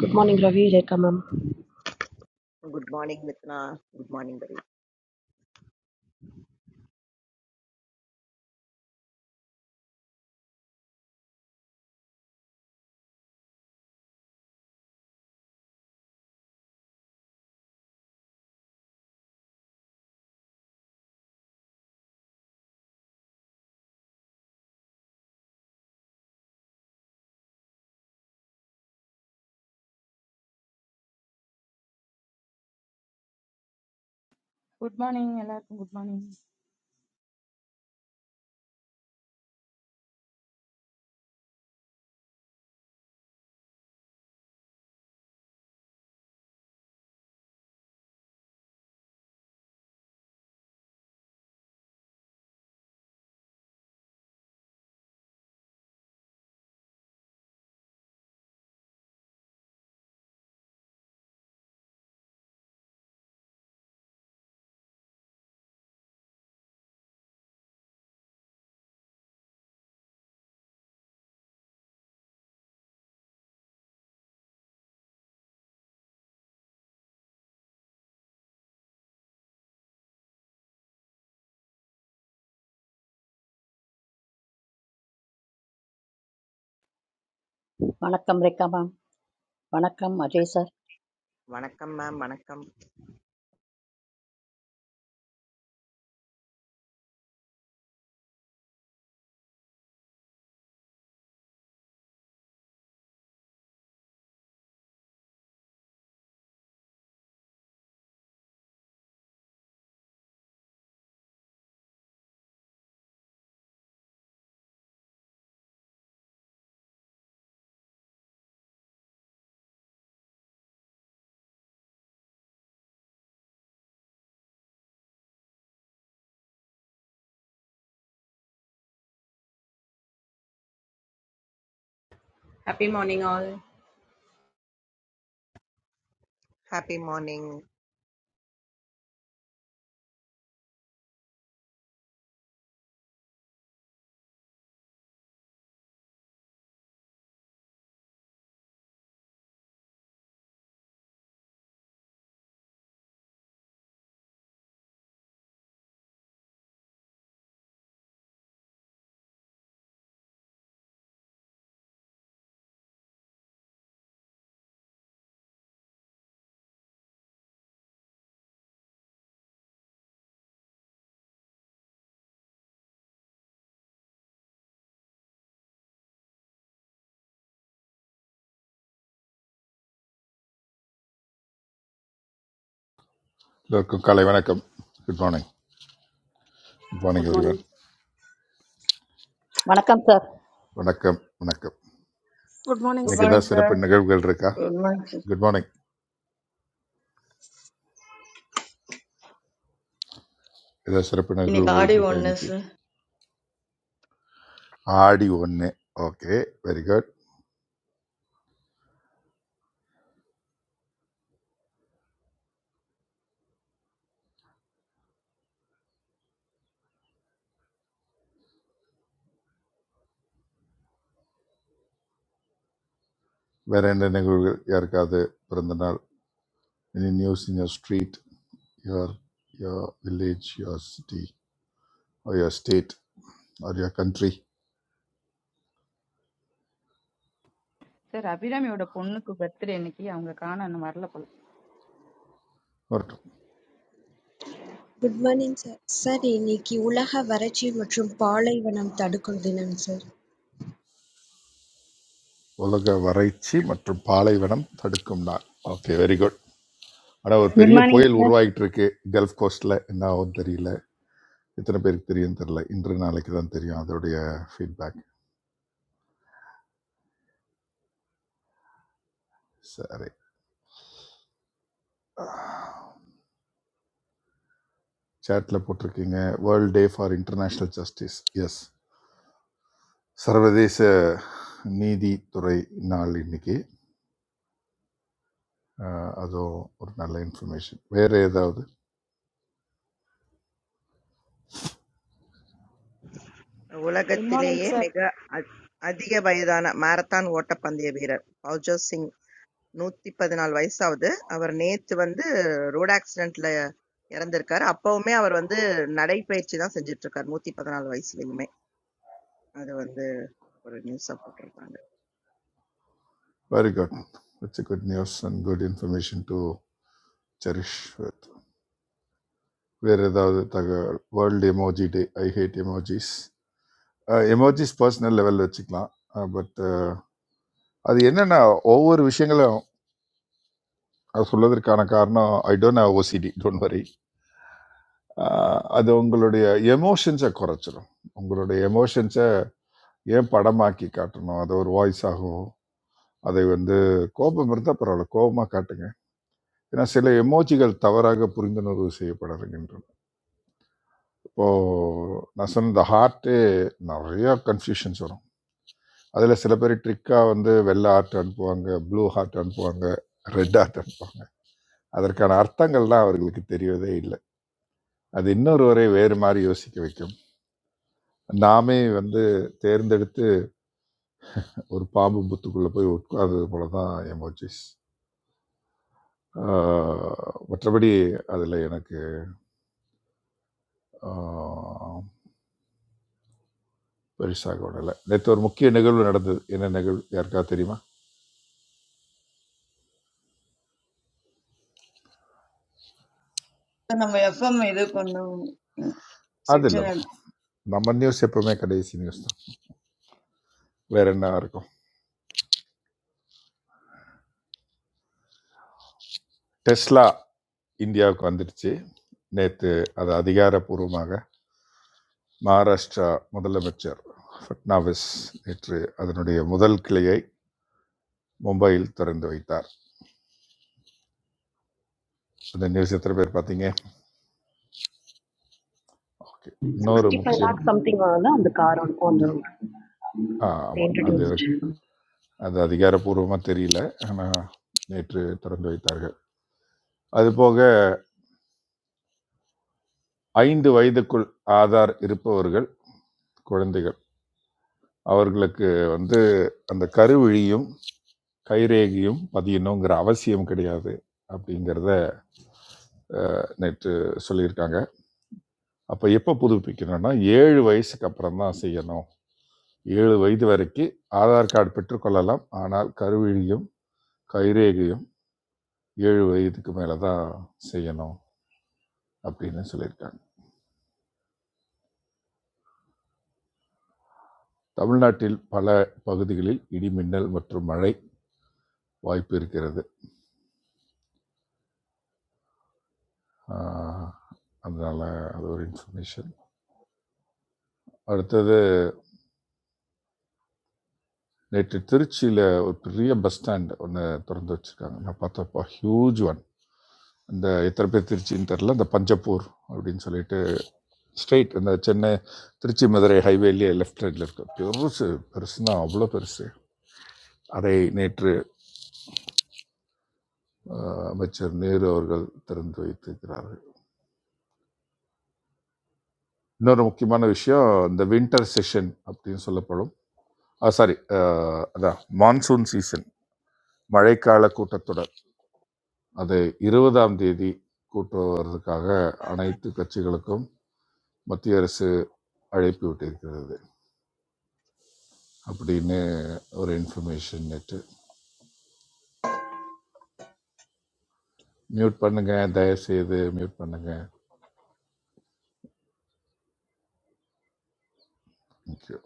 Good morning, Ravi. Jaikarr, ma'am. Good morning, Mitna. Good morning, buddy. Good morning, hello. Good morning. வணக்கம் Rekha ma'am வணக்கம் Ajay sir Manakam, ma'am. Manakam. Happy morning all. Happy morning. எல்லோருக்கும் காலை வணக்கம் good morning good morning Good everyone morning. வணக்கம் sir வணக்கம் வணக்கம் Good morning, Good இன்னைக்கு sir. morning ஏதாவது sir. சிறப்பு நிகழ்வுகள் இருக்கா Good morning sir. Good morning ஏதாவது சிறப்பு इन्हीं का நிகழ்வுகள் आदि இருக்கா बनने இன்னைக்கு से तो ஆடி ஒன்று ஓகே வெரி குட் வேற என்ன நிகழ்வுகள் யாருக்காவது பிறந்த நாள் any news in your street your your village your city or your state or your country Sir, happy ram. Youda ponnu ko gattre enki. Angga kaana na marlapal. ஆர் Good morning, sir. Sir, any kiola ha varachil matrum palaivanam tadukal dinan sir. உலக வறட்சி மற்றும் பாலைவனம் தடுக்கும் நாள் okay very good ஆனால் ஒரு Good பெரிய morning, புயல் sir. உருவாகிட்டு இருக்கு கல்ஃப் கோஸ்டில் என்ன ஆகும் தெரியல எத்தனை பேருக்கு தெரியும் தெரியல இன்று நாளைக்கு தான் தெரியும் அதோடைய ஃபீட்பேக் சரி சேட்டில் போட்டிருக்கீங்க world day for international justice yes சர்வதேச நீதித்துறை நாள் இன்னைக்கு அஹ், அதுவும் ஒரு நல்ல இன்ஃபர்மேஷன் வேறு ஏதாவது Ola Good morning, gotileye. sir. Mega. Adi ke bhaiydaana marathon whata pindiye beer. Paujot Singh, Muthipadnala viceau de. Abar net bande road accident leya. Yaran derkar appo me abar bande naraipai chidan sanjit kar Muthipadnala vice village me. Abar bande por news reporter banar. Very good it's good news and good information to cherish with வேறு ஏதாவது தகவல் world emoji day I hate emojis emojis personal லெவலில் வச்சுக்கலாம் but அது என்னென்னா ஒவ்வொரு விஷயங்களும் அது சொல்வதற்கான காரணம் I don't have OCD don't worry அது உங்களுடைய எமோஷன்ஸை குறைச்சிரும் உங்களுடைய எமோஷன்ஸை ஏன் படமாக்கி காட்டணும் அது ஒரு வாய்ஸ் ஆகும் அதை வந்து கோபம் இருந்தால் பரவாயில்ல கோபமாக காட்டுங்க ஏன்னா சில எமோஜிகள் தவறாக புரிந்துணர்வு செய்யப்படுகின்றன இப்போது நான் சொன்ன இந்த ஹார்ட்டு நிறையா கன்ஃபியூஷன்ஸ் வரும் அதில் சில பேர் ட்ரிக்காக வந்து வெள்ளை ஹார்ட் அனுப்புவாங்க ப்ளூ ஹார்ட் அனுப்புவாங்க ரெட் ஹார்ட் அனுப்புவாங்க அதற்கான அர்த்தங்கள்லாம் அவர்களுக்கு தெரியவதே இல்லை அது இன்னொருவரை வேறு மாதிரி யோசிக்க வைக்கும் நாமே வந்து தேர்ந்தெடுத்து ஒரு பாம்பு புத்துக்குள்ளே போய் உட்கார்ந்தது போல தான் எமோஜிஸ் மற்றபடி அதில் எனக்கு ஆஹ், பெருசாக உடலை நேற்று ஒரு முக்கிய நிகழ்வு நடந்தது என்ன நிகழ்வு யாருக்கா தெரியுமா हमें अफ़सोस महिला को ना அது सक्षण है। இல்லைம்மா நம்ம நியூஸ் எப்பவுமே கடைசி நியூஸ் தான் வேற என்ன இருக்கும் டெஸ்லா இந்தியாவுக்கு வந்துடுச்சு நேற்று அது அதிகாரப்பூர்வமாக மகாராஷ்டிரா முதலமைச்சர் ஃபட்னாவிஸ் நேற்று அதனுடைய முதல் கிளையை மும்பையில் திறந்து வைத்தார் அந்த நியூஸ் எத்தனை பேர் பார்த்தீங்க ஓகே இன்னொரு Sixty-five முக்கியம் lakh something on the on the car on on the road. Ah They ஆமாம் அது introduced. எனக்கு அது அதிகாரப்பூர்வமாக தெரியல ஆனால் நேற்று திறந்து வைத்தார்கள் அதுபோக ஐந்து வயதுக்குள் ஆதார் இருப்பவர்கள் குழந்தைகள் அவர்களுக்கு வந்து அந்த கருவிழியும் கைரேகையும் பதியணுங்கிற அவசியம் கிடையாது அப்படிங்கிறத அஹ், நேற்று சொல்லியிருக்காங்க அப்போ எப்போ புதுப்பிக்கணும்னா ஏழு வயசுக்கு அப்புறம் தான் செய்யணும் ஏழு வயது வரைக்கும் ஆதார் கார்டு பெற்றுக்கொள்ளலாம் ஆனால் கருவிழியும் கைரேகையும் ஏழு வயதுக்கு மேலே தான் செய்யணும் அப்படின்னு சொல்லியிருக்காங்க தமிழ்நாட்டில் பல பகுதிகளில் இடிமின்னல் மற்றும் மழை வாய்ப்பு இருக்கிறது ஆஹ் அதனால அது ஒரு இன்ஃபர்மேஷன் அடுத்தது நேற்று திருச்சியில் ஒரு பெரிய பஸ் ஸ்டாண்ட் ஒன்று திறந்து வச்சுருக்காங்க நான் பார்த்தப்போ ஹியூஜ் ஒன் இந்த எத்தனை பேர் திருச்சின்னு தெரில இந்த பஞ்சப்பூர் அப்படின்னு சொல்லிட்டு ஸ்ட்ரெயிட் இந்த சென்னை திருச்சி மதுரை ஹைவேலேயே லெஃப்ட் சைடில் இருக்கு பெருசு பெருசுன்னா அவ்வளோ பெருசு அதை நேற்று அஹ் அமைச்சர் நேரு அவர்கள் திறந்து வைத்திருக்கிறார்கள் இன்னொரு முக்கியமான விஷயம் இந்த வின்டர் செஷன் அப்படின்னு சொல்லப்படும் சாரி அதான் மான்சூன் சீசன் மழைக்கால கூட்டத்தொடர் அது இருபதாம் தேதி கூட்டு வருவதற்காக அனைத்து கட்சிகளுக்கும் மத்திய அரசு அழைப்பு விட்டிருக்கிறது அப்படின்னு ஒரு இன்ஃபர்மேஷன் நேற்று மியூட் பண்ணுங்க தயவு செய்து மியூட் பண்ணுங்க Thank you.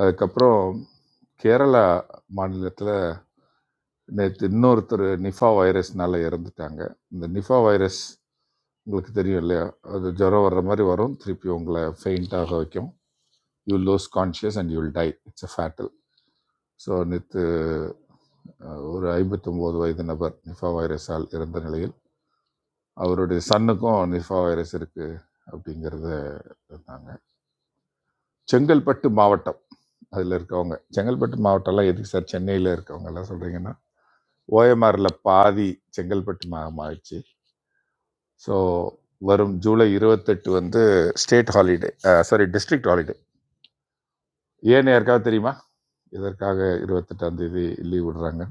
அதுக்கப்புறம் கேரளா மாநிலத்தில் நேற்று இன்னொருத்தர் நிஃபா வைரஸ்னால் இறந்துட்டாங்க இந்த நிஃபா வைரஸ் உங்களுக்கு தெரியும் இல்லையா அது ஜுரம் வர்ற மாதிரி வரும் திருப்பி உங்களை ஃபெயிண்டாக வைக்கும் you lose conscious and you'll die it's a fatal so நேற்று ஒரு ஐம்பத்தொம்போது வயது நபர் நிஃபா வைரஸால் இறந்த நிலையில் அவருடைய சன்னுக்கும் நிஃபா வைரஸ் இருக்குது அப்படிங்கிறத இருந்தாங்க செங்கல்பட்டு மாவட்டம் அதில் இருக்கவங்க செங்கல்பட்டு மாவட்டம்லாம் எதுக்கு சார் சென்னையில் இருக்கவங்க எல்லாம் சொல்கிறீங்கன்னா ஓஎம்ஆரில் பாதி செங்கல்பட்டு மாவட்டம் ஆயிடுச்சு ஸோ வரும் ஜூலை இருபத்தெட்டு வந்து state holiday sorry district holiday ஏன்னு யாருக்காவது தெரியுமா எதற்காக இருபத்தெட்டாம் தேதி லீவ் விடுறாங்க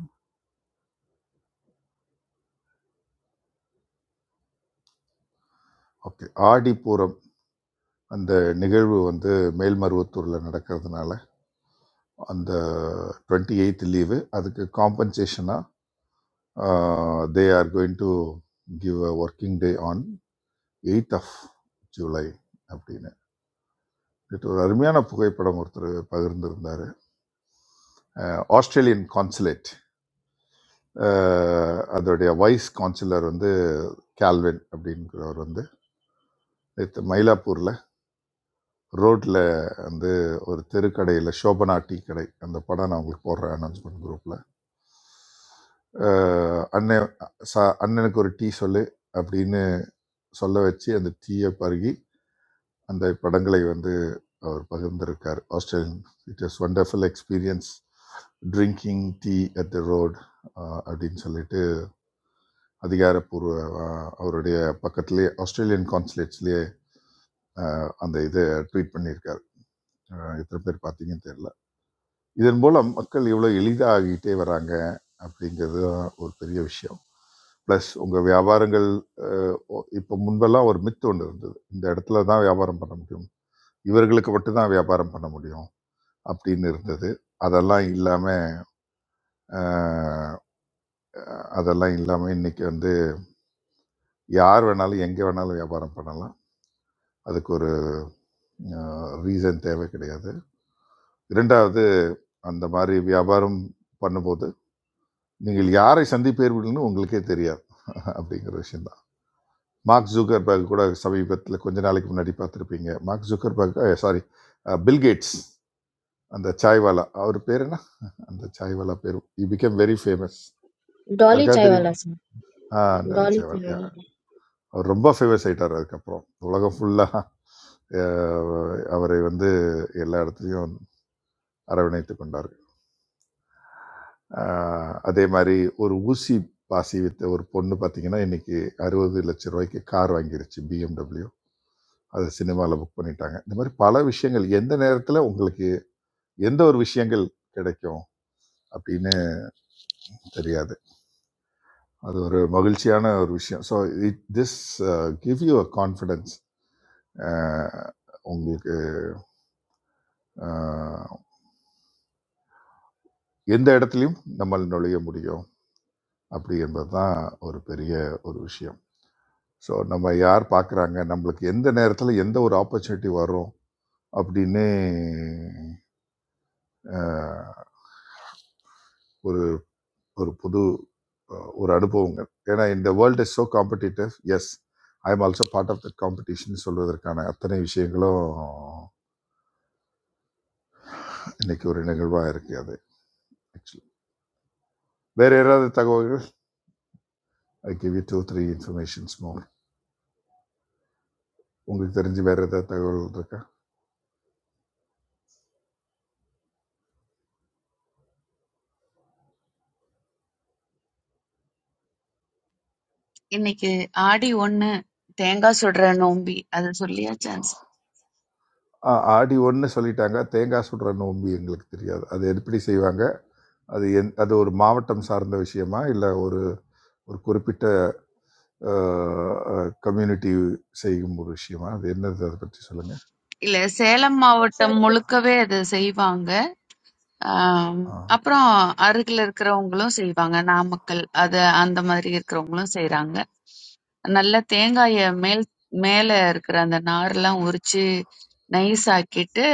ஓகே ஆடிப்பூரம் அந்த நிகழ்வு வந்து மேல்மருவத்தூரில் நடக்கிறதுனால அந்த டுவெண்ட்டி எயித் லீவு அதுக்கு காம்பன்சேஷனாக they are going to give a working day on eight of July அப்படின்னு இது ஒரு அருமையான புகைப்படம் ஒருத்தர் பகிர்ந்திருந்தார் ஆஸ்திரேலியன் கான்சுலேட் அதோடைய வைஸ் கான்சுலர் வந்து கால்வின் அப்படிங்கிறவர் வந்து நேத்து மயிலாப்பூரில் ரோட்டில் வந்து ஒரு தெருக்கடையில் சோபனா டீ கடை அந்த படம் நான் உங்களுக்கு போடுறேன் அனௌன்ஸ்மெண்ட் குரூப்பில் அண்ணன் ச அண்ணனுக்கு ஒரு டீ சொல்லு அப்படின்னு சொல்ல வச்சு அந்த டீயை பருகி அந்த படங்களை வந்து அவர் பகிர்ந்திருக்கார் Australian it is wonderful experience drinking tea at the road அப்படின்னு சொல்லிட்டு அதிகாரப்பூர்வ அஹ், அவருடைய பக்கத்திலே ஆஸ்திரேலியன் கான்சுலேட்ஸ்லேயே அந்த இதை ட்வீட் பண்ணியிருக்கார் அஹ், எத்தனை பேர் பார்த்தீங்கன்னு தெரியல இதன் மூலம் மக்கள் எவ்வளோ எளிதாகிட்டே வராங்க அப்படிங்கிறது தான் ஒரு பெரிய விஷயம் ப்ளஸ் உங்கள் வியாபாரங்கள் இப்போ முன்பெல்லாம் ஒரு மித்து ஒன்று இருந்தது இந்த இடத்துல தான் வியாபாரம் பண்ண முடியும் இவர்களுக்கு மட்டும்தான் வியாபாரம் பண்ண முடியும் அப்படின்னு இருந்தது அதெல்லாம் இல்லாமல் அதெல்லாம் இல்லாமல் இன்னைக்கு வந்து யார் வேணாலும் எங்கே வேணாலும் வியாபாரம் பண்ணலாம் அதுக்கு ஒரு ரீசன் தேவை கிடையாது இரண்டாவது அந்த மாதிரி வியாபாரம் பண்ணும்போது நீங்கள் யாரை சந்திப்பீர்கள்னு உங்களுக்கே தெரியாது அப்படிங்கிற விஷயம்தான் மார்க் ஜூக்கர்பர்க் கூட சமீபத்தில் கொஞ்ச நாளைக்கு முன்னாடி பார்த்துருப்பீங்க மார்க் ஜூக்கர்பர்க் சாரி பில்கேட்ஸ் அந்த சாய்வாலா அவர் பேர் என்ன அந்த சாய்வாலா பேர் you became very famous Dolly யாருக்காவது தெரியுமா சாய்வாலா சார் ஆ டெல்லி டாலி சேவல் yeah. சாய்வாலா அவர் ரொம்ப ஃபேமஸ் ஆயிட்டார் அதுக்கப்புறம் உலகம் ஃபுல்லாக அவரை வந்து எல்லா இடத்துலையும் அரவணைத்து கொண்டார்கள் ஆஹ் அதே மாதிரி ஒரு ஊசி பாசி வித்த ஒரு பொண்ணு பார்த்தீங்கன்னா இன்னைக்கு அறுபது லட்சம் ரூபாய்க்கு கார் வாங்கிருச்சு பிஎம்டபிள்யூ அதை சினிமாவில் புக் பண்ணிட்டாங்க இந்த மாதிரி பல விஷயங்கள் எந்த நேரத்தில் உங்களுக்கு எந்த ஒரு விஷயங்கள் கிடைக்கும் அப்படின்னு தெரியாது அது ஒரு மகிழ்ச்சியான ஒரு விஷயம் so it this give you a confidence uh உங்களுக்கு அஹ் எந்த இடத்துலையும் நம்மால் நுழைய முடியும் அப்படி என்பது தான் ஒரு பெரிய ஒரு விஷயம் ஸோ நம்ம யார் பார்க்குறாங்க நம்மளுக்கு எந்த நேரத்தில் எந்த ஒரு ஆப்பர்ச்சுனிட்டி வரும் அப்படின்னு அஹ், ஒரு ஒரு புது அஹ், ஒரு அனுபவங்க ஏன்னா இந்த world is so competitive as I am also part of that competition சொல்வதற்கான அத்தனை விஷயங்களும் இன்னைக்கு ஒரு நிகழ்வாக இருக்குது அது ஆக்சுவலி வேறு யாராவது தகவல்கள் I give you two three informations more உங்களுக்கு தெரிஞ்சு வேறு ஏதாவது தகவல் இருக்கா இன்னைக்கு ஆடி ஒண்ணு தேங்காய் சுடுற நோம்பி அது சொல்லியாச்சான்ஸ் ஆ, ஆடி ஒன்று சொல்லிட்டாங்க தேங்காய் சுடுற நோம்பு எங்களுக்கு தெரியாது அது எப்படி செய்வாங்க அது எந் அது ஒரு மாவட்டம் சார்ந்த விஷயமா இல்லை ஒரு ஒரு குறிப்பிட்ட கம்யூனிட்டி செய்யும் ஒரு விஷயமா அது என்னது அதை பற்றி சொல்லுங்கள் இல்ல சேலம் Sir, மாவட்டம் முழுக்கவே அது செய்வாங்க ஆம், ஆ அப்புறம் அருகில் இருக்கிறவங்களும் செய்வாங்க நாமக்கல் அது அந்த மாதிரி இருக்கிறவங்களும் செய்றாங்க நல்ல தேங்காய மேல் மேல இருக்கிற அந்த நார்லாம் உரிச்சு நைஸ் ஆக்கிட்டு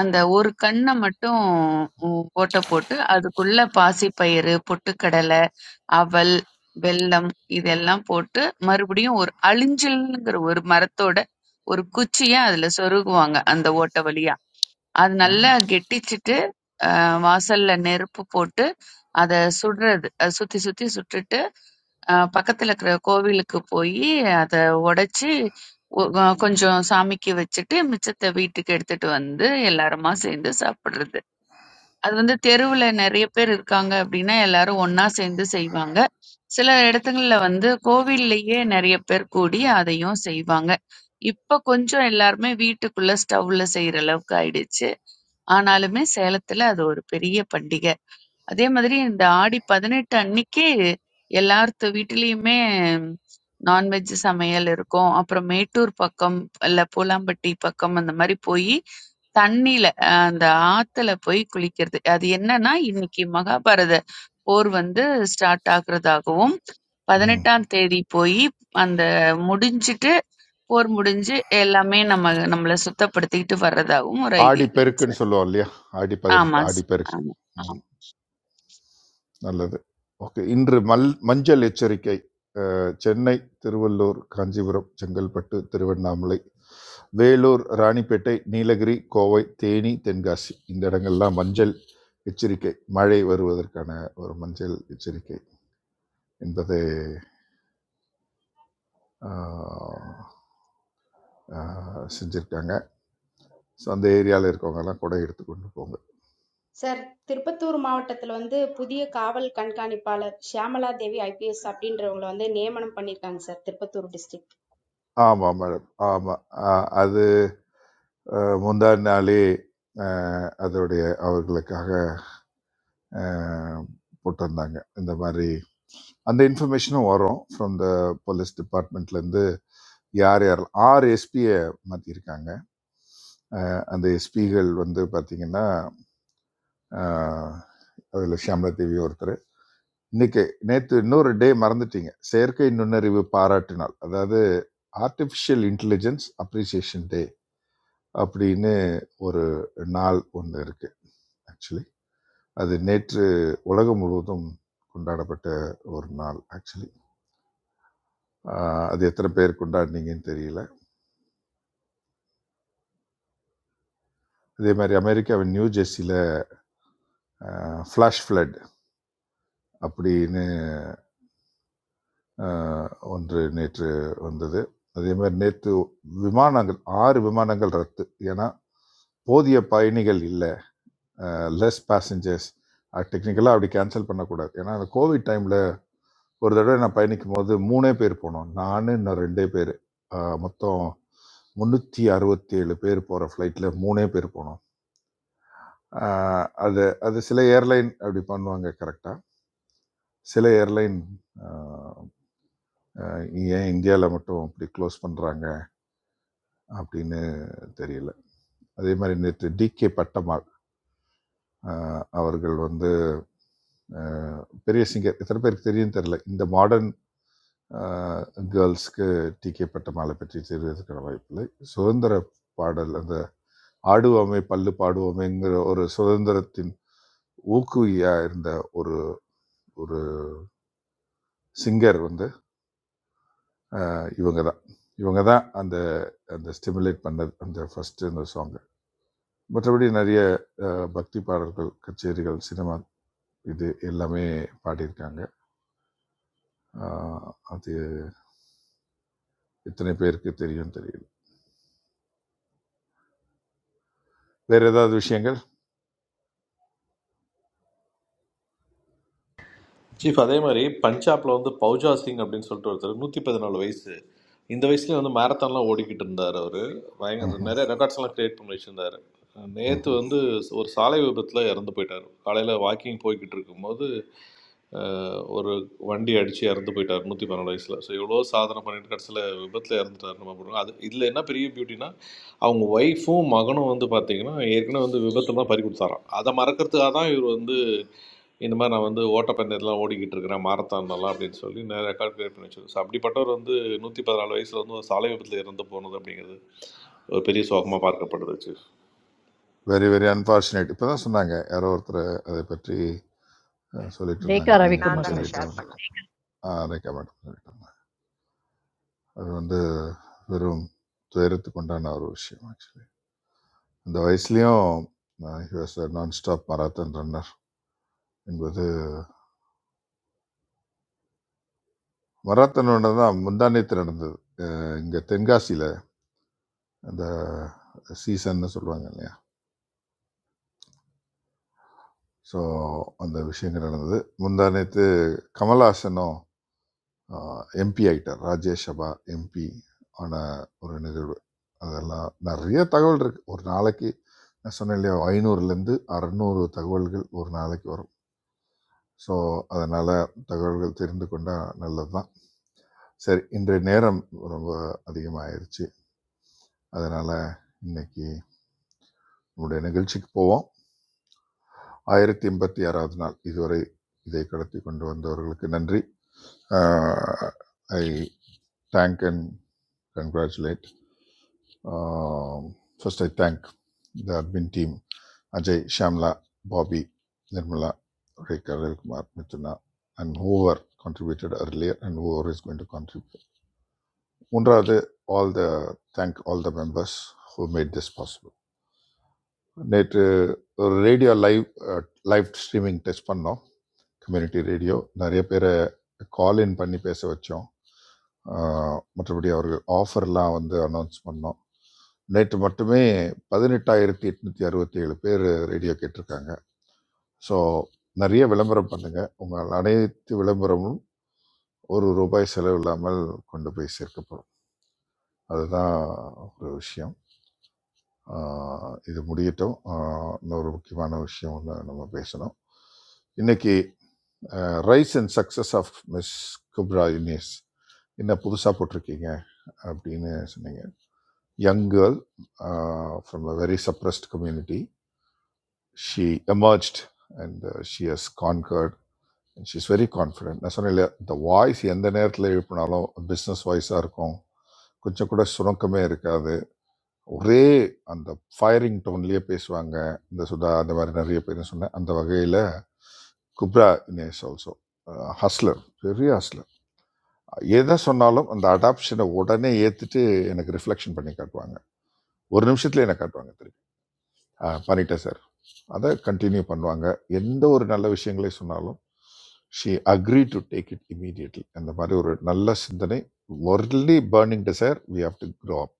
அந்த ஒரு கண்ணை மட்டும் உம், ஓட்டை போட்டு அதுக்குள்ள பாசிப்பயிறு பொட்டுக்கடலை அவல் வெல்லம் இதெல்லாம் போட்டு மறுபடியும் ஒரு அழிஞ்சில்ங்கிற ஒரு மரத்தோட ஒரு குச்சிய அதுல சொருகுவாங்க அந்த ஓட்டை வழியா அது நல்லா கெட்டிச்சிட்டு அஹ், வாசல்ல நெருப்பு போட்டு அதை சுடுறது அது சுத்தி சுத்தி சுட்டுட்டு அஹ், பக்கத்துல இருக்கிற கோவிலுக்கு போய் அதை உடைச்சி கொஞ்சம் சாமிக்கு வச்சுட்டு மிச்சத்தை வீட்டுக்கு எடுத்துட்டு வந்து எல்லாருமா சேர்ந்து சாப்பிடுறது அது வந்து தெருவுல நெறைய பேர் இருக்காங்க அப்டின்னா, எல்லாரும் ஒண்ணா சேர்ந்து செய்வாங்க. சில இடத்துங்கள்ல வந்து கோவில்லயே நெறைய பேர் கூடி அதையும் செய்வாங்க. இப்ப கொஞ்சம் எல்லாருமே வீட்டுக்குள்ள ஸ்டவ்ல செய்ற அளவுக்கு ஆயிடுச்சு. ஆனாலுமே சேலத்துல அது ஒரு பெரிய பண்டிக. அதே மாதிரி இந்த ஆடி 18 அன்னைக்கு எல்லார்த்து வீட்டிலயுமே நான்வெஜ் சமையல் இருக்கும். அப்புறம் மேட்டூர் பக்கம் இல்ல பூலாம்பட்டி பக்கம் அந்த மாதிரி போய் தண்ணியில அஹ் அந்த ஆத்துல போய் குளிக்கிறது. அது என்னன்னா இன்னைக்கு மகாபாரத போர் வந்து ஸ்டார்ட் ஆகுறதாகவும் ம் 18ஆம் தேதி போய் அந்த முடிஞ்சிட்டு போர் முடிஞ்சு எல்லாமே நம்ம நம்மள சுத்தப்படுத்திக்கிட்டு வர்றதாகவும் ஒரு ஆடி ஐதீகம் பெருக்குன்னு சார். சொல்லுவோம் இல்லையா ஆடி ஆமா பதினெட்டு ஆடி சார். பெருக்கு ம் ஆமா. நல்லது. ஓகே. இன்று மல் மஞ்சள் எச்சரிக்கை. அ சென்னை, திருவள்ளூர், காஞ்சிபுரம், செங்கல்பட்டு, திருவண்ணாமலை, வேலூர், ராணிப்பேட்டை, நீலகிரி, கோவை, தேனி, தென்காசி இந்த இடங்கள்லாம் மஞ்சள் எச்சரிக்கை. மழை வருவதற்கான ஒரு மஞ்சள் எச்சரிக்கை என்பதை ஆ, ஆ, செஞ்சிருக்காங்க. ஸோ அந்த ஏரியால இருக்கவங்கலாம் குடை எடுத்துக்கொண்டு போங்க. sir, Tirupathur maavathalondhe pudiye kaval kankani pallath Shyamala Devi IPS Sapinderamgolu andhe neemampani kang sir Tirupathur district. ஆமா மேடம். ஆமா. அ அது அ முந்தா நாளே அ அதோடைய அவர்களுக்காக அஹ், போட்டிருந்தாங்க இந்த மாதிரி அந்த இன்ஃபர்மேஷனும் வரும் ஃப்ரம் த போலீஸ் டிபார்ட்மெண்ட்லேருந்து யார் யார் ஆறு எஸ்பியை மாற்றிருக்காங்க அந்த எஸ்பிகள் வந்து பார்த்திங்கன்னா அதில் ஷியாமலா தேவி ஒருத்தர் இன்னைக்கு நேற்று இன்னொரு டே மறந்துட்டீங்க செயற்கை நுண்ணறிவு பாராட்டு நாள் அதாவது ஆர்டிஃபிஷியல் இன்டெலிஜென்ஸ் அப்ரிசியேஷன் டே அப்படின்னு ஒரு நாள் ஒன்று இருக்குது ஆக்சுவலி அது நேற்று உலகம் முழுவதும் கொண்டாடப்பட்ட ஒரு நாள் ஆக்சுவலி ஆஹ் அது எத்தனை பேர் கொண்டாடினீங்கன்னு தெரியல இதே மாதிரி அமெரிக்காவின் நியூ ஜெர்சியில் ஃப்ளாஷ் ஃப்ளட் அப்படின்னு ஆஹ் ஒன்று நேற்று வந்தது அதே மாதிரி நேற்று விமானங்கள் ஆறு விமானங்கள் ரத்து ஏன்னா போதிய பயணிகள் இல்லை லெஸ் பேசஞ்சர்ஸ் டெக்னிக்கலாக அப்படி கேன்சல் பண்ணக்கூடாது ஏன்னா அந்த கோவிட் டைமில் ஒரு தடவை நான் பயணிக்கும் போது மூணே பேர் போனோம் நான் இன்னும் ரெண்டே பேர் மொத்தம் முந்நூற்றி அறுபத்தேழு பேர் போகிற ஃப்ளைட்டில் மூணே பேர் போனோம் ஆஹ் அது அது சில ஏர்லைன் அப்படி பண்ணுவாங்க கரெக்டாக சில ஏர்லைன் ஏன் இந்தியாவில் மட்டும் அப்படி க்ளோஸ் பண்ணுறாங்க அப்படின்னு தெரியல அதே மாதிரி நேற்று டிகே பட்டமாள் ஆஹ் அவர்கள் வந்து ஆஹ் பெரிய சிங்கர் எத்தனை பேருக்கு தெரியும் தெரியல இந்த மாடர்ன் கேர்ள்ஸ்க்கு டிகே பட்டமாலை பற்றி தெரிவதற்கான வாய்ப்பில்லை சுதந்திர பாடல் அந்த ஆடுவோமே பல்லு பாடுவோமேங்கிற ஒரு சுதந்திரத்தின் ஊக்குவியா இருந்த ஒரு ஒரு சிங்கர் வந்து இவங்க தான் இவங்க தான் அந்த அந்த ஸ்டிமுலேட் பண்ணது அந்த ஃபஸ்ட்டு அந்த சாங்கு மற்றபடி நிறைய அஹ், பக்தி பாடல்கள் கச்சேரிகள் சினிமா இது எல்லாமே பாடியிருக்காங்க அஹ், அது எத்தனை பேருக்கு தெரியும் தெரியல வேறு ஏதாவது விஷயங்கள் சீஃப் அதே மாதிரி பஞ்சாப்ல வந்து பௌஜா சிங் அப்படின்னு சொல்லிட்டு ஒருத்தர் நூற்றி பதினாலு வயசு இந்த வயசுலேயே வந்து மேரத்தான்லாம் ஓடிக்கிட்டு இருந்தார் அவர் பயங்கர நிறைய ரெக்கார்ட்ஸ்லாம் கிரியேட் பண்ணி வச்சுருந்தார் நேற்று வந்து ஒரு சாலை விபத்தில் இறந்து போயிட்டார் காலையில் வாக்கிங் போய்கிட்டு இருக்கும்போது அஹ், ஒரு வண்டி அடித்து இறந்து போயிட்டார் நூற்றி பதினாலு வயசில் ஸோ எவ்வளோ சாதனை பண்ணிட்டு கடைசியில் விபத்தில் இறந்துட்டார் நம்ம பண்ணுறோம் அது இதில் என்ன பெரிய பியூட்டினா அவங்க ஒய்ஃபும் மகனும் வந்து பார்த்தீங்கன்னா ஏற்கனவே வந்து விபத்துலாம் பறி கொடுத்தாராம் அதை மறக்கிறதுக்காக தான் இவர் வந்து இந்த மாதிரி நான் வந்து ஓட்டப்பந்தயத்திலலாம் ஓடிக்கிட்டு இருக்கிறேன் மாரத்தான்லலாம் அப்படின்னு சொல்லி நிறைய ரெக்கார்ட் கிரியேட் பண்ணி வச்சிருக்கேன் ஸோ அப்படிப்பட்டவர் வந்து நூற்றி பதினாலு வயசில் வந்து ஒரு சாலை விபத்தில் இறந்து போனது அப்படிங்கிறது ஒரு பெரிய சோகமாக பார்க்கப்படுது சீஃப் வெரி வெரி அன்ஃபார்ச்சுனேட் இப்போ தான் சொன்னாங்க யாரோ ஒருத்தர் அதை பற்றி அஹ், சொல்லிட்டு இருந்தாங்க ரேகா நீங்கள் ரவிக்குமார் Nanda கொஞ்சம் ke சார் shayad லேட்டாக panga. அதை கமெண்ட் பண்ணிட்டு இருந்தாங்க அது வந்து வெறும் துயரத்துக்கு உண்டான ஒரு விஷயம் ஆக்சுவலி இந்த வயசுலேயும் he was non stop marathon runner என்பது மராத்தான் ரன்னர் தான் முந்தானேத்து நடந்தது இங்கே தென்காசியில் அந்த சீசன்னு சொல்லுவாங்க இல்லையா ஸோ அந்த விஷயங்கள் நடந்தது முந்தானேத்து கமல்ஹாசனும் எம்பி ஆகிட்டார் ராஜ்யசபா எம்பி ஆன ஒரு நிகழ்வு அதெல்லாம் நிறைய தகவல் இருக்குது ஒரு நாளைக்கு நான் சொன்னேன் இல்லையா ஐநூறுலேருந்து அறநூறு தகவல்கள் ஒரு நாளைக்கு வரும் ஸோ அதனால் தகவல்கள் தெரிந்து கொண்டால் நல்லது தான் சரி இன்றைய நேரம் ரொம்ப அதிகமாயிருச்சு அதனால் இன்னைக்கு நம்முடைய நிகழ்ச்சிக்கு போவோம் ஆயிரத்தி எண்பத்தி ஆறாவது நாள் இதுவரை இதை கடத்தி கொண்டு வந்தவர்களுக்கு நன்றி I thank and congratulate first I thank the admin team Ajay Shamla Babi Nirmala Rekha Ravikumar Mithuna and whoever contributed earlier and whoever is going to contribute மூன்றாவது all the thank all the members who made this possible நேற்று ஒரு radio live live streaming test பண்ணோம் community radio நிறைய பேரை கால் இன் பண்ணி பேச வச்சோம் அஹ், மற்றபடி அவர்கள் ஆஃபர்லாம் வந்து அனௌன்ஸ் பண்ணோம் நேற்று மட்டுமே பதினெட்டாயிரத்தி எட்நூற்றி அறுபத்தி ஏழு பேர் ரேடியோ கேட்டிருக்காங்க ஸோ நிறைய விளம்பரம் பண்ணுங்கள் உங்கள் அனைத்து விளம்பரமும் ஒரு ரூபாய் செலவு இல்லாமல் கொண்டு போய் சேர்க்கப்படும் அதுதான் ஒரு விஷயம் ஆஹ் இது முடியட்டும் ஆஹ் இன்னொரு முக்கியமான விஷயம் ஒன்று நம்ம பேசணும் இன்னைக்கு rise and success of miss Kubra Younis என்ன புதுசாக போட்டிருக்கீங்க அப்படின்னு சொன்னீங்க young girl from a very suppressed community she emerged and she has conquered and she's very confident நான் சொன்னேன் இல்லையா இந்த வாய்ஸ் எந்த நேரத்தில் எழுப்பினாலும் பிஸ்னஸ் வாய்ஸாக இருக்கும் கொஞ்சம் கூட சுணக்கமே இருக்காது ஒரே அந்த ஃபயரிங் டோன்லேயே பேசுவாங்க இந்த சுதா அந்த மாதிரி நிறைய பேர் சொன்னேன் அந்த வகையில் குப்ரா இனேஷ் ஆல்சோ ஹஸ்லர் பெரிய ஹஸ்லர் எதை சொன்னாலும் அந்த அடாப்ஷனை உடனே ஏற்றுட்டு எனக்கு ரிஃப்ளெக்ஷன் பண்ணி காட்டுவாங்க ஒரு நிமிஷத்துல என்ன காட்டுவாங்க திருப்பி "ஆ, பண்ணிட்டேன் சார் அதை கண்டினியூ பண்ணுவாங்க எந்த ஒரு நல்ல விஷயங்களே சொன்னாலும் she agree to take it immediately அந்த மாதிரி ஒரு நல்ல சிந்தனை only burning desire we have to grow up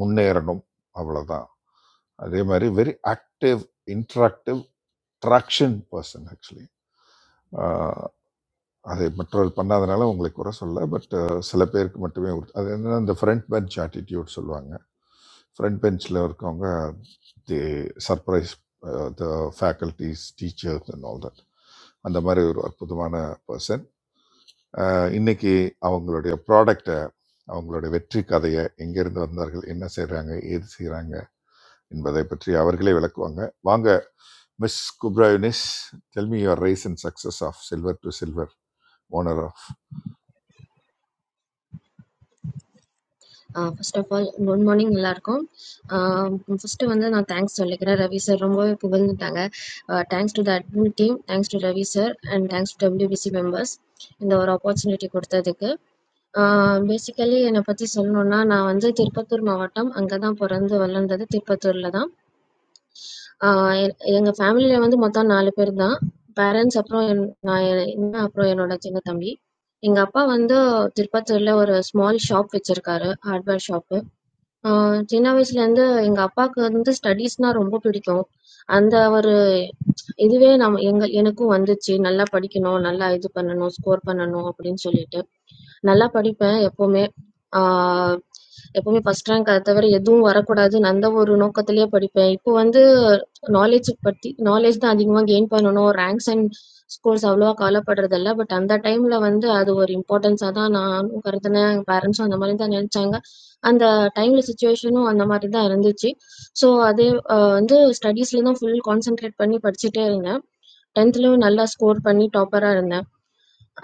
முன்னேறணும் அவ்வளோதான் அதே மாதிரி very active interactive traction person actually அதை மற்றவர் பண்ணாதனால உங்களை குறை சொல்ல பட் சில பேருக்கு மட்டுமே உரு- அது என்னன்னா இந்த ஃப்ரண்ட் பெஞ்ச் ஆட்டிடியூட் சொல்லுவாங்க ஃப்ரண்ட் பெஞ்சில் இருக்கவங்க the surprise the faculties teachers and all that அந்த மாதிரி ஒரு அற்புதமான பர்சன் இன்னைக்கு அவங்களுடைய ப்ராடக்டை அவங்களுடைய வெற்றி கதையை எங்கேருந்து வந்தார்கள் என்ன செய்கிறாங்க ஏது செய்கிறாங்க என்பதை பற்றி அவர்களே விளக்குவாங்க வாங்க miss Kubra Younis tell me your rise and success of silver to silver owner of first of all good morning எல்லாருக்கும் ஃபர்ஸ்ட் வந்து நான் தேங்க்ஸ் சொல்லிக்கிறேன் ரவி சார் ரொம்பவே புகழ்ந்துட்டாங்க thanks to the admin team thanks to Ravi sir and thanks to WBC members இந்த ஒரு opportunity கொடுத்ததுக்கு basically என்னை பற்றி சொல்லணும்னா நான் வந்து திருப்பத்தூர் மாவட்டம் அங்கே தான் பிறந்து வளர்ந்தது திருப்பத்தூரில் தான் ஆ எ- எங்க ஃபேமிலில வந்து மொத்தம் 4 பேர் தான். பேரண்ட்ஸ் அப்புறம் என் நான் எ- நான் அப்புறம் என்னோட சின்ன தம்பி. எங்க அப்பா வந்து திருப்பத்தூர்ல ஒரு ஸ்மால் ஷாப் வச்சிருக்காரு. Hardware shop. ஆ சின்ன வயசுலேருந்து எங்க அப்பாவுக்கு வந்து ஸ்டடீஸ்னா ரொம்ப பிடிக்கும். அந்த ஒரு இதுவே நம்ம எங்க எனக்கும் வந்துச்சு. நல்லா படிக்கணும், நல்லா இது பண்ணணும், ஸ்கோர் பண்ணணும் அப்படின்னு சொல்லிட்டு. நல்லா படிப்பேன் எப்பவுமே ஆஹ் எப்பவுமே ஃபர்ஸ்ட் ரேங்க் அதை தவிர எதுவும் வரக்கூடாதுன்னு அந்த ஒரு நோக்கத்திலேயே படிப்பேன் இப்போ வந்து நாலேஜ் பத்தி நாலேஜ் தான் அதிகமாக கெயின் பண்ணணும் ரேங்க்ஸ் அண்ட் ஸ்கோர்ஸ் அவ்வளோவா கவலைப்படுறது இல்ல பட் அந்த டைம்ல வந்து அது ஒரு இம்பார்ட்டன்ஸாக தான் நானும் கருதுனேன் எங்கள் பேரண்ட்ஸும் அந்த மாதிரி தான் நினைச்சாங்க அந்த டைம்ல சுச்சுவேஷனும் அந்த மாதிரி தான் இருந்துச்சு ஸோ அதே ஆஹ் வந்து ஸ்டடீஸ்ல தான் ஃபுல் கான்சென்ட்ரேட் பண்ணி படிச்சுட்டே இருந்தேன் டென்த்லயும் நல்லா ஸ்கோர் பண்ணி டாப்பரா இருந்தேன்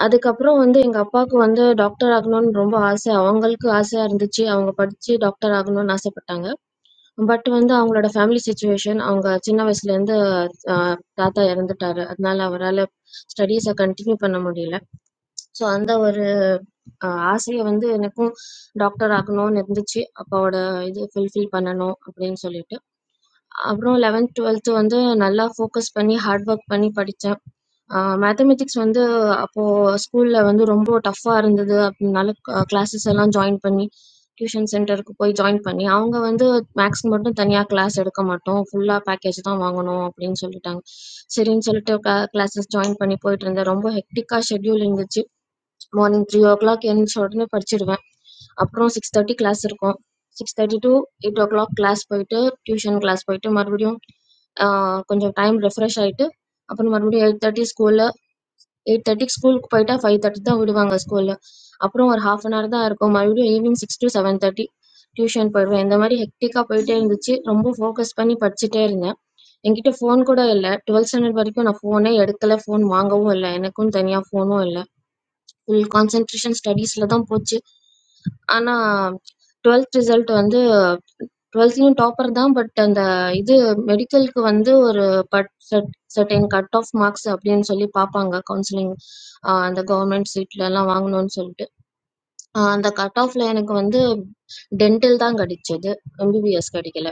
அதுக்கப்புறம் வந்து எங்க அப்பாவுக்கு வந்து டாக்டர் ஆகணும்னு ரொம்ப ஆசை. அவங்களுக்கு ஆசையா இருந்துச்சு. அவங்க படிச்சு டாக்டர் ஆகணும்னு ஆசைப்பட்டாங்க. பட் வந்து அவங்களோட ஃபேமிலி சிட்யூவேஷன் அவங்க சின்ன வயசுலேருந்து அ தாத்தா இறந்துட்டாரு. அதனால அவரால ஸ்டடீஸ கன்டின்யூ பண்ண முடியல. ஸோ அந்த ஒரு அ ஆசைய வந்து எனக்கும் டாக்டர் ஆகணும்னு இருந்துச்சு. அப்பாவோட இது ஃபுல்ஃபில் பண்ணணும் அப்படின்னு சொல்லிட்டு. அப்புறம் 11த், 12த் வந்து நல்லா ஃபோக்கஸ் பண்ணி ஹார்ட் ஒர்க் பண்ணி படிச்சேன். அ மேத்தமேட்டிக்ஸ் வந்து அப்போ ஸ்கூல்ல வந்து ரொம்ப டஃப்பா இருந்தது. அப்படினால க கிளாஸஸ் எல்லாம் ஜாயின் பண்ணி, டியூஷன் சென்டருக்கு போய் ஜாயின் பண்ணி, அவங்க வந்து மேத்ஸ்க்கு மட்டும் தனியா கிளாஸ் எடுக்க மாட்டோம். ஃபுல்லா பேக்கேஜ் தான் வாங்கணும் அப்படின்னு சொல்லிட்டாங்க. சரின்னு சொல்லிட்டு க கிளாஸஸ் ஜாயின் பண்ணி போயிட்டுருந்தேன். ரொம்ப ஹெக்டிக்கா ஷெட்யூல் இருந்துச்சு. மார்னிங் த்ரீ ஓ கிளாக் எழுந்திரிச்ச உடனே படிச்சிடுவேன் அப்புறம் சிக்ஸ் தேர்ட்டி கிளாஸ் இருக்கும் six thirty to eight o'clock class போயிட்டு டியூஷன் கிளாஸ் போயிட்டு மறுபடியும் ஆஹ் கொஞ்சம் டைம் ரெஃப்ரெஷ் ஆயிட்டு அப்புறம் மறுபடியும் எயிட் தேர்ட்டி ஸ்கூல்ல எயிட் தேர்ட்டிக்கு ஸ்கூலுக்கு போயிட்டா ஃபைவ் தேர்ட்டி தான் விடுவாங்க ஸ்கூல்ல அப்புறம் ஒரு ஹாஃப் அன் ஹவர் தான் இருக்கும் மறுபடியும் evening six to seven thirty tuition போயிடுவேன் இந்த மாதிரி ஹெக்டிக்கா போயிட்டே இருந்துச்சு ரொம்ப ஃபோக்கஸ் பண்ணி படிச்சுட்டே இருந்தேன் என்கிட்ட ஃபோன் கூட இல்லை டுவெல்த் ஸ்டாண்டர்ட் வரைக்கும் நான் ஃபோனே எடுக்கல ஃபோன் வாங்கவும் இல்லை எனக்கும் தனியா ஃபோனும் இல்லை கான்சென்ட்ரேஷன் ஸ்டடீஸில் தான் போச்சு ஆனால் டுவெல்த் ரிசல்ட் வந்து டுவெல்த்லேயும் டாப்பர் தான் பட் அந்த இது மெடிக்கலுக்கு வந்து ஒரு but set certain cut off marks அப்படின்னு சொல்லி பார்ப்பாங்க கவுன்சிலிங் அந்த கவர்மெண்ட் சீட்லலாம் வாங்கணும்னு சொல்லிட்டு ஆஹ் அந்த கட் ஆஃப்ல எனக்கு வந்து டென்டல் தான் கிடைச்சது எம்பிபிஎஸ் கிடைக்கல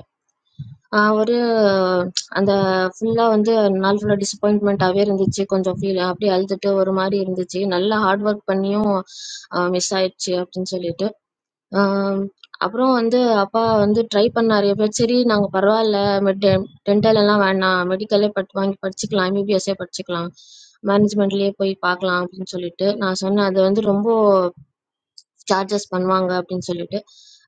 ஆ ஒரு அந்த ஃபுல்லா வந்து நாள் ஃபுல்லா டிசப்பாயின்ட்மென்ட்டாவே இருந்துச்சு. கொஞ்சம் ஃபீல் அப்படியே அழுதுட்டு ஒரு மாரி இருந்துச்சு. நல்லா ஹார்ட் வொர்க் பண்ணியும் அ மிஸ் ஆயிடுச்சு அப்படின்னு சொல்லிட்டு. அ அப்புறம் வந்து அப்பா வந்து ட்ரை பண்ணாரு எப்படியாவது, "சரி நாங்க பரவால்ல. மெட் டென்டல் எல்லாம் வேணாம். மெடிக்கலே பட் வாங்கி படிச்சுக்கலாம். எம்பிபிஎஸ்ஸே படிச்சுக்கலாம். மேனேஜ்மெண்ட்லயே போய் பார்க்கலாம்" அப்படின்னு சொல்லிட்டு. நான் சொன்னேன், "அது வந்து ரொம்ப சார்ஜஸ் பண்ணுவாங்க அப்படின்னு சொல்லிட்டு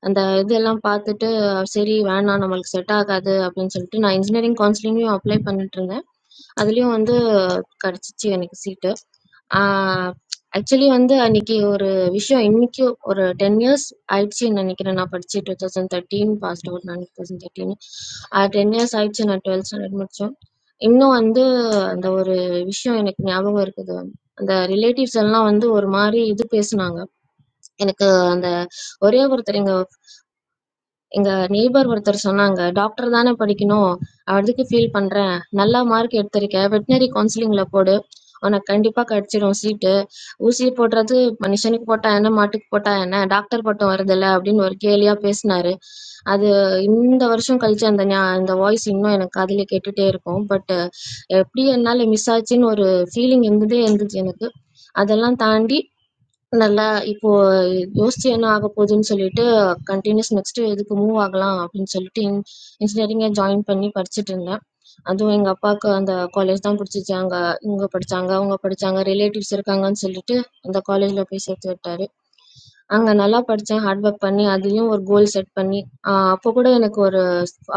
அந்த இதெல்லாம் பார்த்துட்டு சரி வேணாம் நம்மளுக்கு செட் ஆகாது அப்படின்னு சொல்லிட்டு நான் இன்ஜினியரிங் கவுன்சிலிங்லையும் அப்ளை பண்ணிட்டு இருந்தேன் அதுலேயும் வந்து கிடச்சிச்சு எனக்கு சீட்டு ஆக்சுவலி வந்து அன்னைக்கு ஒரு விஷயம் இன்னைக்கு ஒரு டென் இயர்ஸ் ஆயிடுச்சுன்னு நினைக்கிறேன் நான் படிச்சு two thousand thirteen passed out நான் two thousand thirteen ten years ஆயிடுச்சு நான் டுவெல்த் ஸ்டாண்டர்ட் முடிச்சோம் இன்னும் வந்து அந்த ஒரு விஷயம் எனக்கு ஞாபகம் இருக்குது அந்த ரிலேட்டிவ்ஸ் எல்லாம் வந்து ஒரு மாதிரி இது பேசுனாங்க எனக்கு அந்த ஒரே ஒருத்தர் எங்க எங்க நெய்பர் ஒருத்தர் சொன்னாங்க டாக்டர் தானே படிக்கணும் அதுக்கு ஃபீல் பண்றேன் நல்லா மார்க் எடுத்திருக்க வெட்டினரி கவுன்சிலிங்ல போடு உனக்கு கண்டிப்பா கிடைச்சிடும் சீட்டு ஊசி போடுறது மனுஷனுக்கு போட்டா என்ன மாட்டுக்கு போட்டா என்ன டாக்டர் பட்டம் வருதுல்ல அப்படின்னு ஒரு கேலியா பேசினாரு அது இந்த வருஷம் கழிச்சு அந்த ஞா- அந்த வாய்ஸ் இன்னும் எனக்கு அதுல கேட்டுட்டே இருக்கும் பட் எப்படி என்னால மிஸ் ஆச்சுன்னு ஒரு ஃபீலிங் இருந்ததே இருந்துச்சு எனக்கு அதெல்லாம் தாண்டி நல்லா இப்போ யோசிச்சு என்ன ஆக போகுதுன்னு சொல்லிட்டு கண்டினியூஸ் நெக்ஸ்ட் எதுக்கு மூவ் ஆகலாம் அப்படின்னு சொல்லிட்டு இன்ஜினியரிங்க ஜாயின் பண்ணி படிச்சுட்டு இருந்தேன் அதுவும் எங்க அப்பாவுக்கு அந்த காலேஜ் தான் பிடிச்சிச்சு அங்க இவங்க படிச்சாங்க அவங்க படிச்சாங்க ரிலேட்டிவ்ஸ் இருக்காங்கன்னு சொல்லிட்டு அந்த காலேஜ்ல போய் சேர்த்து விட்டாரு அங்க நல்லா படிச்சேன் ஹார்ட் ஒர்க் பண்ணி அதுலயும் ஒரு கோல் செட் பண்ணி ஆஹ் அப்போ கூட எனக்கு ஒரு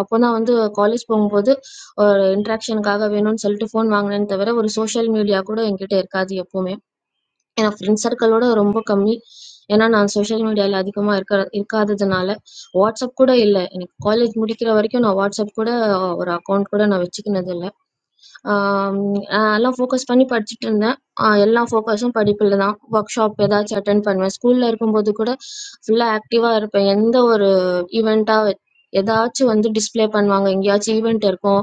அப்போதான் வந்து காலேஜ் போகும்போது ஒரு இன்ட்ராக்ஷனுக்காக வேணும்னு சொல்லிட்டு ஃபோன் வாங்கினேன்னு தவிர ஒரு சோஷியல் மீடியா கூட என்கிட்ட இருக்காது எப்பவுமே ஏன்னா ஃப்ரெண்ட்ஸ் சர்க்கிளோட ரொம்ப கம்மி ஏன்னா நான் சோஷியல் மீடியாவில் அதிகமாக இருக்க இருக்காததுனால வாட்ஸ்அப் கூட இல்லை எனக்கு காலேஜ் முடிக்கிற வரைக்கும் நான் வாட்ஸ்அப் கூட ஒரு அக்கௌண்ட் கூட நான் வச்சுக்கினது இல்ல அதெல்லாம் ஃபோக்கஸ் பண்ணி படிச்சுட்டு இருந்தேன். அ எல்லா ஃபோக்கஸும் படிப்புல தான். ஒர்க் ஷாப் ஏதாச்சும் அட்டெண்ட் பண்ணுவேன். ஸ்கூல்ல இருக்கும்போது கூட ஃபுல்லா ஆக்டிவா இருப்பேன். எந்த ஒரு ஈவென்ட்டா ஏதாச்சும் வந்து டிஸ்ப்ளே பண்ணுவாங்க. எங்கேயாச்சும் ஈவென்ட் இருக்கும்.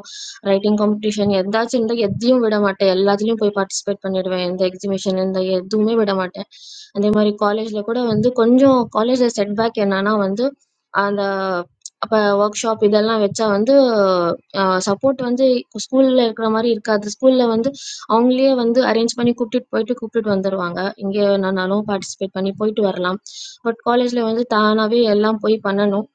ரைட்டிங் காம்படிஷன் எதாச்சும் இருந்தா எதையும் விட மாட்டேன். எல்லாத்துலயும் போய் பார்ட்டிசிபேட் பண்ணிடுவேன். எந்த எக்ஸிபிஷன் இந்த எதுவுமே விட மாட்டேன். அதே மாதிரி காலேஜ்ல கூட வந்து கொஞ்சம் காலேஜ்ல செட்பேக் என்னன்னா வந்து அந்த அப்ப ஒர்க் ஷாப் இதெல்லாம் வச்சா வந்து சப்போர்ட் வந்து ஸ்கூல்ல இருக்கிற மாதிரி இருக்காது ஸ்கூல்ல வந்து அவங்களே வந்து அரேஞ்ச் பண்ணி கூப்பிட்டுட்டு போயிட்டு கூப்பிட்டுட்டு வந்துடுவாங்க எங்கே வேணாலும் பார்ட்டிசிபேட் பண்ணி போயிட்டு வரலாம் பட் காலேஜ்ல வந்து தானாகவே எல்லாம் போய் பண்ணணும்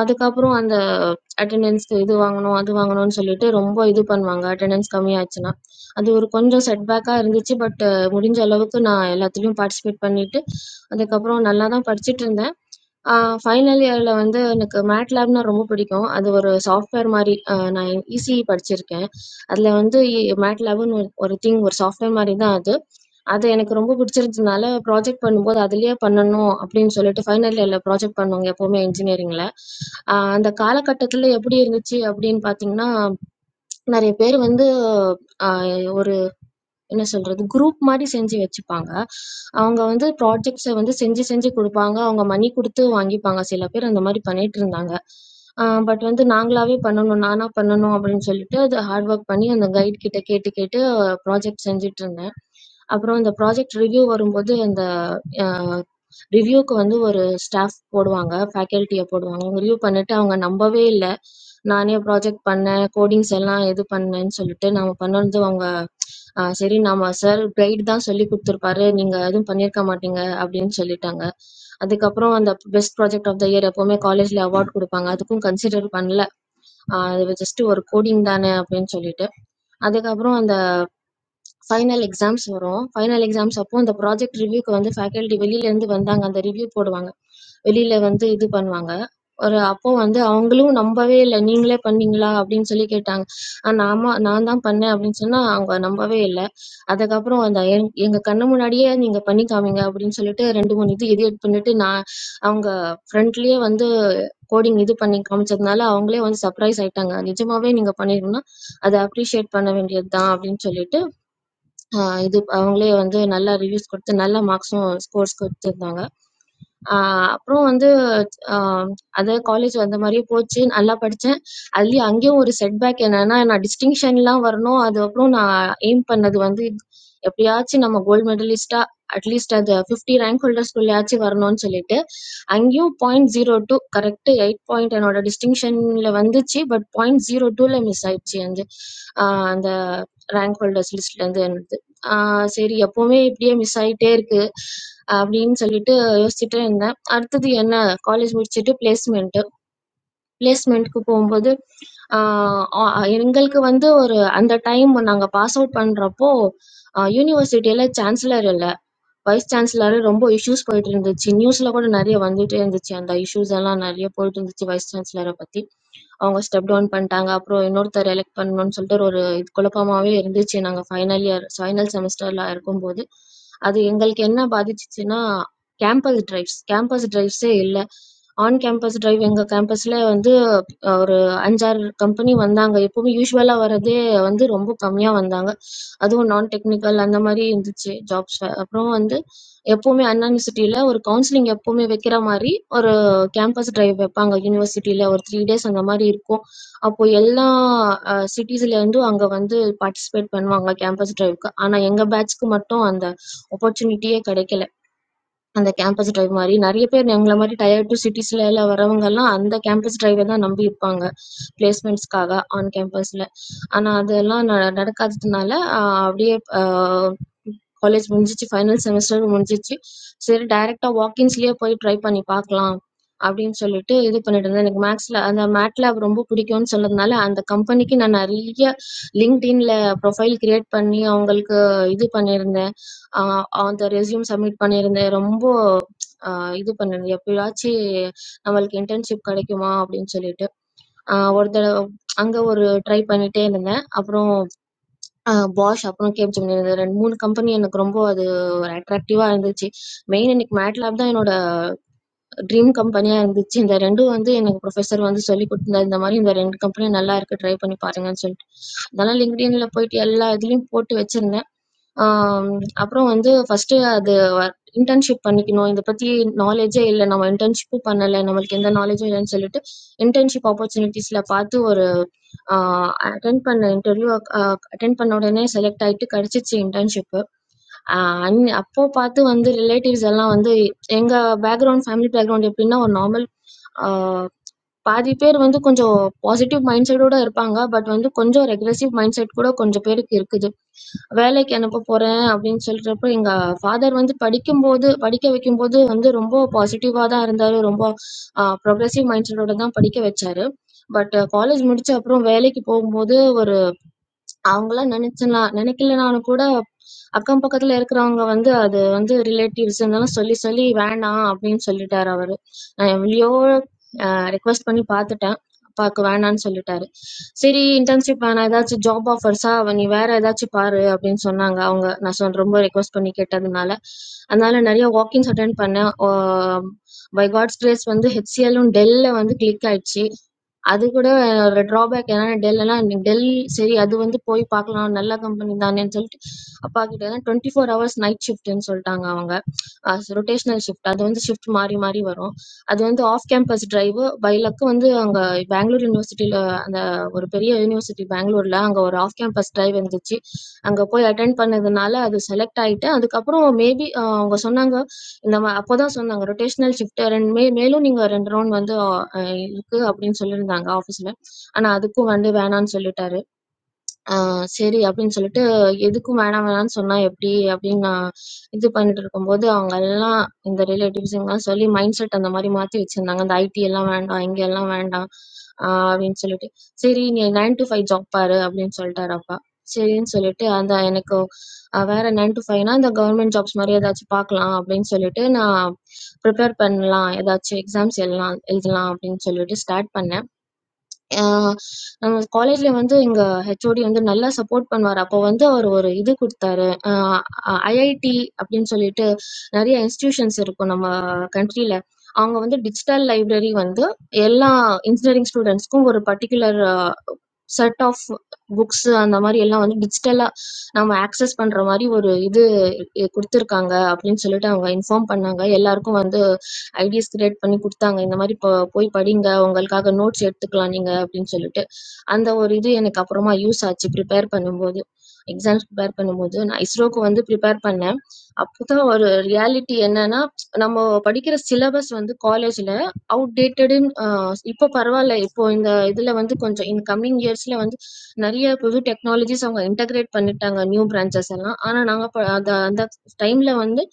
அதுக்கப்புறம் அந்த அட்டெண்டன்ஸ்க்கு இது வாங்கணும் அது வாங்கணும்னு சொல்லிட்டு ரொம்ப இது பண்ணுவாங்க அட்டெண்டன்ஸ் கம்மியாச்சுன்னா அது ஒரு கொஞ்சம் செட்பேக்காக இருந்துச்சு பட் முடிஞ்ச அளவுக்கு நான் எல்லாத்துலேயும் பார்ட்டிசிபேட் பண்ணிட்டு அதுக்கப்புறம் நல்லா தான் படிச்சுட்டு இருந்தேன் ஃபைனல் இயரில் வந்து எனக்கு மேட் லேப்னா ரொம்ப பிடிக்கும் அது ஒரு சாஃப்ட்வேர் மாதிரி ஆஹ் நான் இசிஇ படிச்சிருக்கேன் அதில் வந்து மேட் லேப்னு ஒரு திங் ஒரு சாஃப்ட்வேர் மாதிரி தான் அது அது எனக்கு ரொம்ப பிடிச்சிருந்ததுனால ப்ராஜெக்ட் பண்ணும்போது அதிலேயே பண்ணணும் அப்படின்னு சொல்லிட்டு ஃபைனல் இயரில் ப்ராஜெக்ட் பண்ணுவோங்க எப்போவுமே இன்ஜினியரிங்கில் அந்த காலகட்டத்தில் எப்படி இருந்துச்சு அப்படின்னு பார்த்தீங்கன்னா நிறைய பேர் வந்து ஆஹ் ஒரு என்ன சொல்கிறது குரூப் மாதிரி செஞ்சு வச்சுப்பாங்க அவங்க வந்து ப்ராஜெக்ட்ஸை வந்து செஞ்சு செஞ்சு கொடுப்பாங்க அவங்க மணி கொடுத்து வாங்கிப்பாங்க சில பேர் அந்த மாதிரி பண்ணிட்டு இருந்தாங்க பட் வந்து நாங்களாவே பண்ணணும் நானா பண்ணணும் அப்படின்னு சொல்லிட்டு அது ஹார்ட் ஒர்க் பண்ணி அந்த கைட் கிட்ட கேட்டு கேட்டு ப்ராஜெக்ட் செஞ்சுட்டு இருந்தேன் அப்புறம் இந்த ப்ராஜெக்ட் ரிவ்யூ வரும்போது அந்த ரிவ்யூக்கு வந்து ஒரு ஸ்டாஃப் போடுவாங்க ஃபேக்கல்ட்டியை போடுவாங்க ரிவ்யூ பண்ணிட்டு அவங்க நம்பவே இல்லை நானே ப்ராஜெக்ட் பண்ணேன் கோடிங்ஸ் எல்லாம் இது பண்ணேன்னு சொல்லிட்டு நாம் பண்ணது அவங்க ஆ, சரி நாம சார் கைடு தான் சொல்லி கொடுத்துருப்பாரு நீங்க எதுவும் பண்ணியிருக்க மாட்டீங்க அப்படின்னு சொல்லிட்டாங்க அதுக்கப்புறம் அந்த best project of the year எப்பவுமே காலேஜ்ல அவார்ட் கொடுப்பாங்க அதுக்கும் கன்சிடர் பண்ணல ஆ, அது ஜஸ்ட் ஒரு கோடிங் தானே அப்படின்னு சொல்லிட்டு அதுக்கப்புறம் அந்த ஃபைனல் எக்ஸாம்ஸ் வரும். ஃபைனல் எக்ஸாம்ஸ் அப்போ அந்த ப்ராஜெக்ட் ரிவ்யூக்கு வந்து ஃபேக்கல்டி வெளியிலேருந்து வந்தாங்க. அந்த ரிவ்யூ போடுவாங்க. வெளியில வந்து இது பண்ணுவாங்க. ஒரு அப்போ வந்து அவங்களும் நம்பவே இல்ல. "நீங்களே பண்ணீங்களா?" அப்படின்னு சொல்லி கேட்டாங்க. அ "நாம நான் தான் பண்ணேன்" அப்படின்னு சொன்னா, அவங்க நம்பவே இல்ல. அதுக்கப்புறம் அந்த எங் "எங்க கண்ணு முன்னாடியே நீங்க பண்ணி காமிங்க" அப்படின்னு சொல்லிட்டு 2, 3 இது எடிட் பண்ணிட்டு நான் அவங்க ஃப்ரண்ட்லயே வந்து கோடிங் இது பண்ணி காமிச்சதுனால, அவங்களே வந்து சர்ப்ரைஸ் ஆயிட்டாங்க. "நிஜமாவே நீங்க பண்ணியிருந்தா, அத அப்ரிஷியேட் பண்ண வேண்டியது தான்" அப்படின்னு சொல்லிட்டு ஆஹ் இது அவங்களே வந்து நல்லா ரிவ்யூஸ் கொடுத்து நல்ல மார்க்ஸும் ஸ்கோர்ஸ் கொடுத்துருந்தாங்க ஆஹ் அப்புறம் வந்து ஆஹ் அதே காலேஜ் வந்த மாதிரியே போச்சு நல்லா படித்தேன் அதுலேயும் அங்கேயும் ஒரு செட்பேக் என்னன்னா நான் டிஸ்டிங்ஷன்லாம் வரணும் அதுக்கப்புறம் நான் எய்ம் பண்ணது வந்து எப்படியாச்சும் நம்ம கோல்டு மெடலிஸ்டா அட்லீஸ்ட் அது ஃபிஃப்டி ரேங்க் ஹோல்டர்ஸ்குள்ளேயாச்சும் வரணும்னு சொல்லிட்டு அங்கேயும் point zero two correct eight point என்னோட டிஸ்டிங்ஷனில் வந்துச்சு பட் பாயிண்ட் ஜீரோ டூவில் மிஸ் ஆயிடுச்சு அந்த ஆஹ் அந்த ரேங்க் ஹோல்டர்ஸ் லிஸ்ட்லேருந்து என்னது ஆஹ் சரி எப்பவுமே இப்படியே மிஸ் ஆகிட்டே இருக்கு அப்படின்னு சொல்லிட்டு யோசிச்சுட்டே இருந்தேன் அடுத்தது என்ன காலேஜ் முடிச்சுட்டு பிளேஸ்மெண்ட்டு பிளேஸ்மெண்ட்க்கு போகும்போது ஆஹ் ஆ- எங்களுக்கு வந்து ஒரு அந்த டைம் நாங்கள் பாஸ் அவுட் பண்ணுறப்போ யூனிவர்சிட்டியில் சான்சலர் இல்லை வைஸ் சான்சலர் ரொம்ப இஷ்யூஸ் போயிட்டு இருந்துச்சு நியூஸ்ல கூட நிறைய வந்துட்டே இருந்துச்சு அந்த இஷ்யூஸ் எல்லாம் நிறைய போயிட்டு இருந்துச்சு வைஸ் சான்சலரை பத்தி அவங்க ஸ்டெப் டவுன் பண்ணிட்டாங்க அப்புறம் இன்னொருத்தர் எலெக்ட் பண்ணணும்னு சொல்லிட்டு ஒரு இது குழப்பமாவே இருந்துச்சு நாங்க ஃபைனல் இயர் ஃபைனல் செமஸ்டர்ல இருக்கும்போது அது எங்களுக்கு என்ன பாதிச்சுச்சுன்னா கேம்பஸ் டிரைவ்ஸ் கேம்பஸ் டிரைவ்ஸே இல்லை ஆன் கேம்பஸ் டிரைவ் எங்க கேம்பஸ்ல வந்து ஒரு 5, 6 கம்பெனி வந்தாங்க. எப்பவுமே யூசுவலா வர்றதே வந்து ரொம்ப கம்மியா வந்தாங்க. அதுவும் நான் டெக்னிக்கல் அந்த மாரி இருந்துச்சு ஜாப்ஸ். அப்புறம் வந்து எப்பவுமே அண்ணா யுனிவர்சிட்டியில ஒரு கவுன்சிலிங் எப்பவுமே வைக்கிற மாரி ஒரு கேம்பஸ் டிரைவ் வைப்பாங்க யுனிவர்சிட்டியில. ஒரு 3 டேஸ் அந்த மாரி இருக்கும். அப்போ எல்லா அ சிட்டீஸ்லேருந்தும் அங்க வந்து பார்ட்டிசிபேட் பண்ணுவாங்க கேம்பஸ் டிரைவ்க்கு. ஆனா எங்க பேட்ச்க்கு மட்டும் அந்த ஆப்பர்ச்சுனிட்டியே கிடைக்கல. அந்த கேம்பஸ் டிரைவ் மாரி. நெறைய பேர் எங்கள மாரி டயர் 2 சிட்டீஸ்ல எல்லாம் வரவங்கலாம் அந்த கேம்பஸ் டிரைவ தான் நம்பி இருப்பாங்க. பிளேஸ்மெண்ட்ஸ்‌க்காக ஆன் கேம்பஸ்ல. ஆனா அதெல்லாம் ந நடக்காததுனால அ அப்படியே அ காலேஜ் முடிஞ்சிச்சு. ஃபைனல் செமஸ்டரும் முடிஞ்சிச்சு. சரி டைரக்ட்டா வாக்கின்ஸ்‌லயே போய் ட்ரை பண்ணி பார்க்கலாம். அப்படின்னு சொல்லிட்டு இது பண்ணிட்டு இருந்தேன். எனக்கு மேத்ஸ்ல அந்த மேட்லேப் ரொம்ப பிடிக்கும்னு சொன்னதுனால, அந்த கம்பெனிக்கு நான் நெறைய LinkedInல ப்ரொஃபைல் கிரியேட் பண்ணி அவங்களுக்கு இது பண்ணியிருந்தேன். அ அந்த ரெஸ்யூம் சப்மிட் பண்ணியிருந்தேன். ரொம்ப ஆ இது பண்ணேன். எப்பயாச்சு நம்மளுக்கு இன்டர்ன்ஷிப் கெடைக்குமா அப்படின்னு சொல்லிட்டு. ஆ ஒரு தடவ அங்க ஒரு ட்ரை பண்ணிட்டே இருந்தேன். அப்புறம் அ Bosch, அப்புறம் Capgemini இந்த 2, 3 கம்பெனி எனக்கு ரொம்ப அது ஒரு அட்ராக்டிவா இருந்துச்சு. மெயின் எனக்கு MATLAB தான் என்னோட ட்ரீம் கம்பெனியா இருந்துச்சு. இந்த 2ம் வந்து எனக்கு புரொஃபசர் வந்து சொல்லிக் குடுத்திருந்தாரு. இந்த மாரி இந்த 2 கம்பெனி நல்லா இருக்கு. ட்ரை பண்ணி பாருங்கன்னு சொல்லிட்டு. அதனால LinkedInல போயிட்டு எல்லா இதுலயும் போட்டு வச்சிருந்தேன். ஆம், அப்புறம் வந்து ஃபர்ஸ்ட்டு அது இன்டர்ன்ஷிப் பண்ணிக்கணும். இத பத்தி நாலேட்ஜே இல்ல. நம்ம இன்டர்ன்ஷிப்பும் பண்ணல. நம்மளுக்கு எந்த நாலேட்ஜும் இல்லன்னு சொல்லிட்டு, இன்டர்ன்ஷிப் ஆப்பர்ச்சுனிட்டீஸ்ல பார்த்து ஒரு ஆ அட்டெண்ட் பண்ண இன்டர்வியூ அ அட்டெண்ட் பண்ண உடனே செலக்ட் ஆயிட்டு கெடைச்சிச்சு இன்டர்ன்ஷிப்பு. அ அன் அப்போ பார்த்து வந்து ரிலேட்டிவ்ஸ் எல்லாம் வந்து எங்க பேக்கிரவுண்ட், ஃபேமிலி பேக்கிரவுண்ட் எப்டின்னா ஒரு நார்மல் ஆ பாதி பேர் வந்து கொஞ்சம் பாசிட்டிவ் மைண்ட் செட்டோட இருப்பாங்க. பட் வந்து கொஞ்சம் ரெக்ரசிவ் மைண்ட் செட் கூட கொஞ்சம் பேருக்கு இருக்குது. வேலைக்கு அனுப்ப போறேன் அப்படின்னு சொல்றப்போ, எங்க ஃபாதர் வந்து படிக்கும்போது படிக்க வைக்கும்போது வந்து ரொம்ப பாசிட்டிவா தான் இருந்தாரு. ரொம்ப அ ப்ரொக்ரசிவ் மைண்ட் செட்டோட தான் படிக்க வச்சாரு. பட் காலேஜ் முடிச்ச அப்புறம் வேலைக்கு போகும்போது ஒரு அவங்களா நினைச்சலாம் நினைக்கலனாலும் கூட அக்கம் பக்கத்துல இருக்கிறவங்க வந்து அது வந்து ரிலேட்டிவ்ஸ் இருந்தாலும் சொல்லி சொல்லி வேணாம் அப்படின்னு சொல்லிட்டாரு அவரு நான் எவ்வளையோ ரெக்வஸ்ட் பண்ணி பார்த்துட்டேன் அப்பாவுக்கு வேணான்னு சொல்லிட்டாரு சரி இன்டர்ன்ஷிப் வேணாம் ஏதாச்சும் ஜாப் ஆஃபர்ஸா அவ நீ வேற ஏதாச்சும் பாரு அப்படின்னு சொன்னாங்க அவங்க நான் சொன்ன ரொம்ப ரெக்வஸ்ட் பண்ணி கேட்டதுனால அதனால நிறைய வாக்கிங்ஸ் அட்டன் பண்ணேன் பை காட்ஸ் கிரேஸ் வந்து ஹெச்சிஎல்லும் டெல்ல வந்து கிளிக் ஆயிடுச்சு அது கூட ஒரு ட்ராபேக் என்னன்னா டெல்லுன்னா டெல் சரி அது வந்து போய் பார்க்கலாம் நல்ல கம்பெனி தானேன்னு சொல்லிட்டு அப்பா கிட்ட டுவெண்ட்டி ஃபோர் ஹவர்ஸ் நைட் ஷிஃப்ட்னு சொல்லிட்டாங்க அவங்க ரொட்டேஷனல் ஷிஃப்ட் அது வந்து ஷிஃப்ட் மாறி மாறி வரும் அது வந்து ஆஃப் கேம்பஸ் டிரைவ் பைலக்கு வந்து அங்கே பெங்களூர் யூனிவர்சிட்டியில் அந்த ஒரு பெரிய யூனிவர்சிட்டி பெங்களூரில் அங்கே ஒரு ஆஃப் கேம்பஸ் டிரைவ் இருந்துச்சு அங்கே போய் அட்டென்ட் பண்ணதுனால அது செலக்ட் ஆகிட்டு அதுக்கப்புறம் மேபி அவங்க சொன்னாங்க நம்ம அப்பதான் சொன்னாங்க ரொட்டேஷனல் ஷிஃப்ட் ரெண்டு மே மேலும் நீங்க ரெண்டு ரவுண்ட் வந்து ஆ, அஹ் இருக்கு அப்படின்னு சொல்லியிருந்தாங்க ஆஃபீஸ்ல ஆனா அதுக்கும் வந்து வேணாம்னு சொல்லிட்டாரு ஆ சரி அப்படின்னு சொல்லிட்டு, எதுக்கும் வேணாம் வேணாம்ன்னு சொன்னா எப்படி? அப்படின்னு நான் இது பண்ணிட்டு இருக்கும்போது, அவங்க எல்லாம் இந்த ரிலேட்டிவ்ஸ் இவங்கலாம் சொல்லி மைண்ட் செட் அந்த மாரி மாத்தி வச்சிருந்தாங்க. இந்த ஐடி எல்லாம் வேண்டாம், இங்க எல்லாம் வேண்டாம் ஆ அப்படின்னு சொல்லிட்டு. சரி நீ 9 to 5 ஜாப் பாரு அப்படின்னு சொல்லிட்டாரு அப்பா. சரின்னு சொல்லிட்டு அந்த எனக்கு அ வேற 9 to 5னா இந்த கவர்மெண்ட் ஜாப்ஸ் மாரி ஏதாச்சும் பார்க்கலாம் அப்படின்னு சொல்லிட்டு, நான் ப்ரிப்பேர் பண்ணலாம். ஏதாச்சும் எக்ஸாம்ஸ் எழுதலாம் எழுதலாம் அப்படின்னு சொல்லிட்டு ஸ்டார்ட் பண்ணேன். ஆ நம்ம காலேஜ்ல வந்து எங்க ஹெச்ஓடி வந்து நல்லா சப்போர்ட் பண்ணுவாரு. அப்போ வந்து அவரு ஒரு இது குடுத்தாரு. அ ஐஐடி அப்டின்னு சொல்லிட்டு நெறைய இன்ஸ்டிடியூஷன்ஸ் இருக்கும் நம்ம கண்ட்ரில. அவங்க வந்து டிஜிட்டல் லைப்ரரி வந்து எல்லா இன்ஜினியரிங் ஸ்டூடண்ட்ஸ்க்கும் ஒரு பர்ட்டிகுலர் செட் ஆஃப் புக்ஸ் அந்த மாதிரி எல்லாம் வந்து டிஜிட்டலா நம்ம ஆக்சஸ் பண்ற மாதிரி ஒரு இது கொடுத்துருக்காங்க அப்படின்னு சொல்லிட்டு அவங்க இன்ஃபார்ம் பண்ணாங்க எல்லாருக்கும் வந்து ஐடிஸ் கிரியேட் பண்ணி கொடுத்தாங்க இந்த மாதிரி போ போய் படிங்க உங்களுக்காக நோட்ஸ் எடுத்துக்கலாம் நீங்க அப்படின்னு சொல்லிட்டு அந்த ஒரு இது எனக்கு அப்புறமா யூஸ் ஆச்சு ப்ரிப்பேர் பண்ணும்போது எக்ஸாம்ஸ் ப்ரிப்பேர் பண்ணும்போது நான் இஸ்ரோக்கு வந்து ப்ரிப்பேர் பண்ணேன் அப்போதான் ஒரு ரியாலிட்டி என்னன்னா நம்ம படிக்கிற சிலபஸ் வந்து காலேஜ்ல அவுட்டேட்டடுன்னு அ இப்போ பரவால்ல. இப்போ இந்த இதுல வந்து கொஞ்சம் இன் கம்மிங் இயர்ஸ்ல வந்து நெறைய புது டெக்னாலஜிஸ் அவங்க இன்டகிரேட் பண்ணிட்டாங்க நியூ பிரான்ச்சஸ் எல்லாம். ஆனா நாங்க ப அந்த அந்த டைம்ல வந்து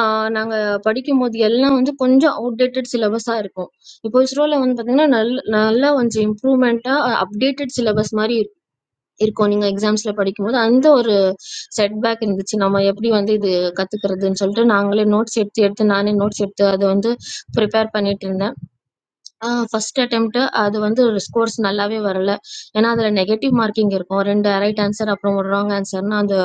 ஆ நாங்க படிக்கும்போது எல்லாம் வந்து கொஞ்சம் அவுட்டேட்டட் சிலபஸா இருக்கும். இப்போ இஸ்ரோல வந்து பார்த்தீங்கன்னா, நல் நல்லா கொஞ்சம் இம்ப்ரூவ்மென்ட்டா அ அப்டேட்டட் சிலபஸ் மாரி இரு இருக்கும். நீங்க எக்ஸாம்ஸ்ல படிக்கும்போது, அந்த ஒரு செட்பேக் இருந்துச்சு. நம்ம எப்படி வந்து இது கத்துக்கிறதுன்னு சொல்லிட்டு, நாங்களே நோட்ஸ் எடுத்து எடுத்து நானே நோட்ஸ் எடுத்து அத வந்து ப்ரிப்பேர் பண்ணிட்டுருந்தேன். ஆ ஃபர்ஸ்ட் அட்டெம்ப்ட் அது வந்து ஸ்கோர்ஸ் நல்லாவே வரல. ஏன்னா, அதுல நெகட்டிவ் மார்க்கிங் இருக்கும். 2 ரைட் ஆன்ஸர் அப்புறம் ஒரு ராங் ஆன்ஸர்ன்னா அந்த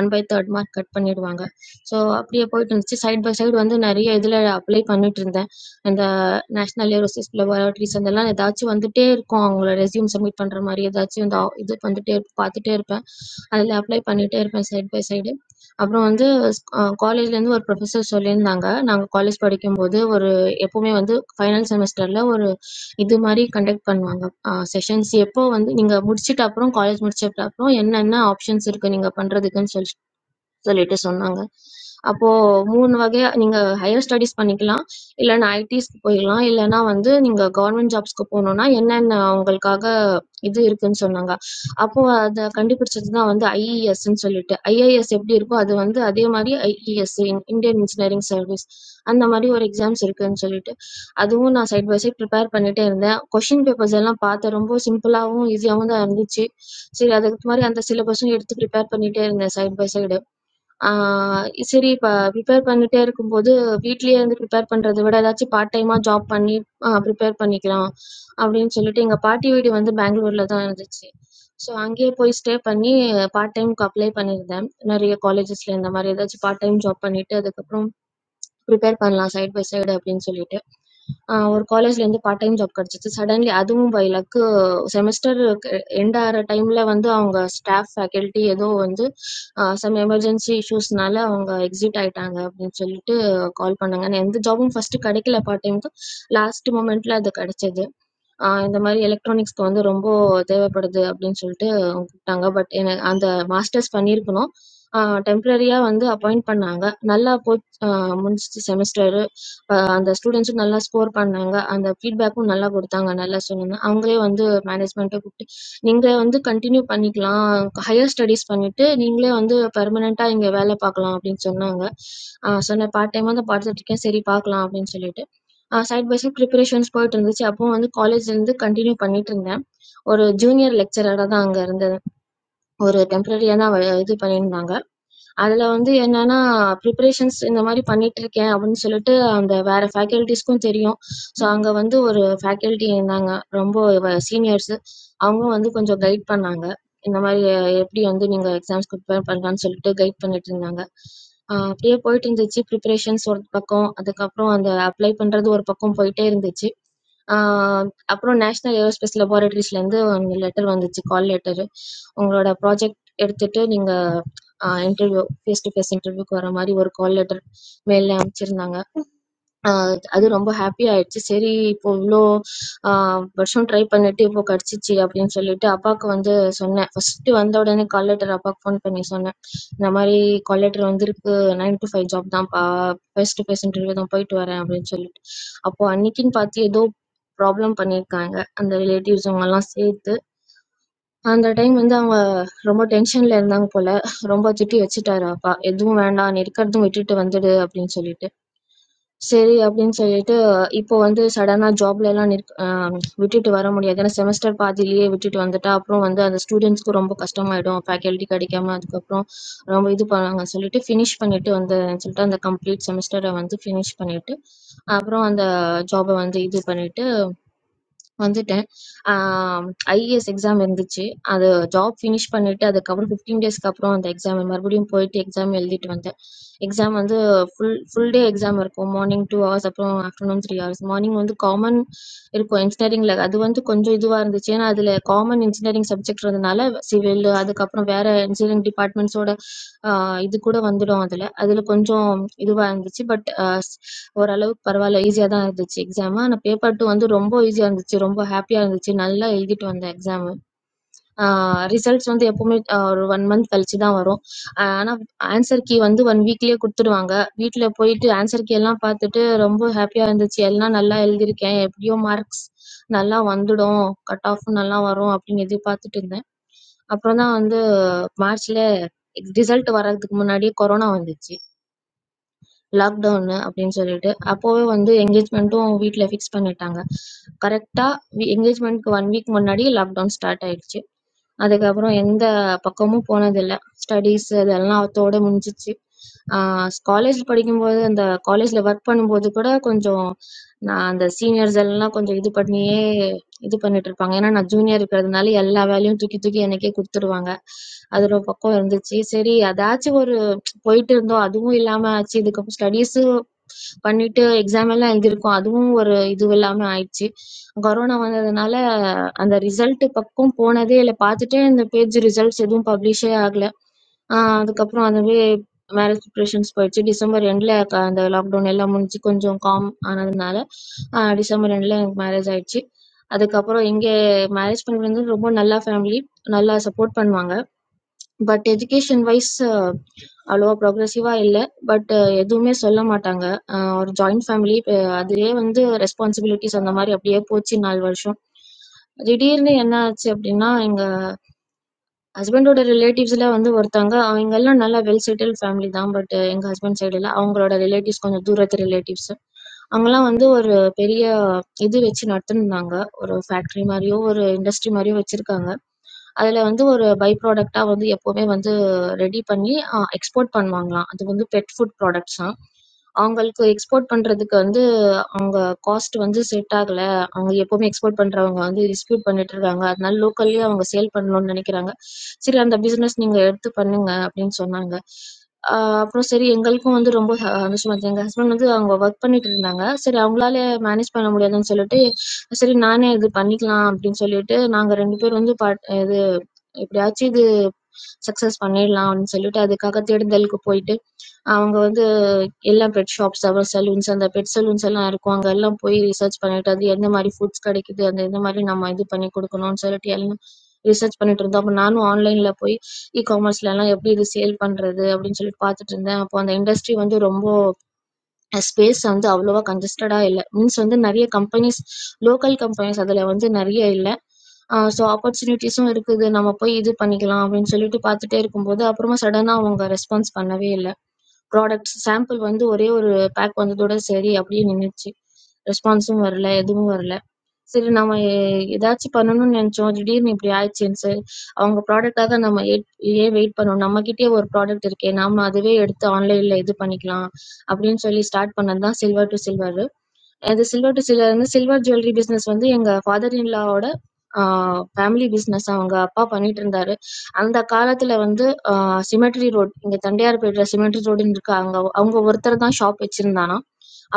1/3 மார்க் கட் பண்ணிடுவாங்க. ஸோ, அப்படியே போயிட்டு இருந்துச்சு. சைட் பை சைடு வந்து நெறைய இதுல அப்ளை பண்ணிட்டுருந்தேன். இந்த நேஷனல் ஏரோஸ்பேஸ் லெபார்டரீஸ் அதெல்லாம் ஏதாச்சும் வந்துட்டே இருக்கும். அவங்கள ரெஸ்யூம் சப்மிட் பண்ற மாரி ஏதாச்சும் இந்த ஆ- இது வந்துட்டே இருப்ப- பார்த்துட்டே இருப்பேன். அதுல அப்ளை பண்ணிட்டே இருப்பேன் சைட் பை சைடு. அப்புறம் வந்து ஸ் அ காலேஜ்லேருந்து ஒரு ப்ரொஃபசர் சொல்லியிருந்தாங்க. நாங்க காலேஜ் படிக்கும்போது ஒரு எப்பவுமே வந்து ஃபைனல் செமஸ்டர்ல ஒரு இது மாதிரி கண்டக்ட் பண்ணுவாங்க செஷன்ஸ் எப்போ வந்து நீங்க முடிச்சிட்ட அப்புறம் காலேஜ் முடிச்சிட்ட அப்புறம் என்னென்ன ஆப்ஷன்ஸ் இருக்கு நீங்க பண்றதுக்குன்னு சொல்லி சொல்லிட்டு சொன்னாங்க. அப்போ 3 வகையா நீங்க ஹையர் ஸ்டடீஸ் பண்ணிக்கலாம். இல்லன்னா ஐடிஸ்க்கு போயிரலாம். இல்லன்னா வந்து நீங்க கவர்ன்மென்ட் ஜாப்ஸ்க்கு போணும்னா, என்னென்ன உங்களுக்காக இது இருக்குன்னு சொன்னாங்க. அப்போ அத கண்டுபிடிச்சது தான் வந்து ஐஇஎஸ்ன்னு சொல்லிட்டு. ஐஏஎஸ் எப்படி இருக்கோ அது வந்து அதே மாரி ஐஇஎஸ் இந்தியன் இன்ஜினியரிங் சர்வீஸ். அந்த மாரி ஒரு எக்ஸாம்ஸ் இருக்குன்னு சொல்லிட்டு. அதுவும் நான் சைட் பை சைட் ப்ரிப்பேர் பண்ணிட்டே இருந்தேன். கொஸ்டின் பேப்பர்ஸ் எல்லாம் பார்த்தேன். ரொம்ப சிம்பிளாவும், ஈஸியாவும் தான் இருந்துச்சு. சரி அதுக்கு மாரி அந்த சிலபஸும் எடுத்து ப்ரிப்பேர் பண்ணிட்டே இருந்தேன் சைட் பை சைடு. ஆ சரி இப்ப ப்ரிப்பேர் பண்ணிட்டே இருக்கும்போது, வீட்லயே இருந்து ப்ரிப்பேர் பண்றத விட ஏதாச்சும் பார்ட் டைமா ஜாப் பண்ணி அ ப்ரிப்பேர் பண்ணிக்கலாம். அப்படின்னு சொல்லிட்டு எங்க பாட்டி வீடு வந்து பெங்களூர்ல தான் இருந்துச்சு. ஸோ அங்கேயே போய் ஸ்டே பண்ணி பார்ட் டைம்க்கு அப்ளை பண்ணியிருந்தேன். நெறைய காலேஜஸ்ல இந்த மாரி ஏதாச்சும் பார்ட் டைம் ஜாப் பண்ணிட்டு அதுக்கப்புறம் ப்ரிப்பேர் பண்ணலாம் சைட் பை சைடு அப்படின்னு சொல்லிட்டு ஒரு காலேஜ்லேருந்து பார்ட் டைம் ஜாப் கிடச்சிச்சு சடன்லி அதுவும் பை லக்கு செமஸ்டர் எண்ட் ஆகிற டைமில் வந்து அவங்க ஸ்டாஃப் ஃபேக்கல்ட்டி ஏதோ வந்து சம் எமர்ஜென்சி இஷ்யூஸ்னால அவங்க எக்ஸிட் ஆயிட்டாங்க அப்படின்னு சொல்லிட்டு கால் பண்ணாங்க நான் எந்த ஜாபும் ஃபர்ஸ்ட் கிடைக்கல பார்ட் டைமுக்கு லாஸ்ட் மூமெண்ட்ல அது கிடைச்சது ஆஹ் இந்த மாதிரி எலக்ட்ரானிக்ஸ்க்கு வந்து ரொம்ப தேவைப்படுது அப்படின்னு சொல்லிட்டு அவங்க கூப்பிட்டாங்க பட் எனக்கு அந்த மாஸ்டர்ஸ் பண்ணியிருக்கணும் டெம்பரரியா வந்து அப்பாயிண்ட் பண்ணாங்க நல்லா போய் ஆஹ் முடிஞ்சிச்சு செமஸ்டர் அந்த ஸ்டூடெண்ட்ஸும் நல்லா ஸ்கோர் பண்ணாங்க அந்த ஃபீட்பேக்கும் நல்லா கொடுத்தாங்க நல்லா சொன்னாங்க அவங்களே வந்து மேனேஜ்மெண்ட்டை கூப்பிட்டு நீங்கள் வந்து கண்டினியூ பண்ணிக்கலாம் ஹையர் ஸ்டடீஸ் பண்ணிட்டு நீங்களே வந்து பெர்மனெண்ட்டாக இங்கே வேலை பார்க்கலாம் அப்படின்னு சொன்னாங்க ஆஹ் சொன்னேன் பார்ட் டைமாக தான் பார்த்துட்டு இருக்கேன் சரி பார்க்கலாம் அப்படின்னு சொல்லிட்டு சைட் பை சைட் ப்ரிப்பரேஷன்ஸ் போயிட்டு இருந்துச்சு அப்போ வந்து காலேஜ்லேருந்து கண்டினியூ பண்ணிட்டு இருந்தேன் ஒரு ஜூனியர் லெக்சரராக தான் அங்கே இருந்தது ஒரு டெம்ப்ரரியா தான் வ- இது பண்ணியிருந்தாங்க அதுல வந்து என்னன்னா ப்ரிப்பரேஷன்ஸ் இந்த மாதிரி பண்ணிட்டு இருக்கேன் அப்படின்னு சொல்லிட்டு அந்த வேற ஃபேக்கல்டிஸ்க்கும் தெரியும் ஸோ அங்க வந்து ஒரு ஃபேக்கல்டி இருந்தாங்க ரொம்ப சீனியர்ஸ் அவங்க வந்து கொஞ்சம் கைட் பண்ணாங்க இந்த மாதிரி அஹ், எப்படி வந்து நீங்க எக்ஸாம்ஸ்க்கு ப்ரிப்பேர் பண்ணலாம்னு சொல்லிட்டு கைட் பண்ணிட்டு இருந்தாங்க ஆஹ் அப்படியே போயிட்டு இருந்துச்சு ப்ரிப்பரேஷன்ஸ் ஒரு பக்கம் அதுக்கப்புறம் அந்த அப்ளை பண்றது ஒரு பக்கம் போயிட்டே இருந்துச்சு அப்புறம் நேஷனல் ஏரோஸ்பேஸ் லெபார்ட்டரிஸ்லேருந்து அந்த லெட்டர் வந்துச்சு கால் லெட்டரு உங்களோட ப்ராஜெக்ட் எடுத்துகிட்டு நீங்கள் இன்டர்வியூ ஃபேஸ் டு ஃபேஸ் இன்டர்வியூக்கு வர மாதிரி ஒரு கால் லெட்டர் மெயிலில் அனுப்பிச்சிருந்தாங்க ஆஹ் அது ரொம்ப ஹாப்பி ஆயிடுச்சு சரி இப்போ இவ்வளோ ஆஹ் வருஷம் ட்ரை பண்ணிட்டு இப்போ கிடச்சிச்சு அப்படின்னு சொல்லிட்டு அப்பாவுக்கு வந்து சொன்னேன் ஃபர்ஸ்ட் வந்த உடனே கால் லெட்டர் அப்பாவுக்கு ஃபோன் பண்ணி சொன்னேன் இந்த மாதிரி கால் லெட்டர் வந்திருக்கு நைன் to ஃபைவ் ஜாப் தான் ஃபேஸ் டு ஃபேஸ் இன்டர்வியூ தான் போயிட்டு வரேன் அப்படின்னு சொல்லிட்டு அப்போ அன்னைக்குன்னு பார்த்து ஏதோ ப்ராப்ளம் பண்ணியிருக்காங்க அந்த ரிலேட்டிவ்ஸ் அவங்கெல்லாம் சேர்த்து அந்த டைம் வந்து அவங்க ரொம்ப டென்ஷன்ல இருந்தாங்க போல ரொம்ப திட்டி வச்சுட்டாரு அப்பா எதுவும் வேண்டாம் நீ இருக்கிறதும் விட்டுட்டு வந்துடு அப்படின்னு சொல்லிட்டு சரி அப்படின்னு சொல்லிட்டு, இப்போ வந்து சடனா ஜாப்லலாம் நிற் அ விட்டுட்டு வர முடியாது. ஏன்னா செமஸ்டர் பாதியிலேயே விட்டுட்டு வந்துட்டா, அப்புறம் வந்து அந்த ஸ்டூடண்ட்ஸ்க்கு ரொம்ப கஷ்டமாயிடும். ஃபேக்கல்டி கிடைக்காம அதுக்கப்புறம் ரொம்ப இது பண்ணுவாங்கன்னு சொல்லிட்டு, ஃபினிஷ் பண்ணிட்டு வந்தேன்னு சொல்லிட்டு, அந்த கம்ப்ளீட் செமஸ்டர வந்து ஃபினிஷ் பண்ணிட்டு, அப்புறம் அந்த ஜாப்ப வந்து இது பண்ணிட்டு வந்துட்டேன். ஐஏஎஸ் எக்ஸாம் இருந்துச்சு. அது ஜாப் ஃபினிஷ் பண்ணிட்டு அதுக்கப்புறம் 15 டேஸ்க்கு அப்புறம் அந்த எக்ஸாம் மறுபடியும் போயிட்டு எக்ஸாம் எழுதிட்டு வந்தேன். எக்ஸாம் வந்து ஃபுல் ஃபுல் டே எக்ஸாம் இருக்கும். மார்னிங் 2 ஹவர்ஸ் அப்புறம் ஆஃப்டர்நூன் 3 ஹவர்ஸ். மார்னிங் வந்து காமன் இருக்கும் இன்ஜினியரிங்ல. அது வந்து கொஞ்சம் இதுவா இருந்துச்சு. ஏன்னா, அதுல காமன் இன்ஜினியரிங் சப்ஜெக்ட் இருந்தனால, சிவில் அதுக்கப்புறம் வேற இன்ஜினியரிங் டிபார்ட்மெண்ட்ஸோட அ இது கூட வந்துடும் அதுல. அதுல கொஞ்சம் இதுவா இருந்துச்சு. பட் அ ஓரளவுக்கு பரவால்ல. ஈஸியா தான் இருந்துச்சு எக்ஸாமு. ஆனா பேப்பர் 2 வந்து ரொம்ப ஈஸியா இருந்துச்சு. ரொம்ப ஹாப்பியா இருந்துச்சு. நல்லா எழுதிட்டு வந்தேன் எக்ஸாமு. ரிசல்ட்ஸ் வந்து எப்பவுமே ஆஹ் ஒரு ஒன் மந்த் கழிச்சு தான் வரும் ஆனால் ஆன்சர் கீ வந்து ஒன் வீக்லேயே கொடுத்துடுவாங்க வீட்டில் போயிட்டு ஆன்சர் கீ எல்லாம் பார்த்துட்டு ரொம்ப ஹாப்பியாக இருந்துச்சு எல்லாம் நல்லா எழுதியிருக்கேன் எப்படியோ மார்க்ஸ் நல்லா வந்துடும் கட் ஆஃப் நல்லா வரும் அப்படின்னு எதிர்பார்த்துட்டு இருந்தேன் அப்புறம் தான் வந்து மார்ச்ல ரிசல்ட் வர்றதுக்கு முன்னாடியே கொரோனா வந்துச்சு லாக்டவுனு அப்படின்னு சொல்லிட்டு அப்போவே வந்து என்கேஜ்மெண்ட்டும் வீட்டில் ஃபிக்ஸ் பண்ணிட்டாங்க கரெக்டாக என்கேஜ்மெண்ட்க்கு ஒன் வீக் முன்னாடி லாக்டவுன் ஸ்டார்ட் ஆயிடுச்சு அதுக்கப்புறம் எந்த பக்கமும் போனதில்லை ஸ்டடீஸ் இதெல்லாம் அதோட முடிஞ்சிச்சு காலேஜ் படிக்கும்போது அந்த காலேஜில் ஒர்க் பண்ணும்போது கூட கொஞ்சம் நான் அந்த சீனியர்ஸ் எல்லாம் கொஞ்சம் இது பண்ணியே இது பண்ணிட்டுருப்பாங்க. ஏன்னா நான் ஜூனியர் இருக்கிறதுனால எல்லா வேலையும் தூக்கி தூக்கி எனக்கே குடுத்துருவாங்க. அது ஒரு பக்கம் இருந்துச்சு. சரி அதாச்சும் ஒரு போயிட்டு இருந்தோம். அதுவும் இல்லாம ஆச்சு. இதுக்கப்புறம் ஸ்டடீஸு பண்ணிட்டு எக்ஸாம் எல்லாம் எழுதியிருக்கோம். அதுவும் ஒரு இது இல்லாம ஆயிடுச்சு. கொரோனா வந்ததுனால அந்த ரிசல்ட் பக்கம் போனதே இல்ல. பார்த்துட்டே இந்த பேஜ் ரிசல்ட்ஸ் எதுவும் பப்ளிஷே ஆகல. ஆ அதுக்கப்புறம் அதுவே மேரேஜ் ப்ரிப்ரேஷன்ஸ் போயிடுச்சு. டிசம்பர் எண்ட்ல க அந்த லாக்டவுன் எல்லாம் முடிஞ்சு கொஞ்சம் காம் ஆனதுனால, அ டிசம்பர் எண்ட்ல எனக்கு மேரேஜ் ஆயிடுச்சு. அதுக்கப்புறம் இங்க மேரேஜ் பண்ணி வந்து ரொம்ப நல்ல ஃபேமிலி. நல்லா சப்போர்ட் பண்ணுவாங்க. பட் எஜுகேஷன் வைஸ் அவ்வளவா ப்ரொக்ரசிவ்வா இல்ல. பட் எதுவுமே சொல்ல மாட்டாங்க. அ ஒரு ஜாயிண்ட் ஃபேமிலி இப்ப அதுவே வந்து ரெஸ்பான்சிபிலிட்டிஸ் அந்த மாரி அப்படியே போச்சு 4 வருஷம். திடீர்னு என்ன ஆச்சு அப்படின்னா, எங்க ஹஸ்பண்டோட ரிலேட்டிவ்ஸ்ல வந்து ஒருத்தவங்க அவங்க எல்லாம் நல்லா வெல் செட்டில்டு ஃபேமிலி தான். பட் எங்க ஹஸ்பண்ட் சைடுல அவங்களோட ரிலேட்டிவ்ஸ் கொஞ்சம் தூரத்து ரிலேட்டிவ்ஸ். அங்கலாம் வந்து ஒரு பெரிய இது வச்சு நடத்துனாங்க. ஒரு ஃபேக்டரி மாரியோ ஒரு இண்டஸ்ட்ரி மாரியோ வச்சிருக்காங்க. அதுல வந்து ஒரு பை ப்ராடக்ட்டா வந்து எப்பவுமே வந்து ரெடி பண்ணி அ எக்ஸ்போர்ட் பண்ணுவாங்களாம். அது வந்து பெட் ஃபுட் ப்ராடக்ட்ஸ்ஸா அவங்களுக்கு எக்ஸ்போர்ட் பண்றதுக்கு வந்து அவங்க காஸ்ட் வந்து செட் ஆகல. அவங்க எப்பவுமே எக்ஸ்போர்ட் பண்றவங்க வந்து டிஸ்ட்ரிபியூட் பண்ணிட்டு இருக்காங்க. அதனால லோக்கல்லயே அவங்க சேல் பண்ணணும்னு நினைக்கிறாங்க. சரி அந்த பிசினஸ் நீங்க எடுத்து பண்ணுங்க அப்படின்னு சொன்னாங்க. ஆ அப்புறம் சரி எங்களுக்கும் வந்து ரொம்ப அ சந்தோஷமா இருந்துச்சு. எங்க ஹஸ்பண்ட் வந்து அவங்க வொர்க் பண்ணிட்டு இருந்தாங்க. சரி அவங்களால மேனேஜ் பண்ண முடியாதுன்னு சொல்லிட்டு, சரி நானே இது பண்ணிக்கலாம் அப்படின்னு சொல்லிட்டு நாங்க 2 பேரும் வந்து பாட் இது எப்படியாச்சும் இது சக்சஸ் பண்ணிடலாம் அப்படின்னு சொல்லிட்டு அதுக்காக தேடுதலுக்கு போயிட்டு, அவங்க வந்து எல்லாம் பெட் ஷாப்ஸ் அப்புறம் சலூன்ஸ் அந்த பெட் சலூன்ஸ் எல்லாம் இருக்கும் அங்க எல்லாம் போய் ரிசர்ச் பண்ணிட்டு அது எந்த மாதிரி ஃபுட்ஸ் கிடைக்குது அந்த எந்த மாதிரி நம்ம இது பண்ணி கொடுக்கணும்னு சொல்லிட்டு எல்லாம் ரிசர்ச் பண்ணிட்டு இருந்தோம் அப்ப நானும் ஆன்லைன்ல போய் இ காமர்ஸ்ல எல்லாம் எப்படி இது சேல் பண்றது அப்படின்னு சொல்லிட்டு பார்த்துட்டு இருந்தேன் அப்போ அந்த இண்டஸ்ட்ரி வந்து ரொம்ப ஸ்பேஸ் வந்து அவ்வளவா கன்ஜஸ்டடா இல்லை மீன்ஸ் வந்து நிறைய கம்பெனிஸ் லோக்கல் கம்பெனிஸ் அதுல வந்து நிறைய இல்லை ஸோ ஆப்பர்ச்சுனிட்டிஸும் இருக்குது நம்ம போய் இது பண்ணிக்கலாம் அப்படின்னு சொல்லிட்டு பார்த்துட்டே இருக்கும்போது அப்புறமா சடனாக அவங்க ரெஸ்பான்ஸ் பண்ணவே இல்லை ப்ராடக்ட்ஸ் சாம்பிள் வந்து ஒரே ஒரு பேக் வந்ததோட சரி அப்படியே நின்னுச்சு. ரெஸ்பான்ஸும் வரல, எதுவும் வரல. சரி நம்ம எ- ஏதாச்சும் பண்ணணும்னு நெனச்சோம். திடீர்னு இப்படி ஆயிடுச்சேன்னு சொல்லி அவங்க ப்ராடக்ட்டாக நம்ம ஏட் ஏன் வெயிட் பண்ணணும்? நம்மகிட்டயே ஒரு ப்ராடக்ட் இருக்கே! நாம அதுவே எடுத்து ஆன்லைன்ல இது பண்ணிக்கலாம் அப்படின்னு சொல்லி ஸ்டார்ட் பண்ணது தான் சில்வர் டூ சில்வரு. அது சில்வர் டு சில்வர்னு சில்வர் ஜுவல்லரி பிசினஸ் வந்து எங்க ஃபாதர் இன்லாவோட ஃபேமிலி பிசினஸ் அவங்க அப்பா பண்ணிட்டு இருந்தாரு அந்த காலத்துல வந்து சிமெட்ரி ரோட் இங்க தண்டையார்பேட்டை சிமெட்ரி ரோடுன்னு இருக்கு அங்க அவங்க ஒருத்தர் தான் ஷாப் வச்சிருந்தானா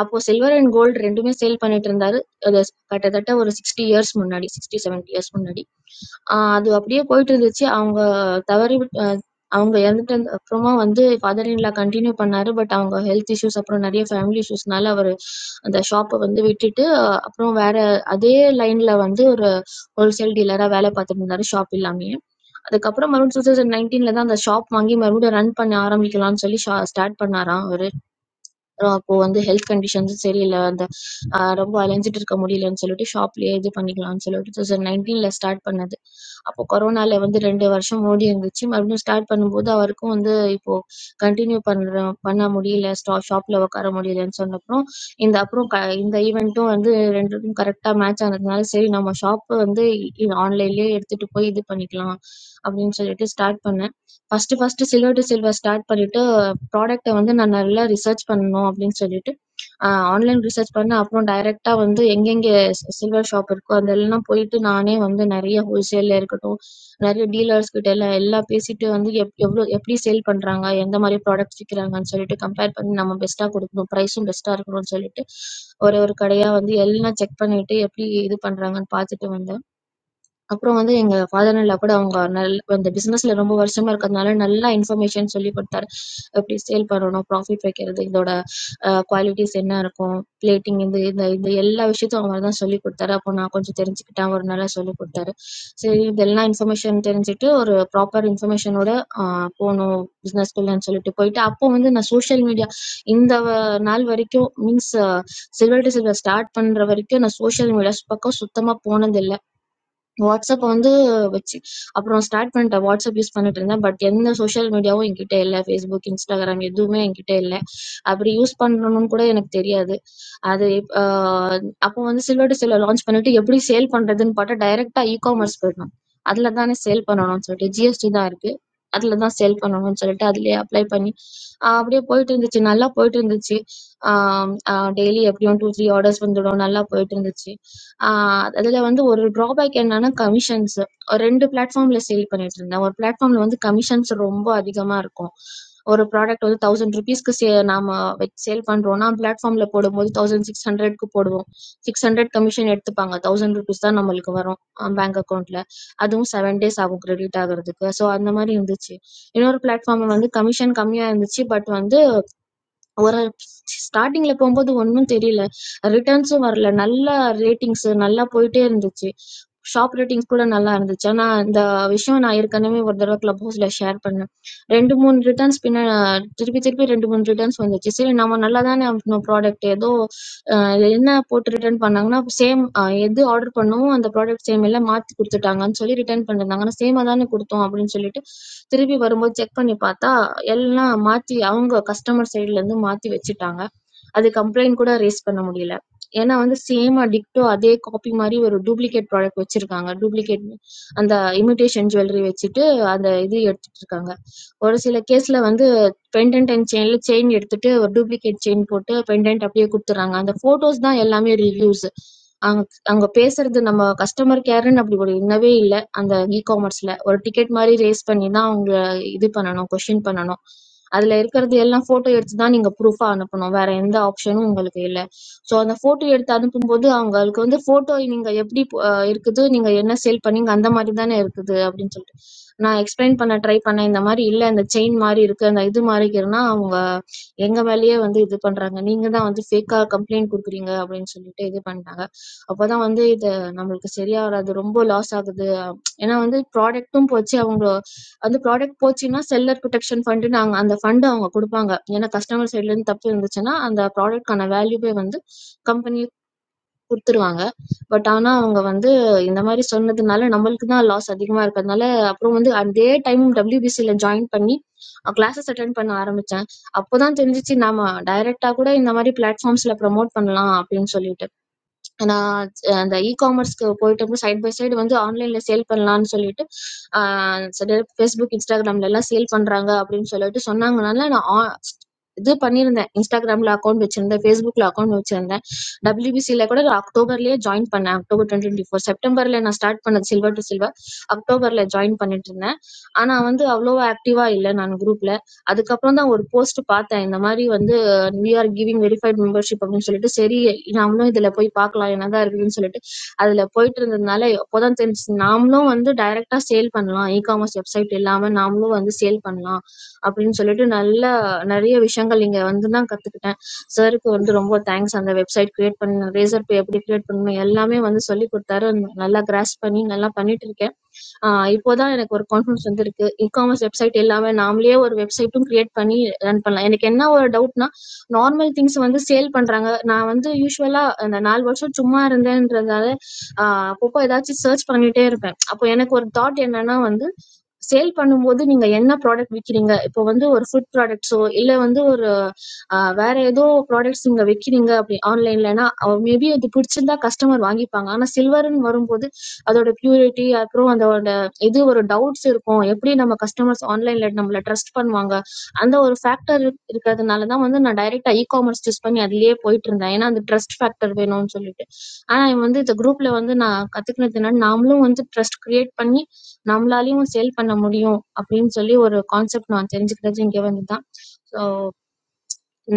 அப்போ சில்வர் அண்ட் கோல்டு ரெண்டுமே சேல் பண்ணிட்டு இருந்தாரு அது கிட்டத்தட்ட ஒரு சிக்ஸ்டி இயர்ஸ் முன்னாடி சிக்ஸ்டி 70 இயர்ஸ் முன்னாடி ஆ அது அப்படியே போயிட்டுருந்துச்சு. அவங்க தவறி விட் அ அவங்க இறந்துட்டதுக்கு அப்புறமா வந்து ஃபாதர் இன் லா கன்டின்யூ பண்ணாரு. பட் அவங்க ஹெல்த் இஷ்யூஸ் அப்புறம் நெறைய ஃபேமிலி இஷ்யூஸ்னால அவரு அந்த ஷாப்ப வந்து விட்டுட்டு, அஹ் அப்புறம் வேற அதே லைன்ல வந்து ஒரு ஹோல்சேல் டீலரா வேல பார்த்துட்டுருந்தாரு ஷாப் இல்லாமயே. அதுக்கப்புறம் மறுபடியும் 2019 தான் அந்த ஷாப் வாங்கி மறுபடியும் ரன் பண்ண ஆரம்பிக்கலாம்ன்னு சொல்லி ஷா ஸ்டார்ட் பண்ணாராம் அவரு. அப்புறம் அப்போ வந்து ஹெல்த் கண்டிஷன்ஸும் சரியில்ல. அந்த அ ரொம்ப அலைஞ்சுட்டு இருக்க முடியலன்னு சொல்லிட்டு, ஷாப்லயே இது பண்ணிக்கலாம்ன்னு சொல்லிட்டு 2019ல ஸ்டார்ட் பண்ணது. அப்போ கொரோனால வந்து 2 வருஷம் ஓடி இருந்துச்சு. மறுபடியும் ஸ்டார்ட் பண்ணும்போது, அவருக்கும் வந்து இப்போ கன்டின்யூ பண்றோம் பண்ண முடியல. ஸ்டா ஷாப்ல உட்கார முடியலன்னு சொன்னப்புறம், இந்த அப்புறம் க இந்த ஈவென்ட்டும் வந்து 2க்கும் கரெக்ட்டா மேட்ச் ஆனதுனால, சரி நம்ம ஷாப் வந்து இ ஆன்லைன்லயே எடுத்துட்டு போய் இது பண்ணிக்கலாம், அப்படின்னு சொல்லிட்டு ஸ்டார்ட் பண்ணேன். First first silver to silver start பண்ணிட்டு ப்ராடக்ட்டை வந்து நான் நல்லா ரிசர்ச் பண்ணணும் அப்படின்னு சொல்லிட்டு ஆன்லைன் ரிசர்ச் பண்ணேன் அப்புறம் டைரக்டா வந்து எங்கெங்கே சில்வர் ஷாப் இருக்கோ அதெல்லாம் போயிட்டு நானே வந்து நிறைய ஹோல்சேல்ல இருக்கட்டும் நிறைய டீலர்ஸ் கிட்ட எல்லாம் எல்லாம் பேசிட்டு வந்து எப் எவ்வளோ எப்படி சேல் பண்றாங்க எந்த மாதிரி ப்ராடக்ட்ஸ் விற்கிறாங்கன்னு சொல்லிட்டு கம்பேர் பண்ணி நம்ம பெஸ்ட்டா கொடுக்கணும் ப்ரைஸும் பெஸ்ட்டா இருக்கணும்னு சொல்லிட்டு ஒரு ஒரு கடையா வந்து எல்லாம் செக் பண்ணிட்டு எப்படி இது பண்றாங்கன்னு பார்த்துட்டு வந்தேன் அப்புறம் வந்து எங்க ஃபாதர் இன் லா கூட அவங்க நல் அந்த பிசினஸ்ல ரொம்ப வருஷமா இருக்கிறதுனால நல்லா இன்ஃபர்மேஷன் சொல்லி கொடுத்தாரு எப்படி சேல் பண்ணணும் ப்ராஃபிட் வைக்கிறது இதோட குவாலிட்டிஸ் என்ன இருக்கும் பிளேட்டிங் இந்த இந்த இந்த எல்லா விஷயத்தையும் அவங்க தான் சொல்லி கொடுத்தாரு அப்போ நான் கொஞ்சம் தெரிஞ்சுக்கிட்டேன் அவர் நல்லா சொல்லி கொடுத்தாரு சரி இதெல்லாம் இன்ஃபர்மேஷன் தெரிஞ்சுட்டு ஒரு ப்ராப்பர் இன்ஃபர்மேஷனோட போகணும் பிஸ்னஸ்குள்ளன்னு சொல்லிட்டு போயிட்டு அப்போ வந்து நான் சோஷியல் மீடியா இந்த வ- நாள் வரைக்கும் means silver to silver start பண்ற வரைக்கும் நான் சோஷியல் மீடியா பக்கம் சுத்தமா போனதில்லை வாட்ஸ்அப் வந்து வச்சு அப்புறம் ஸ்டார்ட் பண்ணிட்டேன் வாட்ஸ்அப் யூஸ் பண்ணிட்டு இருந்தேன் பட் எந்த சோஷியல் மீடியாவும் என்கிட்ட இல்லை ஃபேஸ்புக் இன்ஸ்டாகிராம் எதுவுமே என்கிட்ட இல்லை அப்படி யூஸ் பண்ணணும்னு கூட எனக்கு தெரியாது அது இப்- ஆஹ் அப்போ வந்து சில்வர் டு சில்வர் லான்ச் பண்ணிட்டு எப்படி சேல் பண்றதுன்னு பார்த்தா டைரக்டா இ காமர்ஸ் போயிடணும் அதுல தானே சேல் பண்ணணும்னு சொல்லிட்டு ஜிஎஸ்டி தான் இருக்கு அதுல தான் சேல் பண்ணணும்னு சொல்லிட்டு அதுலயே அப்ளை பண்ணி ஆஹ் அப்படியே போயிட்டு இருந்துச்சு நல்லா போயிட்டு இருந்துச்சு டெய்லி எப்படியும் டூ த்ரீ ஆர்டர்ஸ் வந்துடும் நல்லா போயிட்டு இருந்துச்சு ஆ அதுல வந்து ஒரு ட்ராபேக் என்னன்னா கமிஷன்ஸ். 2 பிளாட்ஃபார்ம்ல சேல் பண்ணிட்டுருந்தேன். ஒரு பிளாட்ஃபார்ம்ல வந்து கமிஷன்ஸ் ரொம்ப அதிகமா இருக்கும். ஒரு ப்ராடக்ட் வந்து ₹1000க்கு சே நாம சேல் பண்றோம்னா, பிளாட்ஃபார்ம்ல போடும்போது 1600க்கு போடுவோம். 600 கமிஷன் எடுத்துப்பாங்க. ₹1000 தான் நம்மளுக்கு வரும் பேங்க் அக்கவுண்ட்ல. அதுவும் 7 டேஸ் ஆகும் கிரெடிட் ஆகுறதுக்கு. ஸோ அந்த மாரி இருந்துச்சு. இன்னொரு பிளாட்ஃபார்ம் வந்து கமிஷன் கம்மியா இருந்துச்சு. பட் வந்து ஒரு ஸ்டார்டிங்ல போகும்போது ஒண்ணும் தெரியல. ரிட்டர்ன்ஸும் வரல. நல்லா ரேட்டிங்ஸ் நல்லா போயிட்டே இருந்துச்சு. ஷாப் ரேட்டிங்ஸ் கூட நல்லா இருந்துச்சு. ஆனா இந்த விஷயம் நான் ஏற்கனவே ஒரு தடவ கிளப் ஹவுஸ்ல ஷேர் பண்ணேன். 2, 3 ரிட்டர்ன்ஸ் பின்ன திருப்பி திருப்பி 2, 3 ரிட்டர்ன்ஸ் வந்துச்சு. சரி நம்ம நல்லா தானே ப்ராடக்ட் ஏதோ அஹ் என்ன போட்டு ரிட்டர்ன் பண்ணாங்கன்னா சேம் எது ஆர்டர் பண்ணோமோ அந்த ப்ராடக்ட் சேம் இல்லை மாத்தி கொடுத்துட்டாங்கன்னு சொல்லி ரிட்டர்ன் பண்ணிருந்தாங்க ஆனா சேமா தானே கொடுத்தோம் அப்படின்னு சொல்லிட்டு திருப்பி வரும்போது செக் பண்ணி பார்த்தா எல்லாம் மாத்தி அவங்க கஸ்டமர் சைடுல இருந்து மாத்தி வச்சுட்டாங்க அது கம்ப்ளைண்ட் கூட ரேஸ் பண்ண முடியல ஏன்னா வந்து சேமா டிக்டோ அதே காப்பி மாதிரி ஒரு டூப்ளிகேட் ப்ராடக்ட் வச்சிருக்காங்க டூப்ளிகேட் அந்த இமிடேஷன் ஜுவல்லரி வச்சுட்டு அந்த இது எடுத்துட்டு இருக்காங்க ஒரு சில கேஸ்ல வந்து பெண்டன்ட் அண்ட் செயின்ல செயின் எடுத்துட்டு ஒரு டூப்ளிகேட் செயின் போட்டு பெண்டன்ட் அப்படியே கொடுத்துறாங்க அந்த போட்டோஸ் தான் எல்லாமே ரிவ்யூஸ் அங்க அங்க பேசுறது நம்ம கஸ்டமர் கேர்ன்னு அப்படி ஒரு இல்லவே இல்ல அந்த இ காமர்ஸ்ல ஒரு டிக்கெட் மாதிரி ரேஸ் பண்ணி தான் அவங்க இது பண்ணணும் கொஸ்டின் பண்ணணும் அதுல இருக்கிறது எல்லாம் போட்டோ எடுத்து தான் நீங்க ப்ரூஃபா அனுப்பணும் வேற எந்த ஆப்ஷனும் உங்களுக்கு இல்ல சோ அந்த போட்டோ எடுத்து அனுப்பும்போது அவங்களுக்கு வந்து போட்டோ நீங்க எப்படி அஹ், இருக்குது நீங்க என்ன சேல் பண்ணீங்க அந்த மாதிரி தானே இருக்குது அப்படின்னு சொல்லிட்டு நான் எக்ஸ்பிளைன் பண்ண ட்ரை பண்ணேன் இந்த மாதிரி இல்ல இந்த செயின் மாதிரி இருக்கு அந்த இது மாறிக்கிறதுனா அவங்க எங்க மேலேயே வந்து இது பண்றாங்க நீங்க தான் வந்து ஃபேக்கா கம்ப்ளைண்ட் கொடுக்குறீங்க அப்படின்னு சொல்லிட்டு இது பண்ணிட்டாங்க அப்பதான் வந்து இது நம்மளுக்கு சரியா வராது ரொம்ப லாஸ் ஆகுது ஏன்னா வந்து ப்ராடக்ட்டும் போச்சு அவங்க அந்த ப்ராடக்ட் போச்சுன்னா செல்லர் ப்ரொடெக்ஷன் ஃபண்டுன்னு நாங்க அந்த ஃபண்ட் அவங்க குடுப்பாங்க. ஏன்னா கஸ்டமர் சைட்லருந்து தப்பு இருந்துச்சுன்னா, அந்த ப்ராடக்ட்க்கான வேல்யூவே வந்து கம்பெனி குடுத்துருவாங்க. பட் ஆனா அவங்க வந்து இந்த மாரி சொன்னதுனால நம்மளுக்கு தான் லாஸ் அதிகமா இருக்கறதுனால, அப்புறம் வந்து அதே டைம் WBCல ஜாயின் பண்ணி அ கிளாஸஸ் அட்டெண்ட் பண்ண ஆரம்பிச்சேன். அப்பதான் தெரிஞ்சுச்சு, நாம டைரக்ட்டா கூட இந்த மாரி பிளாட்ஃபார்ம்ஸ்ல ப்ரமோட் பண்ணலாம் அப்படின்னு சொல்லிட்டு. நான் அந்த இகாமர்ஸ்க்கு போயிட்டு சைடு பை சைடு வந்து ஆன்லைன்ல சேல் பண்ணலாம்னு சொல்லிட்டு ஆஹ் சரி, Facebook இன்ஸ்டாகிராம்ல எல்லாம் சேல் பண்றாங்க அப்படின்னு சொல்லிட்டு சொன்னாங்கனால நான் ஆ- இது பண்ணியிருந்தேன் இன்ஸ்டாகிராம்ல அக்கௌண்ட் வச்சிருந்தேன் Facebookல அக்கௌண்ட் வச்சிருந்தேன் டபிள்யூபிசியில கூட நான் அக்டோபர்லயே ஜாயின் பண்ணேன் அக்டோபர் டுவெண்ட்டி டுவெண்ட்டி ஃபோர் செப்டம்பர்ல நான் ஸ்டார்ட் பண்ணது சில்வர் டு சில்வர் அக்டோபர்ல ஜாயின் பண்ணிட்டு இருந்தேன் ஆனா வந்து அவ்வளோ ஆக்டிவா இல்லை நான் குரூப்ல அதுக்கப்புறம் தான் ஒரு போஸ்ட் பார்த்தேன் இந்த மாதிரி வந்து we are giving verified membership அப்படின்னு சொல்லிட்டு சரி நாமளும் இதுல போய் பார்க்கலாம் என்னதான் இருக்குதுன்னு சொல்லிட்டு அதுல போயிட்டு இருந்ததுனால அப்போதான் தெரிஞ்சு நாமளும் வந்து டைரக்டா சேல் பண்ணலாம் இ காமர்ஸ் வெப்சைட் இல்லாம நாமளும் வந்து சேல் பண்ணலாம் அப்படின்னு சொல்லிட்டு நல்ல நிறைய விஷயங்கள் இங்க வந்து தான் கத்துக்கிட்டேன் சருக்கு வந்து ரொம்ப தேங்க்ஸ் அந்த வெப்சைட் கிரியேட் பண்ண ரேசர் பே எப்படி கிரியேட் பண்ணணும் எல்லாமே வந்து சொல்லி கொடுத்தாரு நல்லா கிராஸ் பண்ணி நல்லா பண்ணிட்டு இருக்கேன் ஆஹ் இப்போதான் எனக்கு ஒரு கான்ஃபிடன்ஸ் வந்து இருக்கு இ காமர்ஸ் வெப்சைட் எல்லாமே நாமளே ஒரு வெப்சைட்டும் கிரியேட் பண்ணி ரன் பண்ணலாம் எனக்கு என்ன ஒரு டவுட்னா நார்மல் திங்ஸ் வந்து சேல் பண்றாங்க. நான் வந்து யூசுவலா அந்த 4 வருஷம் சும்மா இருந்தேன்றதால, அ அப்பப்போ ஏதாச்சும் சர்ச் பண்ணிட்டே இருப்பேன். அப்போ எனக்கு ஒரு தாட் என்னன்னா வந்து, சேல் பண்ணும்போது நீங்க என்ன ப்ராடக்ட் விக்கிறீங்க? இப்போ வந்து ஒரு ஃபுட் ப்ராடக்ட்ஸோ, இல்ல வந்து ஒரு அ வேற ஏதோ ப்ராடக்ட்ஸ் நீங்க விக்கிறீங்க அப்படி ஆன்லைன்லன்னா, அ மேபி அது பிடிச்சிருந்தா கஸ்டமர் வாங்கிப்பாங்க. ஆனா சில்வர்ன்னு வரும்போது, அதோட பியூரிட்டி, அப்புறம் அதோட இது ஒரு டவுட்ஸ் இருக்கும். எப்படி நம்ம கஸ்டமர்ஸ் ஆன்லைன்ல நம்மள ட்ரஸ்ட் பண்ணுவாங்க? அந்த ஒரு ஃபேக்டர் இருக்கிறதுனால தான் வந்து நான் டைரக்டா இ-காமர்ஸ் சூஸ் பண்ணி அதிலேயே போயிட்டு இருந்தேன். ஏன்னா அந்த ட்ரஸ்ட் ஃபேக்டர் வேணும்னு சொல்லிட்டு. ஆனா இவன் வந்து இந்த குரூப்ல வந்து நான் கத்துக்கினது என்னன்னா, நாமளும் வந்து ட்ரஸ்ட் கிரியேட் பண்ணி நம்மளாலயும் சேல் பண்ண முடியும் அப்படின்னு சொல்லி ஒரு கான்செப்ட் நான் தெரிஞ்சுக்கிட்டது இங்க வந்து தான். ஸோ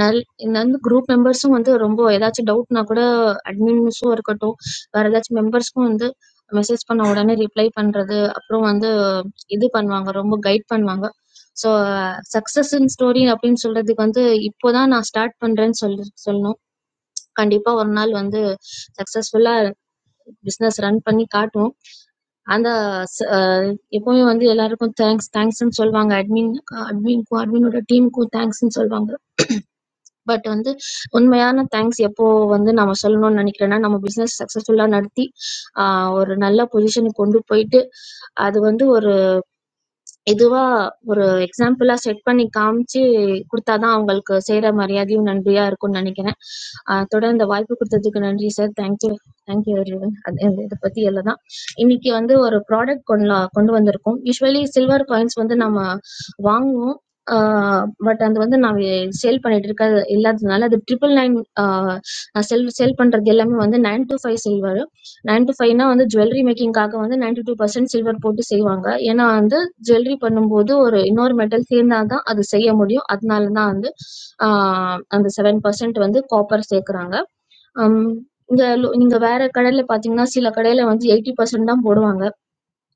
நல் இந்த வந்து குரூப் மெம்பர்ஸும் வந்து ரொம்ப ஏதாச்சும் டவுட்னா கூட அட்மின்ஸும் இருக்கட்டும், வேற ஏதாச்சும் மெம்பர்ஸ்க்கும் வந்து மெசேஜ் பண்ண உடனே ரிப்ளை பண்றது, அப்புறம் வந்து இது பண்ணுவாங்க. ரொம்ப கைட் பண்ணுவாங்க. ஸோ சக்ஸஸ் இன் ஸ்டோரி அப்படின்னு சொல்றதுக்கு வந்து இப்போதான் நான் ஸ்டார்ட் பண்றேன்னு சொல்லி சொல்லணும். கண்டிப்பா ஒரு நாள் வந்து சக்ஸஸ்ஃபுல்லா பிசினஸ் ரன் பண்ணி காட்டுவோம். அந்த ச- அஹ் எப்பவுமே வந்து எல்லாருக்கும் தேங்க்ஸ் தேங்க்ஸ்ன்னு சொல்லுவாங்க. அட்மின் அட்மின்க்கும் அட்மினோட டீமுக்கும் தேங்க்ஸ்ன்னு சொல்லுவாங்க. பட் வந்து உண்மையான தேங்க்ஸ் எப்போ வந்து நம்ம சொல்லணும்னு நினைக்கிறேன்னா நம்ம பிசினஸ் சக்ஸஸ்ஃபுல்லா நடத்தி ஆஹ் ஒரு நல்ல பொசிஷனுக்கு கொண்டு போயிட்டு அது வந்து ஒரு இதுவா ஒரு எக்ஸாம்பிளா செட் பண்ணி காமிச்சு குடுத்தா தான் அவங்களுக்கு செய்ற மரியாதையும் நன்றியா இருக்கும்னு நினைக்கிறேன். அ தொடர்ந்து இந்த வாய்ப்பு குடுத்ததுக்கு நன்றி sir. Thank you. Thank you everyone. இத பத்தி எல்லாம் இன்னைக்கு வந்து ஒரு ப்ராடக்ட் கொண்டு கொண்டு வந்திருக்கோம். யூசுவலி சில்வர் காயின்ஸ் வந்து நம்ம வாங்குவோம். ஆ பட் அது வந்து நான் சேல் பண்ணிட்டு இருக்க இல்லாததுனால அது 999 ஆ நான் செல் சேல் பண்றது எல்லாமே வந்து 925 சில்வர். 925 னா வந்து ஜுவல்லரி மேக்கிங்காக வந்து 92% சில்வர் போட்டு செய்வாங்க. ஏன்னா ஜுவல்லரி பண்ணும்போது ஒரு இன்னொரு மெட்டல் சேர்ந்தாதான் அது செய்ய முடியும் அதனால தான் வந்து ஆஹ் அந்த செவன் பர்சன்ட் வந்து காப்பர் சேர்க்கறாங்க ஆம், இந்த லோ- நீங்க வேற கடையில பாத்தீங்கன்னா சில கடையில வந்து எயிட்டி பர்சன்ட் தான் போடுவாங்க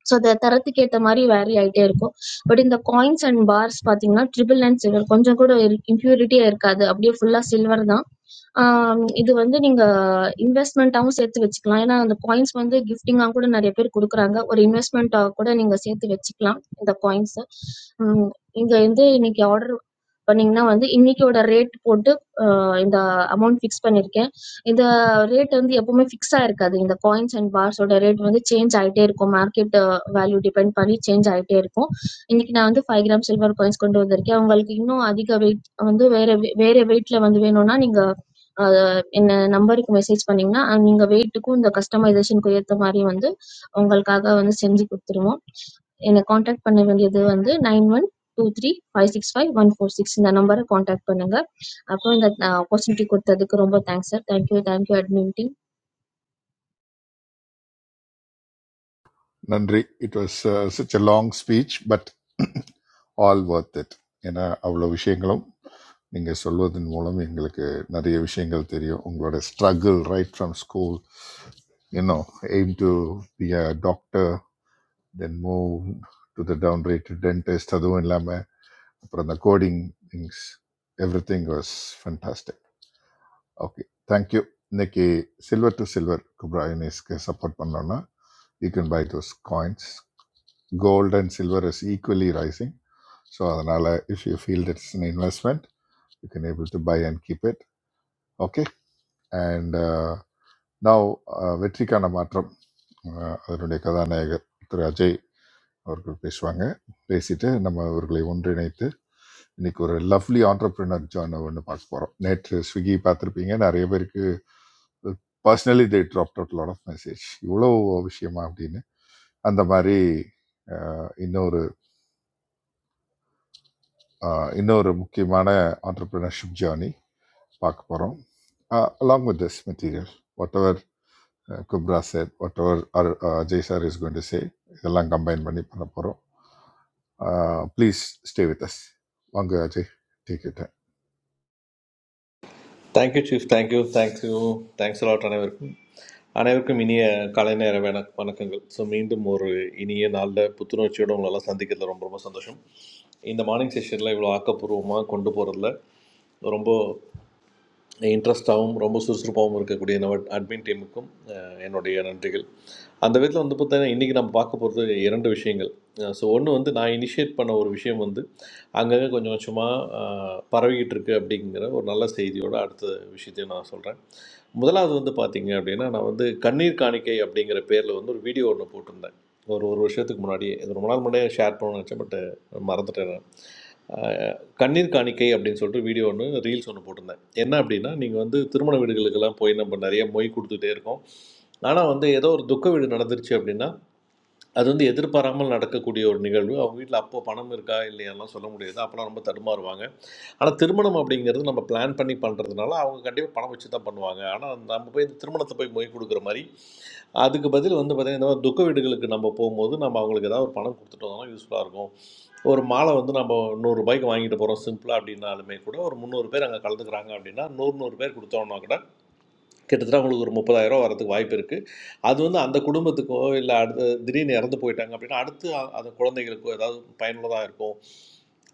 ஸோ அந்த தரத்துக்கு ஏத்த மாதிரி வேரி ஆயிட்டே இருக்கும் பட் இந்த காயின்ஸ் அண்ட் பார்ஸ் பாத்தீங்கன்னா ட்ரிபிள் நைன் சில்வர் கொஞ்சம் கூட இம்பியூரிட்டியே இருக்காது அப்படியே ஃபுல்லா சில்வர் தான் ஆம், இது வந்து நீங்க இன்வெஸ்ட்மெண்ட்டாவும் சேர்த்து வச்சுக்கலாம். ஏன்னா, அந்த காயின்ஸ் வந்து கிஃப்டிங்கா கூட நெறைய பேர் குடுக்குறாங்க. ஒரு இன்வெஸ்ட்மெண்ட்டா கூட நீங்க சேர்த்து வச்சுக்கலாம், இந்த காயின்ஸ. ம். இங்க வந்து இன்னைக்கு ஆர்டர் பண்ணீங்கன்னா வந்து, இன்னைக்கோட ரேட் போட்டு அ இந்த அமௌண்ட் ஃபிக்ஸ் பண்ணியிருக்கேன். இந்த ரேட் வந்து எப்பவுமே ஃபிக்ஸா இருக்காது. இந்த காயின்ஸ் அண்ட் பார்ஸோட ரேட் வந்து சேஞ்ச் ஆயிட்டே இருக்கும். மார்க்கெட் வேல்யூ டிபெண்ட் பண்ணி சேஞ்ச் ஆயிட்டே இருக்கும். இன்னைக்கு நான் வந்து 5 கிராம் சில்வர் காயின்ஸ் கொண்டு வந்திருக்கேன். உங்களுக்கு இன்னும் அதிக வெயிட் வந்து வேற வே வேற வெயிட்ல வந்து வேணும்னா, நீங்க அத இந்த நம்பருக்கு மெசேஜ் பண்ணீங்கன்னா, அஹ் நீங்க வெயிட்டுக்கும், இந்த கஸ்டமைசேஷனுக்கும் ஏத்த மாரி வந்து உங்களுக்காக வந்து செஞ்சு குடுத்துருவோம். என்ன கான்டாக்ட் பண்ண வேண்டியது வந்து 9123565146 இந்த நம்பர கான்டாக்ட் பண்ணுங்க. அப்புறம் இந்த ஆப்பர்சூனிட்டி குடுத்ததுக்கு ரொம்ப thanks sir. Thank you, thank you admin team. நன்றி it was such a long speech but all worth it ஏன்னா அவ்வளோ விஷயங்களும் நீங்கள் சொல்வதன் மூலம் எங்களுக்கு நிறைய விஷயங்கள் தெரியும் உங்களோட struggle right from school you know aim to be a doctor then move to the down rate dentist அதுவும் இல்லாமல் அப்புறம் அந்த coding things every thing was fantastic okay thank you இன்னைக்கு சில்வர் டு சில்வர் குப்ரா யூனிஸ்க்கு சப்போர்ட் பண்ணோன்னா you can buy those coins gold and silver is equally rising. So Adanala, if you feel that it's an investment, you can able to buy and keep it. Okay. And uh, now uh, வெற்றிக்கான மாற்றம் அஹ், அதனுடைய கதாநாயகர் திரு அஜய் அவர்கள் பேசுவாங்க பேசிட்டு நம்ம அவர்களை ஒன்றிணைத்து இன்னைக்கு ஒரு லவ்லி ஆண்டர்பிரினர் ஜான் ஒன்று பார்க்க போகிறோம் நேற்று ஸ்விக்கி பார்த்துருப்பீங்க நிறைய பேருக்கு personally they drop out lot of message இவ்வளோ விஷயமா அப்படின்னு அந்த மாதிரி அஹ், இன்னொரு ஆஹ் இன்னொரு முக்கியமான ஆண்டர்பிரினர்ஷிப் ஜேர்னி பார்க்க போகிறோம் along with this material whatever Kubra sir whatever uh Jay sir is going to say இதெல்லாம் கம்பைன் பண்ணி பண்ண போகிறோம் ப்ளீஸ் ஸ்டே வித் அஸ் வாங்க அஜய் டீக்கிட்டேன் thank you chief thank you thank you thanks lot அனைவருக்கும் அனைவருக்கும் இனிய காலை நேர வணக் வணக்கங்கள் ஸோ மீண்டும் ஒரு இனிய நாளில் புத்துணர்ச்சியோடு உங்களெல்லாம் சந்திக்கிறதுல ரொம்ப ரொம்ப சந்தோஷம் இந்த மார்னிங் செஷனில் இவ்வளோ ஆக்கப்பூர்வமாக கொண்டு போகிறதுல ரொம்ப இன்ட்ரெஸ்டாகவும் ரொம்ப சுறுசுறுப்பாகவும் இருக்கக்கூடிய நம்ம அட்மின் டீமுக்கும் அஹ், என்னுடைய நன்றிகள் அந்த விதத்தில் வந்து பார்த்தீங்கன்னா இன்றைக்கி நம்ம பார்க்க போகிறது இரண்டு விஷயங்கள் ஸோ ஒன்று வந்து நான் இனிஷியேட் பண்ண ஒரு விஷயம் வந்து அங்கங்கே கொஞ்சம் கொஞ்சமாக பரவிக்கிட்டு இருக்கு அப்படிங்கிற ஒரு நல்ல செய்தியோட அடுத்த விஷயத்தையும் நான் சொல்கிறேன் முதலாவது வந்து பார்த்தீங்க அப்படின்னா நான் வந்து கண்ணீர் காணிக்கை அப்படிங்கிற பேரில் வந்து ஒரு வீடியோ ஒன்று போட்டிருந்தேன் ஒரு ஒரு வருஷத்துக்கு முன்னாடியே இது ரொம்ப நாள் முன்னாடியே ஷேர் பண்ணணும்னு நினச்சேன் பட் மறந்துட்டேன் நான். அஹ், கண்ணீர் காணிக்கை அப்படின்னு சொல்லிட்டு வீடியோ ஒன்று ரீல்ஸ் ஒன்று போட்டிருந்தேன் என்ன அப்படின்னா நீங்கள் வந்து திருமண வீடுகளுக்கெல்லாம் போய் நம்ம நிறைய மொய் கொடுத்துட்டே இருக்கோம் ஆனால் வந்து ஏதோ ஒரு துக்க வீடு நடந்துருச்சு அப்படின்னா அது வந்து எதிர்பாராமல் நடக்கக்கூடிய ஒரு நிகழ்வு அவங்க வீட்டில் அப்போ பணம் இருக்கா இல்லையாலாம் சொல்ல முடியாது அப்போலாம் ரொம்ப தடுமாறுவாங்க ஆனால் திருமணம் அப்படிங்கிறது நம்ம பிளான் பண்ணி பண்ணுறதுனால அவங்க கண்டிப்பாக பணம் வச்சு தான் பண்ணுவாங்க ஆனால் நம்ம போய் இந்த திருமணத்தை போய் மொய் கொடுக்குற மாதிரி அதுக்கு பதில் வந்து பார்த்திங்கன்னா இந்த மாதிரி துக்க வீடுகளுக்கு நம்ம போகும்போது நம்ம அவங்களுக்கு ஏதாவது ஒரு பணம் கொடுத்துட்டு வந்தோம்னா யூஸ்ஃபுல்லாக இருக்கும் ஒரு மாலை வந்து நம்ம நூறுரூபாய்க்கு வாங்கிட்டு போகிறோம் சிம்பிளாக அப்படின்னாலுமே கூட ஒரு முந்நூறு பேர் அங்கே கலந்துக்கிறாங்க அப்படின்னா நூறு நூறு பேர் கொடுத்தோம்னா கூட கிட்டத்தட்ட அவங்களுக்கு ஒரு முப்பதாயிரம் வரதுக்கு வாய்ப்பு இருக்குது அது வந்து அந்த குடும்பத்துக்கோ இல்லை அடுத்து திடீர்னு இறந்து போயிட்டாங்க அப்படின்னா அடுத்து அ- அந்த குழந்தைகளுக்கோ ஏதாவது பயனுள்ளதாக இருக்கும்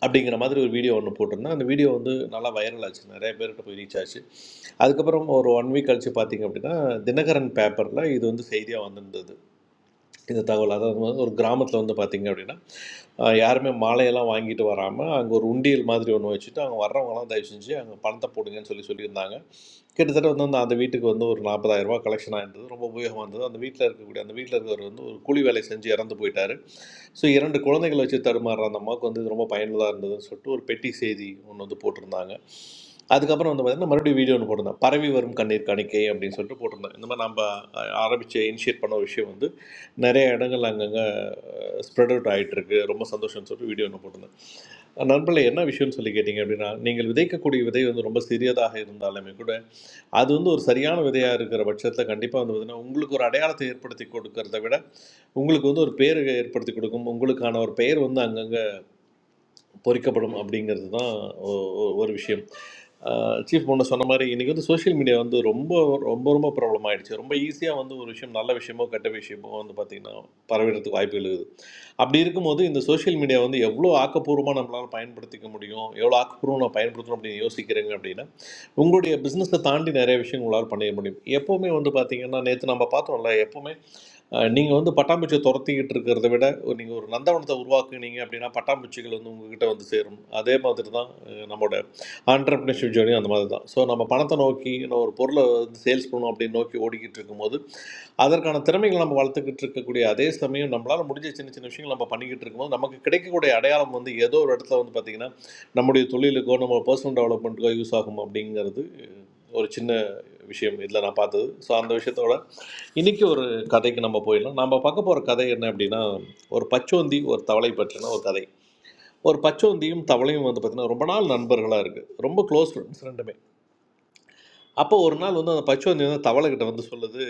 அப்படிங்கிற மாதிரி ஒரு வீடியோ ஒன்று போட்டிருந்தேன் அந்த வீடியோ வந்து நல்லா வைரல் ஆச்சு நிறைய பேர்கிட்ட போய் ரீச் ஆச்சு அதுக்கப்புறம் ஒரு ஒன் வீக் கழிச்சு பார்த்தீங்க அப்படின்னா தினகரன் பேப்பரில் இது வந்து செய்தியாக வந்திருந்தது இந்த தகவல் அதாவது வந்து ஒரு கிராமத்தில் வந்து பார்த்திங்க அப்படின்னா ஆஹ் யாருமே மாலையெல்லாம் வாங்கிட்டு வராமல் அங்கே ஒரு உண்டியல் மாதிரி ஒன்று வச்சுட்டு அங்கே வர்றவங்கலாம் தயவு செஞ்சு அங்கே பணத்தை போடுங்கன்னு சொல்லி சொல்லியிருந்தாங்க கிட்டத்தட்ட வந்து அந்த அந்த வீட்டுக்கு வந்து ஒரு 40000 ரூபாய் கலெக்ஷன் ஆயிருந்தது ரொம்ப உபயோகமாக இருந்தது அந்த வீட்டில் இருக்கக்கூடிய அந்த வீட்டில் இருக்கிறவர் வந்து ஒரு கூலி வேலை செஞ்சு இறந்து போயிட்டார் ஸோ இரண்டு குழந்தைகளை வச்சு தடுமாறுற அந்த அம்மாவுக்கு வந்து இது ரொம்ப பயனுள்ளதாக இருந்ததுன்னு சொல்லிட்டு ஒரு பெட்டி செய்தி ஒன்று வந்து போட்டிருந்தாங்க அதுக்கப்புறம் வந்து பார்த்திங்கன்னா மறுபடியும் வீடியோ ஒன்று போட்டிருந்தேன் பரவி வரும் கண்ணீர் காணிக்கை அப்படின்னு சொல்லிட்டு போட்டிருந்தேன் இந்த மாதிரி நம்ம ஆரம்பித்து இனிஷியேட் பண்ண ஒரு விஷயம் வந்து நிறைய இடங்கள் அங்கங்கே ஸ்ப்ரெட் அவுட் ஆகிட்டுருக்கு ரொம்ப சந்தோஷம்னு சொல்லிட்டு வீடியோ ஒன்று போட்டிருந்தேன் அஹ் நண்பர்களே என்ன விஷயம்னு சொல்லி கேட்டிங்க அப்படின்னா நீங்கள் விதைக்கக்கூடிய விதை வந்து ரொம்ப சிறியதாக இருந்தாலுமே கூட அது வந்து ஒரு சரியான விதையாக இருக்கிற பட்சத்தில் கண்டிப்பாக வந்து பார்த்தீங்கன்னா உங்களுக்கு ஒரு அடையாளத்தை ஏற்படுத்தி கொடுக்கறத விட உங்களுக்கு வந்து ஒரு பேரை ஏற்படுத்தி கொடுக்கும் உங்களுக்கான ஒரு பெயர் வந்து அங்கங்கே பொறிக்கப்படும் அப்படிங்கிறது தான் ஒ- ஒ- ஒரு விஷயம் சீஃப் முன்ன சொன்ன மாதிரி இன்றைக்கி வந்து சோஷியல் மீடியா வந்து ரொம்ப ரொம்ப ரொம்ப ப்ராப்ளம் ஆயிடுச்சு ரொம்ப ஈஸியாக வந்து ஒரு விஷயம் நல்ல விஷயமோ கெட்ட விஷயமோ வந்து பார்த்திங்கன்னா பரவிடுறதுக்கு வாய்ப்புகள் இருக்குது அப்படி இருக்கும்போது இந்த சோஷியல் மீடியா வந்து எவ்வளோ ஆக்கப்பூர்வமாக நம்மளால் பயன்படுத்திக்க முடியும் எவ்வளோ ஆக்கப்பூர்வமாக நான் பயன்படுத்தணும் அப்படின்னு யோசிக்கிறீங்க அப்படின்னா உங்களுடைய பிஸ்னஸை தாண்டி நிறைய விஷயம் உங்களால் பண்ணிக்க முடியும் எப்போவுமே வந்து பார்த்திங்கன்னா நேற்று நம்ம பார்த்தோம்ல எப்போவுமே நீங்கள் வந்து பட்டாம்பூச்சியை துரத்திக்கிட்டு இருக்கிறத விட நீங்கள் ஒரு நந்தவனத்தை உருவாக்குனீங்க அப்படின்னா பட்டாம்பூச்சிகள் வந்து உங்ககிட்ட வந்து சேரும் அதே மாதிரி தான் அஹ், நம்மளோட ஆண்டர்பிரினர்ஷிப் ஜேர்னி அந்த மாதிரி தான் ஸோ நம்ம பணத்தை நோக்கி நம்ம ஒரு பொருளை வந்து சேல்ஸ் பண்ணணும் அப்படின்னு நோக்கி ஓடிக்கிட்டு இருக்கும்போது அதற்கான திறமைகளை நம்ம வளர்த்துக்கிட்டு இருக்கக்கூடிய அதே சமயம் நம்மளால் முடிஞ்ச சின்ன சின்ன விஷயங்கள் நம்ம பண்ணிக்கிட்டு இருக்கும்போது நமக்கு கிடைக்கக்கூடிய அடையாளம் வந்து ஏதோ ஒரு இடத்துல வந்து பார்த்திங்கன்னா நம்முடைய தொழிலுக்கோ நம்ம பர்சனல் டெவலப்மெண்ட்டுக்கோ யூஸ் ஆகும் அப்படிங்கிறது ஒரு சின்ன விஷயம் இதில் நான் பார்த்தது ஸோ அந்த விஷயத்தோட இன்றைக்கி ஒரு கதைக்கு நம்ம போயிடலாம் நம்ம பார்க்க போகிற கதை என்ன அப்படின்னா ஒரு பச்சோந்தி ஒரு தவளை பற்றின ஒரு கதை ஒரு பச்சோந்தியும் தவளையும் வந்து பார்த்திங்கன்னா ரொம்ப நாள் நண்பர்களாக இருக்குது ரொம்ப க்ளோஸ் ஃப்ரெண்ட்ஸ் ரெண்டுமே அப்போ ஒரு நாள் வந்து அந்த பச்சோந்தி வந்து தவளைக்கிட்ட வந்து சொல்லுது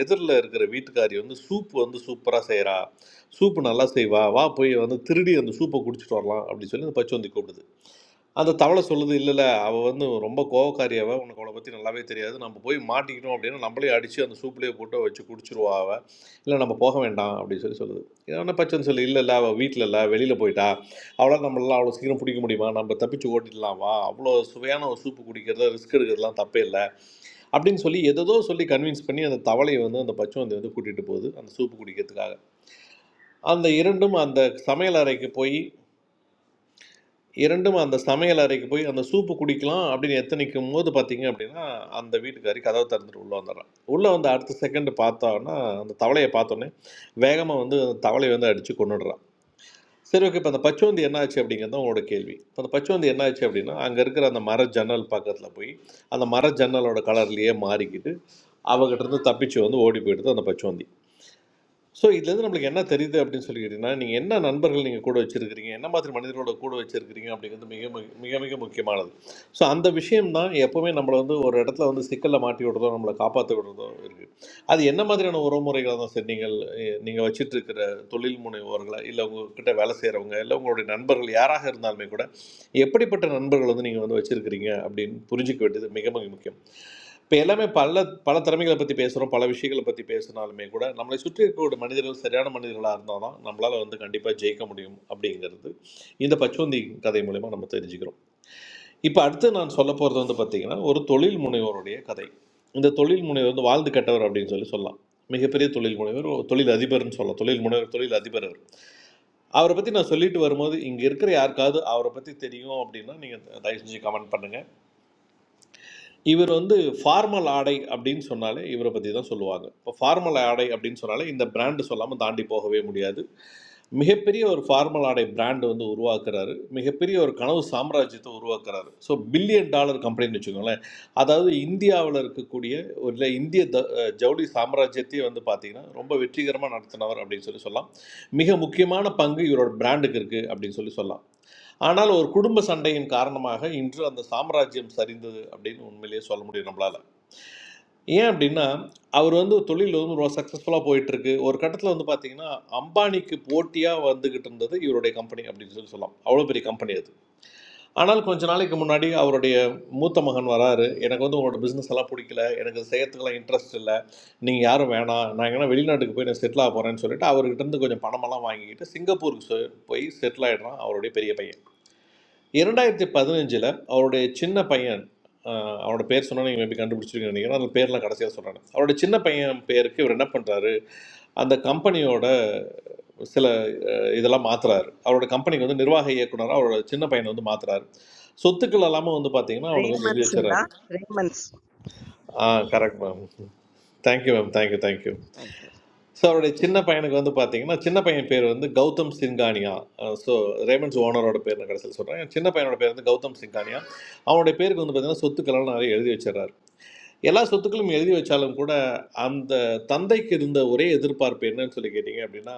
எதிரில் இருக்கிற வீட்டுக்காரி வந்து சூப் வந்து சூப்பராக செய்கிறா சூப்பு நல்லா செய்வா வா போய் வந்து திருடி அந்த சூப்பை குடிச்சிட்டு வரலாம் அப்படின்னு சொல்லி அந்த பச்சோந்தி கூப்பிடுது அந்த தவளை சொல்லுது இல்லல்ல, அவ வந்து ரொம்ப கோவக்காரி அவ. உனக்கு அவள பத்தி நல்லாவே தெரியாது. நம்ம போய் மாட்டிக்கிட்டோம் அப்படின்னா, நம்மளே அடிச்சு அந்த சூப்புலயே போட்டு வச்சு குடிச்சுருவா அவ. இல்ல நம்ம போக வேண்டாம் அப்படின்னு சொல்லி சொல்லுது. உடனே பச்சன் சொல்லு, இல்ல, இல்ல அவ வீட்ல இல்ல, வெளியில போயிட்டா. அவளால நம்மளலாம் அவ்வளோ சீக்கிரம் பிடிக்க முடியுமா? நம்ம தப்பிச்சு ஓடிடலாம் வா. அவ்வளோ சுவையான ஒரு சூப்பு குடிக்கிறதுல ரிஸ்க் எடுக்கிறதுலாம் தப்பே இல்ல. அப்படின்னு சொல்லி எதேதோ சொல்லி கன்வின்ஸ் பண்ணி அந்த தவளைய வந்து அந்த பச்சோந்தி வந்து கூட்டிட்டு போகுது, அந்த சூப்பு குடிக்கிறதுக்காக. அந்த 2ம் அந்த சமையல் அறைக்கு போய் இரண்டும் அந்த சமையல் அறைக்கு போய் அந்த சூப்பு குடிக்கலாம் அப்படின்னு எத்தனைக்கும் போது பார்த்தீங்க அப்படின்னா, அந்த வீட்டுக்காரி கதவ திறந்துட்டு உள்ள வந்துடுறா. உள்ள வந்து அடுத்த செகண்ட் பார்த்தான்னா, அந்த தவளைய பார்த்தோன்னே, வேகமா வந்து தவளைய வந்து அடிச்சு கொன்னுடுறா. சரி ஓகே. இப்ப அந்த பச்சோந்தி என்ன ஆச்சு அப்படிங்கிறது தான் உங்களோட கேள்வி. இப்ப அந்த பச்சோந்தி என்ன ஆச்சு அப்படின்னா, அங்க இருக்கிற அந்த மர ஜன்னல் பக்கத்துல போய், அந்த மர ஜன்னலோட கலர்லயே மாறிக்கிட்டு, அவகிட்ட இருந்து தப்பிச்சு வந்து ஓடி போயிடுது அந்த பச்சோந்தி. ஸோ இதுலேருந்து நம்மளுக்கு என்ன தெரியுது அப்படின்னு சொல்லி கேட்டிங்கன்னா நீங்கள் என்ன நண்பர்கள் நீங்கள் கூட வச்சுருக்கிறீங்க என்ன மாதிரி மனிதர்களோட கூட வச்சுருக்கிறீங்க அப்படிங்கிறது மிக மிக மிக மிக முக்கியமானது ஸோ அந்த விஷயம் தான் எப்போவுமே நம்மளை வந்து ஒரு இடத்துல வந்து சிக்கலில் மாட்டி விடுறதோ நம்மளை காப்பாற்ற விடுறதோ இருக்குது அது என்ன மாதிரியான உறவுமுறைகளாக தான் சரி நீங்கள் நீங்கள் வச்சிட்டு இருக்கிற தொழில் முனைவோர்களா இல்லை உங்ககிட்ட வேலை செய்கிறவங்க இல்லை உங்களுடைய நண்பர்கள் யாராக இருந்தாலுமே கூட எப்படிப்பட்ட நண்பர்கள் வந்து நீங்கள் வந்து வச்சுருக்கிறீங்க அப்படின்னு புரிஞ்சுக்க வேண்டியது மிக மிக முக்கியம் இப்போ எல்லாமே பல பல திறமைகளை பற்றி பேசுகிறோம் பல விஷயங்களை பற்றி பேசினாலுமே கூட நம்மளை சுற்றி இருக்கக்கூடிய மனிதர்கள் சரியான மனிதர்களாக இருந்தால் தான் நம்மளால் வந்து கண்டிப்பாக ஜெயிக்க முடியும் அப்படிங்கிறது இந்த பச்சோந்தி கதை மூலயமா நம்ம தெரிஞ்சுக்கிறோம் இப்போ அடுத்து நான் சொல்ல போகிறது வந்து பார்த்திங்கன்னா ஒரு தொழில் முனைவோருடைய கதை இந்த தொழில் முனைவர் வந்து வாழ்ந்து கெட்டவர் அப்படின்னு சொல்லி சொல்லலாம் மிகப்பெரிய தொழில் முனைவர் ஒரு தொழில் அதிபர்னு சொல்லலாம் தொழில் முனைவர் தொழில் அதிபர் அவர் அவரை பற்றி நான் சொல்லிட்டு வரும்போது இங்கே இருக்கிற யாருக்காவது அவரை பற்றி தெரியும் அப்படின்னா நீங்கள் தயவு செஞ்சு கமெண்ட் பண்ணுங்கள் இவர் வந்து ஃபார்மல் ஆடை அப்படின்னு சொன்னாலே இவரை பற்றி தான் சொல்லுவாங்க இப்போ ஃபார்மல் ஆடை அப்படின்னு சொன்னாலே இந்த பிராண்டு சொல்லாமல் தாண்டி போகவே முடியாது மிகப்பெரிய ஒரு ஃபார்மல் ஆடை பிராண்டு வந்து உருவாக்குறாரு மிகப்பெரிய ஒரு கனவு சாம்ராஜ்யத்தை உருவாக்குறாரு ஸோ பில்லியன் டாலர் கம்பெனின்னு வச்சுக்கோங்களேன் அதாவது இந்தியாவில் இருக்கக்கூடிய ஒரு இல்லை இந்திய த அஹ் ஜவுளி சாம்ராஜ்யத்தையே வந்து பார்த்தீங்கன்னா ரொம்ப வெற்றிகரமாக நடத்தினவர் அப்படின்னு சொல்லி சொல்லலாம் மிக முக்கியமான பங்கு இவரோட பிராண்டுக்கு இருக்குது அப்படின்னு சொல்லி சொல்லலாம் ஆனால் ஒரு குடும்ப சண்டையின் காரணமாக இன்று அந்த சாம்ராஜ்யம் சரிந்தது அப்படின்னு உண்மையிலேயே சொல்ல முடியும் நம்மளால் ஏன் அப்படின்னா அவர் வந்து தொழில் வந்து ரொம்ப சக்ஸஸ்ஃபுல்லாக போயிட்டுருக்கு ஒரு கட்டத்தில் வந்து பார்த்தீங்கன்னா அம்பானிக்கு போட்டியாக வந்துக்கிட்டு இருந்தது இவருடைய கம்பெனி அப்படின்னு சொல்லி சொல்லலாம் அவ்வளோ பெரிய கம்பெனி அது ஆனால் கொஞ்ச நாளைக்கு முன்னாடி அவருடைய மூத்த மகன் வராரு எனக்கு வந்து உங்களோட பிஸ்னஸ் எல்லாம் பிடிக்கல எனக்கு இது செய்யறதுக்கெல்லாம் இன்ட்ரெஸ்ட் இல்லை நீங்கள் யாரும் வேணாம் நான் எங்கன்னா வெளிநாட்டுக்கு போய் நான் செட்டில் ஆக போகிறேன்னு சொல்லிட்டு அவர்கிட்ட இருந்து கொஞ்சம் பணமெல்லாம் வாங்கிக்கிட்டு சிங்கப்பூருக்கு சொ- போய் செட்டில் ஆகிடுறான் அவருடைய பெரிய பையன் இரண்டாயிரத்தி பதினஞ்சில் அவருடைய சின்ன பையன் ஆஹ், அவரோட பேர் சொன்னால் நீங்கள் மேபி கண்டுபிடிச்சிருக்கீங்க நினைக்கிறேன் அந்த பேர்லாம் கடைசியாக சொல்கிறேன் அவரோட சின்ன பையன் பேருக்கு இவர் என்ன பண்ணுறாரு அந்த கம்பெனியோட சில இதெல்லாம் மாத்துறாரு அவரோட கம்பெனிக்கு வந்து நிர்வாக இயக்குனரா அவரோட சின்ன பையனை வந்து மாத்துறாரு சொத்துக்கள் எல்லாமே வந்து பார்த்தீங்கன்னா அவனுக்கு வந்து எழுதி வச்சுறாரு Premansilla. Premans. ஆ correct ma'am thank you ma'am thank you thank you Thank you. So அவருடைய சின்ன பையனுக்கு வந்து பார்த்தீங்கன்னா சின்ன பையன் பேர் வந்து கௌதம் சிங்கானியா ஸோ ரேமண்ட்ஸ் ஓனரோட பேர் நான் கடைசியில் சொல்கிறேன் சின்ன பையனோட பேர் வந்து கௌதம் சிங்கானியா அவனுடைய பேருக்கு வந்து பார்த்தீங்கன்னா சொத்துக்கள்லாம் நிறைய எழுதி வச்சிடறாரு எல்லா சொத்துக்களும் எழுதி வச்சாலும் கூட அந்த தந்தைக்கு இருந்த ஒரே எதிர்பார்ப்பு என்னன்னு சொல்லி கேட்டிங்க அப்படின்னா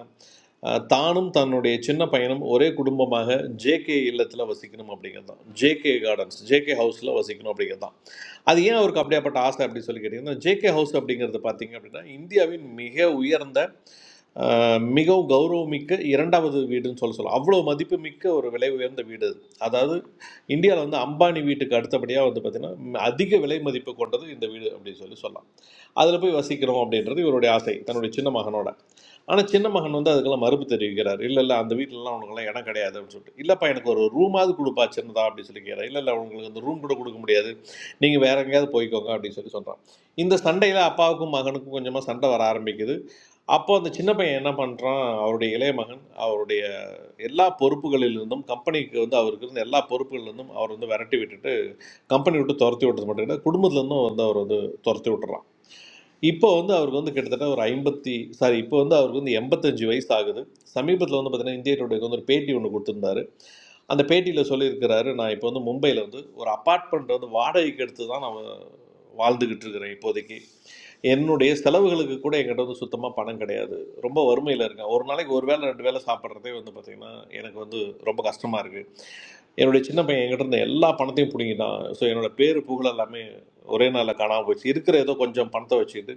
அஹ், தானும் தன்னுடைய சின்ன பையனும் ஒரே குடும்பமாக ஜேகே இல்லத்தில் வசிக்கணும் அப்படிங்கிறது தான் ஜேகே கார்டன்ஸ் ஜேகே ஹவுஸில் வசிக்கணும் அப்படிங்கிறது தான் அது ஏன் அவருக்கு அப்படியாப்பட்ட ஆசை அப்படின்னு சொல்லி கேட்டிங்கன்னா ஜேகே ஹவுஸ் அப்படிங்கிறது பார்த்தீங்க அப்படின்னா இந்தியாவின் மிக உயர்ந்த அஹ், மிகவும் கௌரவமிக்க இரண்டாவது வீடுன்னு சொல்ல சொல்லலாம் அவ்வளோ மதிப்புமிக்க ஒரு விலை உயர்ந்த வீடு அது அதாவது இந்தியாவில் வந்து அம்பானி வீட்டுக்கு அடுத்தபடியாக வந்து பார்த்திங்கன்னா அதிக விலை மதிப்பு கொண்டது இந்த வீடு அப்படின்னு சொல்லி சொல்லலாம் அதில் போய் வசிக்கிறோம் அப்படின்றது இவருடைய ஆசை தன்னுடைய சின்ன மகனோட ஆனால் சின்ன மகன் வந்து அதுக்கெல்லாம் மறுப்பு தெரிவிக்கிறார் இல்லை இல்லை அந்த வீட்டிலலாம் உனக்குலாம் இடம் கிடையாது அப்படின்னு சொல்லிட்டு இல்லைப்பா எனக்கு ஒரு ரூமாவது கொடுப்பா சின்னதா அப்படின்னு சொல்லி கேட்குறாரு இல்லை இல்லை உங்களுக்கு அந்த ரூம் கூட கொடுக்க முடியாது நீங்கள் வேற எங்கேயாவது போய்க்கோங்க அப்படின்னு சொல்லி சொல்கிறான் இந்த சண்டையில் அப்பாவுக்கும் மகனுக்கும் கொஞ்சமாக சண்டை வர ஆரம்பிக்குது அப்போ அந்த சின்ன பையன் என்ன பண்ணுறான் அவருடைய இளைய மகன் அவருடைய எல்லா பொறுப்புகளிலிருந்தும் கம்பெனிக்கு வந்து அவருக்கு இருந்த எல்லா பொறுப்புகளிலிருந்தும் அவர் வந்து விரட்டி விட்டுட்டு கம்பெனி விட்டு துரத்தி விட்டது மட்டும் இல்லை குடும்பத்துலேருந்தும் வந்து அவர் வந்து துரத்தி விட்டுறான் இப்போ வந்து அவருக்கு வந்து கிட்டத்தட்ட ஒரு ஐம்பத்தி சாரி இப்போ வந்து அவருக்கு வந்து எண்பத்தஞ்சு வயசு ஆகுது சமீபத்தில் வந்து பார்த்தீங்கன்னா இந்திய டுடேக்கு வந்து ஒரு பேட்டி ஒன்று கொடுத்துருந்தாரு அந்த பேட்டியில் சொல்லியிருக்கிறாரு நான் இப்போ வந்து மும்பையில் வந்து ஒரு அப்பார்ட்மெண்ட் வந்து வாடகைக்கு எடுத்து தான் நான் வாழ்ந்துக்கிட்டு இருக்கிறேன் இப்போதைக்கு என்னுடைய செலவுகளுக்கு கூட என்கிட்ட வந்து சுத்தமாக பணம் கிடையாது ரொம்ப வறுமையில் இருக்கேன் ஒரு நாளைக்கு ஒரு வேளை ரெண்டு வேளை சாப்பிட்றதே வந்து பார்த்திங்கன்னா எனக்கு வந்து ரொம்ப கஷ்டமாக இருக்குது என்னுடைய சின்ன பையன் என்கிட்ட இருந்த எல்லா பணத்தையும் பிடுங்கிட்டான் ஸோ என்னோட பேர் புகழ் எல்லாமே ஒரே நாளில் காணாமல் போச்சு இருக்கிற ஏதோ கொஞ்சம் பணத்தை வச்சுக்கிட்டு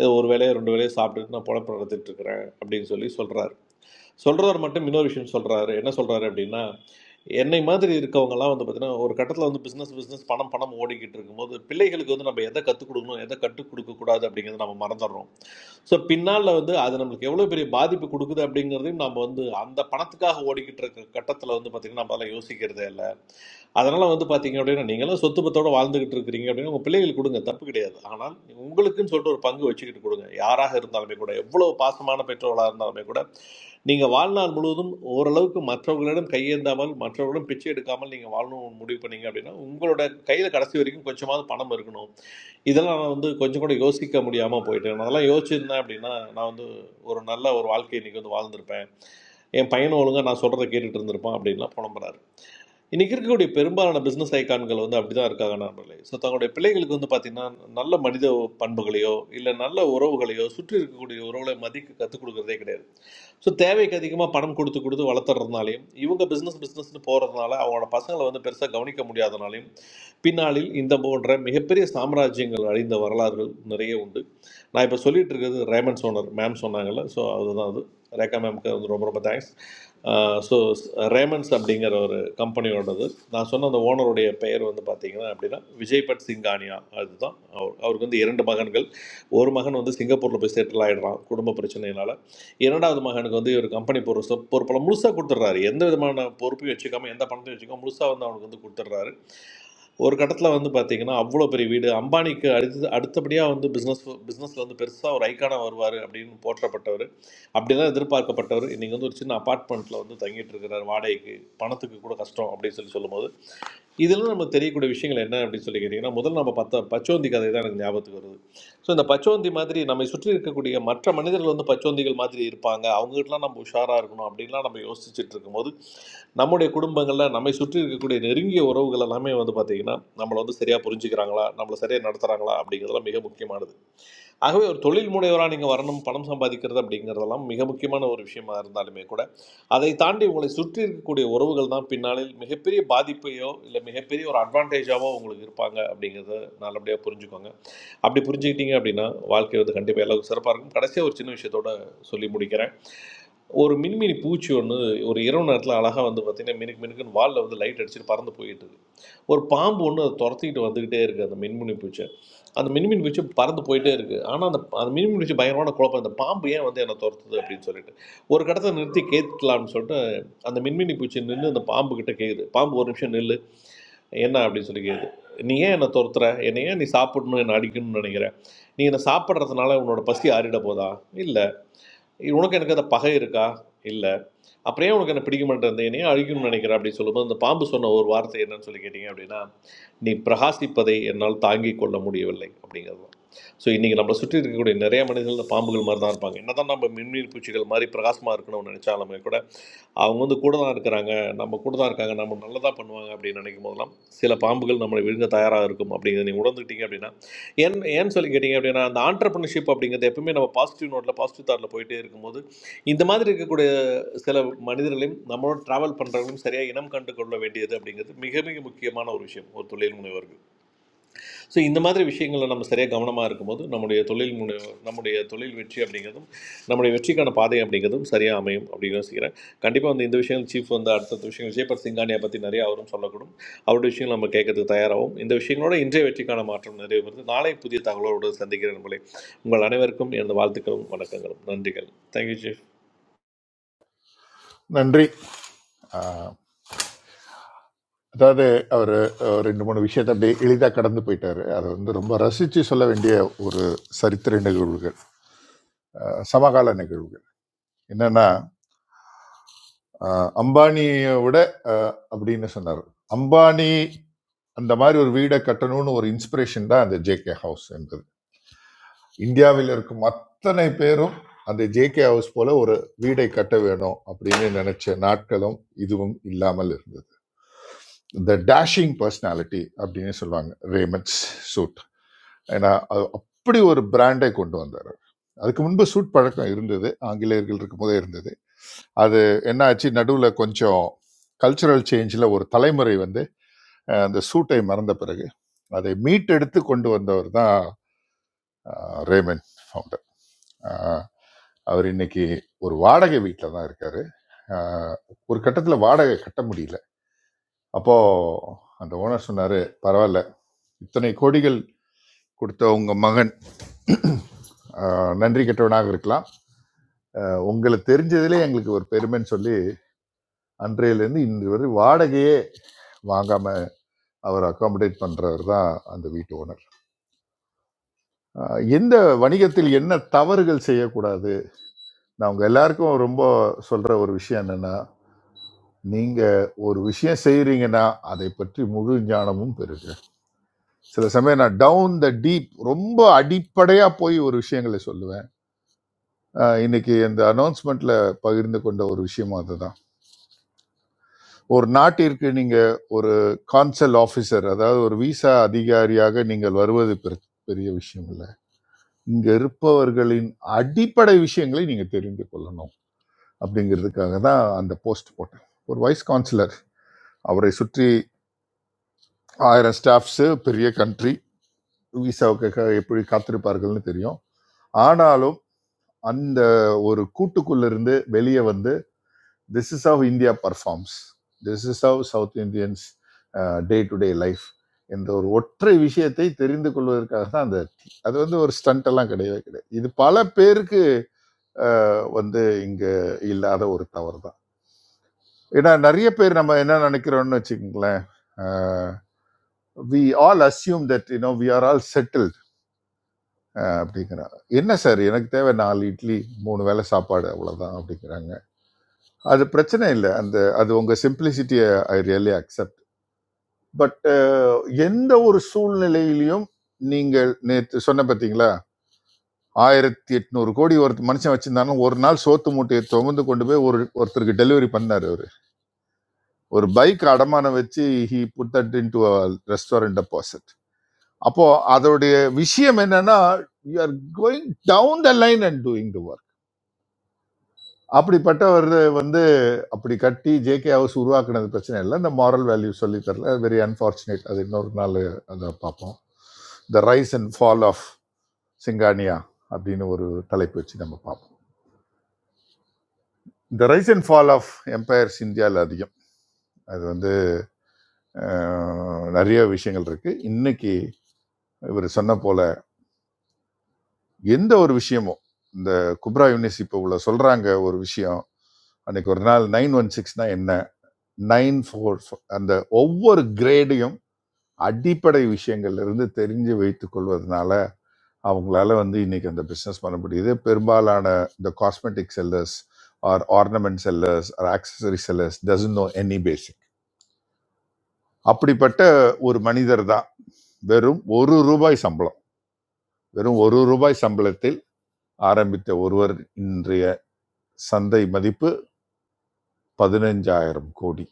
ஏதோ ஒரு வேலையோ ரெண்டு வேலையோ சாப்பிட்டுட்டு நான் பொழப்பு நடத்திட்டு இருக்கிறேன் அப்படின்னு சொல்லி சொல்கிறாரு சொல்கிறவர் மட்டும் இன்னொரு விஷயம் சொல்கிறாரு என்ன சொல்கிறாரு அப்படின்னா என்னை மாதிரி இருக்கவங்கலாம் வந்து பார்த்தீங்கன்னா ஒரு கட்டத்தில் வந்து பிஸ்னஸ் பிஸ்னஸ் பணம் பணம் ஓடிக்கிட்டு இருக்கும்போது பிள்ளைகளுக்கு வந்து நம்ம எதை கற்றுக் கொடுக்கணும் எதை கற்றுக் கொடுக்கக்கூடாது அப்படிங்கிறத நம்ம மறந்துடுறோம் ஸோ பின்னால் வந்து அது நம்மளுக்கு எவ்வளோ பெரிய பாதிப்பு கொடுக்குது அப்படிங்கிறதையும் நம்ம வந்து அந்த பணத்துக்காக ஓடிக்கிட்டு இருக்க கட்டத்தில் வந்து பார்த்திங்கன்னா நம்மளால யோசிக்கிறதே இல்லை அதனால வந்து பாத்தீங்க அப்படின்னா நீங்களும் சொத்து பத்தோட வாழ்ந்துகிட்டு இருக்கிறீங்க அப்படின்னா உங்க பிள்ளைகள் கொடுங்க தப்பு கிடையாது ஆனால் உங்களுக்குன்னு சொல்லிட்டு ஒரு பங்கு வச்சுக்கிட்டு கொடுங்க யாராக இருந்தாலுமே கூட எவ்வளவு பாசமான பெற்றோர்களாக இருந்தாலுமே கூட நீங்க வாழ்நாள் முழுவதும் ஓரளவுக்கு மற்றவர்களிடம் கையேந்தாமல் மற்றவர்களிடம் பிச்சை எடுக்காமல் நீங்க வாழணும் முடிவு பண்ணீங்க அப்படின்னா உங்களோட கையில கடைசி வரைக்கும் கொஞ்சமாவது பணம் இருக்கணும் இதெல்லாம் நான் வந்து கொஞ்சம் கூட யோசிக்க முடியாமல் போயிட்டேன் நான் அதெல்லாம் யோசிச்சிருந்தேன் அப்படின்னா நான் வந்து ஒரு நல்ல ஒரு வாழ்க்கையை இன்னைக்கு வந்து வாழ்ந்திருப்பேன் என் பையன் ஒழுங்கா நான் சொல்கிறத கேட்டுட்டு இருந்திருப்பான் அப்படின்லாம் புலம்புறாரு இன்றைக்கி இருக்கக்கூடிய பெரும்பாலான பிஸ்னஸ் ஐகான்கள் வந்து அப்படி தான் இருக்காங்க நண்பர்களே ஸோ தங்களுடைய பிள்ளைகளுக்கு வந்து பார்த்திங்கன்னா நல்ல மனித பண்புகளையோ இல்லை நல்ல உறவுகளையோ சுற்றி இருக்கக்கூடிய உறவுகளை மதிக்க கற்றுக் கொடுக்குறதே கிடையாது ஸோ தேவைக்கு அதிகமாக பணம் கொடுத்து கொடுத்து வளர்த்துறதுனாலையும் இவங்க பிஸ்னஸ் பிஸ்னஸ்னு போகிறதுனால அவங்களோட பசங்களை வந்து பெருசாக கவனிக்க முடியாதனாலையும் பின்னாளில் இந்த போன்ற மிகப்பெரிய சாம்ராஜ்யங்கள் அழிந்த வரலாறுகள் நிறைய உண்டு நான் இப்போ சொல்லிட்டு இருக்கிறது ரேமன் சோனர் மேம் சொன்னாங்கல்ல ஸோ அதுதான் அது ரேகா மேம்க்கு வந்து ரொம்ப ரொம்ப தேங்க்ஸ் ஸோ ரேமன்ஸ் அப்படிங்கிற ஒரு கம்பெனியோடது நான் சொன்ன அந்த ஓனருடைய பெயர் வந்து பார்த்தீங்கன்னா அப்படின்னா விஜய்பட் சிங்கானியா அதுதான் அவர் அவருக்கு வந்து இரண்டு மகன்கள் ஒரு மகன் வந்து சிங்கப்பூரில் போய் செட்டில் ஆகிடுறான் குடும்ப பிரச்சனையினால இரண்டாவது மகனுக்கு வந்து இவர் கம்பெனி பொறுப்பு பொறுப்பெல்லாம் முழுசாக கொடுத்துட்றாரு எந்த விதமான பொறுப்பையும் வச்சுக்காம எந்த பணத்தையும் வச்சுக்காம முழுசாக வந்து அவனுக்கு வந்து கொடுத்துட்றாரு ஒரு கட்டத்தில் வந்து பார்த்தீங்கன்னா அவ்வளோ பெரிய வீடு அம்பானிக்கு அடுத்து அடுத்தபடியாக வந்து பிஸ்னஸ் பிஸ்னஸில் வந்து பெருசாக ஒரு ஐக்கானாக வருவார் அப்படின்னு போற்றப்பட்டவர் அப்படிதான் எதிர்பார்க்கப்பட்டவர் இன்றைக்கி வந்து ஒரு சின்ன அப்பார்ட்மெண்ட்டில் வந்து தங்கிட்டு இருக்கிறார் வாடகைக்கு பணத்துக்கு கூட கஷ்டம் அப்படின்னு சொல்லி சொல்லும்போது இதெல்லாம் நமக்கு தெரியக்கூடிய விஷயங்கள் என்ன அப்படின்னு சொல்லி கேட்டிங்கன்னா முதல்ல நம்ம பார்த்த பச்சோந்தி கதை தான் எனக்கு ஞாபகத்துக்கு வருது ஸோ இந்த பச்சோந்தி மாதிரி நம்மை சுற்றி இருக்கக்கூடிய மற்ற மனிதர்கள் வந்து பச்சோந்திகள் மாதிரி இருப்பாங்க அவங்ககிட்டலாம் நம்ம உஷாராக இருக்கணும் அப்படின்லாம் நம்ம யோசிச்சுட்டு இருக்கும்போது நம்முடைய குடும்பங்களில் நம்மை சுற்றி இருக்கக்கூடிய நெருங்கிய உறவுகள் எல்லாமே வந்து பார்த்திங்கன்னா நம்மளை வந்து சரியாக புரிஞ்சுக்கிறாங்களா நம்மளை சரியாக நடத்துகிறாங்களா அப்படிங்கிறதுலாம் மிக முக்கியமானது ஆகவே ஒரு தொழில் முனைவராக நீங்கள் வரணும் பணம் சம்பாதிக்கிறது அப்படிங்கிறதெல்லாம் மிக முக்கியமான ஒரு விஷயமா இருந்தாலுமே கூட அதை தாண்டி உங்களை சுற்றி இருக்கக்கூடிய உறவுகள் தான் பின்னாளில் மிகப்பெரிய பாதிப்பையோ இல்லை மிகப்பெரிய ஒரு அட்வான்டேஜாவோ உங்களுக்கு இருப்பாங்க அப்படிங்கிறத நல்லபடியாக புரிஞ்சுக்கோங்க அப்படி புரிஞ்சுக்கிட்டீங்க அப்படின்னா வாழ்க்கை வந்து கண்டிப்பாக எல்லாருக்கும் சிறப்பாக இருக்கும் கடைசியாக ஒரு சின்ன விஷயத்தோட சொல்லி முடிக்கிறேன் ஒரு மின்மினி பூச்சி ஒன்று ஒரு இரவு நேரத்தில் அழகாக வந்து பார்த்தீங்கன்னா மினுக்கு மினுக்குன்னு வாலில் வந்து லைட் அடிச்சுட்டு பறந்து போயிட்டு இருக்கு. ஒரு பாம்பு ஒன்று அதை துரத்திக்கிட்டு வந்துக்கிட்டே இருக்குது அந்த மின்மினி பூச்சி அந்த மின்மினி பூச்சி பறந்து போயிட்டே இருக்குது ஆனால் அந்த அந்த மின்மினி பூச்சி பயங்கரமான குழப்பம் இந்த பாம்பு ஏன் வந்து என்னை துரத்துது அப்படின்னு சொல்லிட்டு ஒரு கடத்தை நிறுத்தி கேட்கலாம்னு சொல்லிட்டு அந்த மின்மினி பூச்சி நின்று அந்த பாம்பு கிட்ட கேட்குது பாம்பு ஒரு நிமிஷம் நில்லு என்ன அப்படின்னு சொல்லி கேட்குது நீ ஏன் என்னை துரத்துற என்னை ஏன் நீ சாப்பிடணும் என்னை அடிக்கணும்னு நினைக்கிற நீ என்னை சாப்பிட்றதுனால உன்னோட பசி ஆறிட போதா இல்லை உனக்கு எனக்கு அந்த பகை இருக்கா இல்லை அப்புறம் ஏன் உனக்கு என்ன பிடிக்க மாட்டேன் அந்த என்னையும் அழிக்கணும்னு நினைக்கிறேன் அப்படின்னு சொல்லும்போது அந்த பாம்பு சொன்ன ஒரு வார்த்தை என்னன்னு சொல்லி கேட்டிங்க அப்படின்னா நீ பிரகாசிப்பதை என்னால் தாங்கிக் கொள்ள முடியவில்லை அப்படிங்கிறது தான் ஸோ இன்றைக்கி நம்மளை சுற்றி இருக்கக்கூடிய நிறைய மனிதர்கள் இந்த பாம்புகள் மாதிரி தான் இருப்பாங்க என்ன தான் நம்ம மின்மீன் பூச்சிகள் மாதிரி பிரகாசமாக இருக்கணும்னு நினச்சாலுமே கூட அவங்க வந்து கூட தான் இருக்கிறாங்க நம்ம கூட தான் இருக்காங்க நம்ம நல்லதாக பண்ணுவாங்க அப்படின்னு நினைக்கும் போதெல்லாம் சில பாம்புகள் நம்மளை விழுங்க தயாராக இருக்கும் அப்படிங்கிறத நீங்கள் உணர்ந்துக்கிட்டீங்க அப்படின்னா ஏன் ஏன்னு சொல்லி கேட்டிங்க அப்படின்னா அந்த ஆண்டர்பிரினர்ஷிப் அப்படிங்கிறது எப்பவுமே நம்ம பாசிட்டிவ் நோட்டில் பாசிட்டிவ் தாட்டில் போயிட்டே இருக்கும்போது இந்த மாதிரி இருக்கக்கூடிய சில மனிதர்களையும் நம்மளோட டிராவல் பண்ணுறவங்களும் சரியாக இனம் கண்டு கொள்ள வேண்டியது அப்படிங்கிறது மிக மிக முக்கியமான ஒரு விஷயம் ஒரு தொழில் முனைவர்கள் ஸோ இந்த மாதிரி விஷயங்களை நம்ம சரியாக கவனமாக இருக்கும்போது நம்முடைய தொழில் முனை நம்முடைய தொழில் வெற்றி அப்படிங்கிறதும் நம்முடைய வெற்றிக்கான பாதை அப்படிங்கிறதும் சரியாக அமையும் அப்படின்னு யோசிக்கிறேன் கண்டிப்பாக வந்து இந்த விஷயங்கள் சீஃப் வந்து அடுத்தடுத்த விஷயங்கள் ஜேபர் சிங்கானியை பற்றி நிறைய அவரும் சொல்லக்கூடும் அவருடைய விஷயங்கள் நம்ம கேட்கறதுக்கு தயாராகும் இந்த விஷயங்களோட இன்றைய வெற்றிக்கான மாற்றம் நிறைய வருது நாளை புதிய தகவலோடு சந்திக்கிறேன் உங்களை உங்கள் அனைவருக்கும் எனது வாழ்த்துக்களும் வணக்கங்களும் நன்றிகள் தேங்க்யூ சீஃப். நன்றி ஆஹ் அதாவது அவர் ரெண்டு மூணு விஷயத்தை அப்படியே எளிதாக கடந்து போயிட்டாரு அதை வந்து ரொம்ப ரசித்து சொல்ல வேண்டிய ஒரு சரித்திர நிகழ்வுகள் ஆஹ் சமகால நிகழ்வுகள் என்னென்னா ஆஹ் அம்பானியை விட ஆஹ் அப்படின்னு சொன்னார் அம்பானி அந்த மாதிரி ஒரு வீடை கட்டணும்னு ஒரு இன்ஸ்பிரேஷன் தான் அந்த ஜேகே ஹவுஸ் என்பது இந்தியாவில் இருக்கும் அத்தனை பேரும் அந்த ஜேகே ஹவுஸ் போல ஒரு வீடை கட்ட வேணும் அப்படின்னு நினைச்ச நாட்களும் இதுவும் இல்லாமல் இருந்தது த டேஷிங் பர்சனாலிட்டி அப்படின்னு சொல்லுவாங்க ரேமண்ட்ஸ் சூட் ஏன்னா அது அப்படி ஒரு பிராண்டை கொண்டு வந்தார் அதுக்கு முன்பு சூட் பழக்கம் இருந்தது ஆங்கிலேயர்கள் இருக்கும்போதே இருந்தது அது என்ன ஆச்சு நடுவில் கொஞ்சம் கல்ச்சுரல் சேஞ்சில் ஒரு தலைமுறை வந்து அஹ், அந்த சூட்டை மறந்த பிறகு அதை மீட்டெடுத்து கொண்டு வந்தவர் தான் ரேமன் ஃபவுண்டர் அவர் இன்னைக்கு ஒரு வாடகை வீட்டில் தான் இருக்காரு ஆஹ் ஒரு கட்டத்தில் வாடகை கட்ட முடியல அப்போ அந்த ஓனர் சொன்னாரு பரவாயில்ல இத்தனை கோடிகள் கொடுத்த உங்க மகன் ஆஹ் நன்றி கெட்டவனாக இருக்கலாம் ஆஹ் உங்களை தெரிஞ்சதிலே எங்களுக்கு ஒரு பெருமைன்னு சொல்லி அன்றையிலேருந்து இன்று வரை வாடகையே வாங்காம அவர் அகாமடேட் பண்றவர் தான் அந்த வீட்டு ஓனர் ஆஹ் எந்த வணிகத்தில் என்ன தவறுகள் செய்யக்கூடாது நான் உங்க எல்லாருக்கும் ரொம்ப சொல்ற ஒரு விஷயம் என்னன்னா நீங்க ஒரு விஷயம் செய்றீங்கன்னா அதை பற்றி முழு ஞானமும் பெறுங்க சில சமயம் நான் டவுன் த டீப் ரொம்ப அடிப்படையா போய் ஒரு விஷயங்களை சொல்லுவேன் அஹ் இன்னைக்கு இந்த அனௌன்ஸ்மெண்ட்ல பகிர்ந்து கொண்ட ஒரு விஷயம் அதுதான் ஒரு நாட்டிற்கு நீங்க ஒரு கான்சல் ஆஃபீஸர் அதாவது ஒரு விசா அதிகாரியாக நீங்கள் வருவது பெரு- பெரிய விஷயம் இல்லை இங்க இருப்பவர்களின் அடிப்படை விஷயங்களை நீங்க தெரிந்து கொள்ளணும் அப்படிங்கிறதுக்காக தான் அந்த போஸ்ட் போட்டேன் ஒரு வைஸ் கான்சலர் அவரை சுற்றி ஆயிரம் ஸ்டாஃப்ஸ் பெரிய கண்ட்ரி விசாவுக்காக எப்படி காத்திருப்பார்கள்னு தெரியும் ஆனாலும் அந்த ஒரு கூட்டுக்குள்ள இருந்து வெளியே வந்து this is how India performs this is how south Indians day to day life என்ற ஒரு ஒற்றை விஷயத்தை தெரிந்து கொள்வதற்காக தான் அந்த tea. அது வந்து ஒரு ஸ்டண்ட் எல்லாம் கிடையவே கிடையாது இது பல பேருக்கு அஹ், வந்து இங்க இல்லாத ஒரு தவறு தான் ஏன்னா நிறைய பேர் நம்ம என்ன நினைக்கிறோம்னு வச்சுக்கோங்களேன் we all assume that you know we are all settle அப்படிங்கிறாங்க என்ன சார் எனக்கு தேவை நாலு இட்லி மூணு வேளை சாப்பாடு அவ்வளோதான் அப்படிங்கிறாங்க அது பிரச்சனை இல்லை அந்த அது உங்கள் சிம்பிளிசிட்டியை ஐ ரியலி அக்செப்ட் பட் எந்த ஒரு சூழ்நிலையிலையும் நீங்கள் நேற்று சொன்ன பார்த்தீங்களா ஆயிரத்தி எட்நூறு கோடி ஒரு மனுஷன் வச்சிருந்தாலும் ஒரு நாள் சோத்து மூட்டையை சுமந்து கொண்டு போய் ஒரு ஒருத்தருக்கு டெலிவரி பண்ணார் அவர் ஒரு பைக் அடமானம் வச்சு he put that into restaurant deposit அப்போ அதோடைய விஷயம் என்னன்னா you are going down the line and doing the அப்படிப்பட்டவர் வந்து அப்படி கட்டி ஜேகே ஹவுஸ் உருவாக்குனது பிரச்சனை இல்லை இந்த மாரல் வேல்யூ சொல்லி தரல வெரி அன்ஃபார்ச்சுனேட் அது இன்னொரு நாள் அதை பார்ப்போம் the rise and fall of Singhania அப்படின்னு ஒரு தலைப்பு வச்சு நம்ம பார்ப்போம் the rise and fall of empires இந்தியாவில் அதிகம் அது வந்து அஹ், நிறைய விஷயங்கள் இருக்கு இன்னைக்கு இவர் சொன்ன போல எந்த ஒரு விஷயமும் இந்த குப்ரா யூனிஸ் இப்போ உள்ள சொல்றாங்க ஒரு விஷயம் அன்னைக்கு ஒரு நாள் நைன் ஒன் சிக்ஸ்னா என்ன நைன் ஃபோர் அந்த ஒவ்வொரு கிரேடையும் அடிப்படை விஷயங்கள்ல இருந்து தெரிஞ்சு வைத்துக் கொள்வதனால அவங்களால வந்து இன்னைக்கு அந்த பிசினஸ் பண்ண முடியுது பெரும்பாலான இந்த cosmetic sellers or ornament sellers or accessory sellers doesn't know any basic அப்படிப்பட்ட ஒரு மனிதர் தான் வெறும் ஒரு ரூபாய் சம்பளம் வெறும் ஒரு ரூபாய் சம்பளத்தில் ஆரம்பித்த ஒருவர் இன்றைய சந்தை மதிப்பு பதினஞ்சாயிரம் கோடி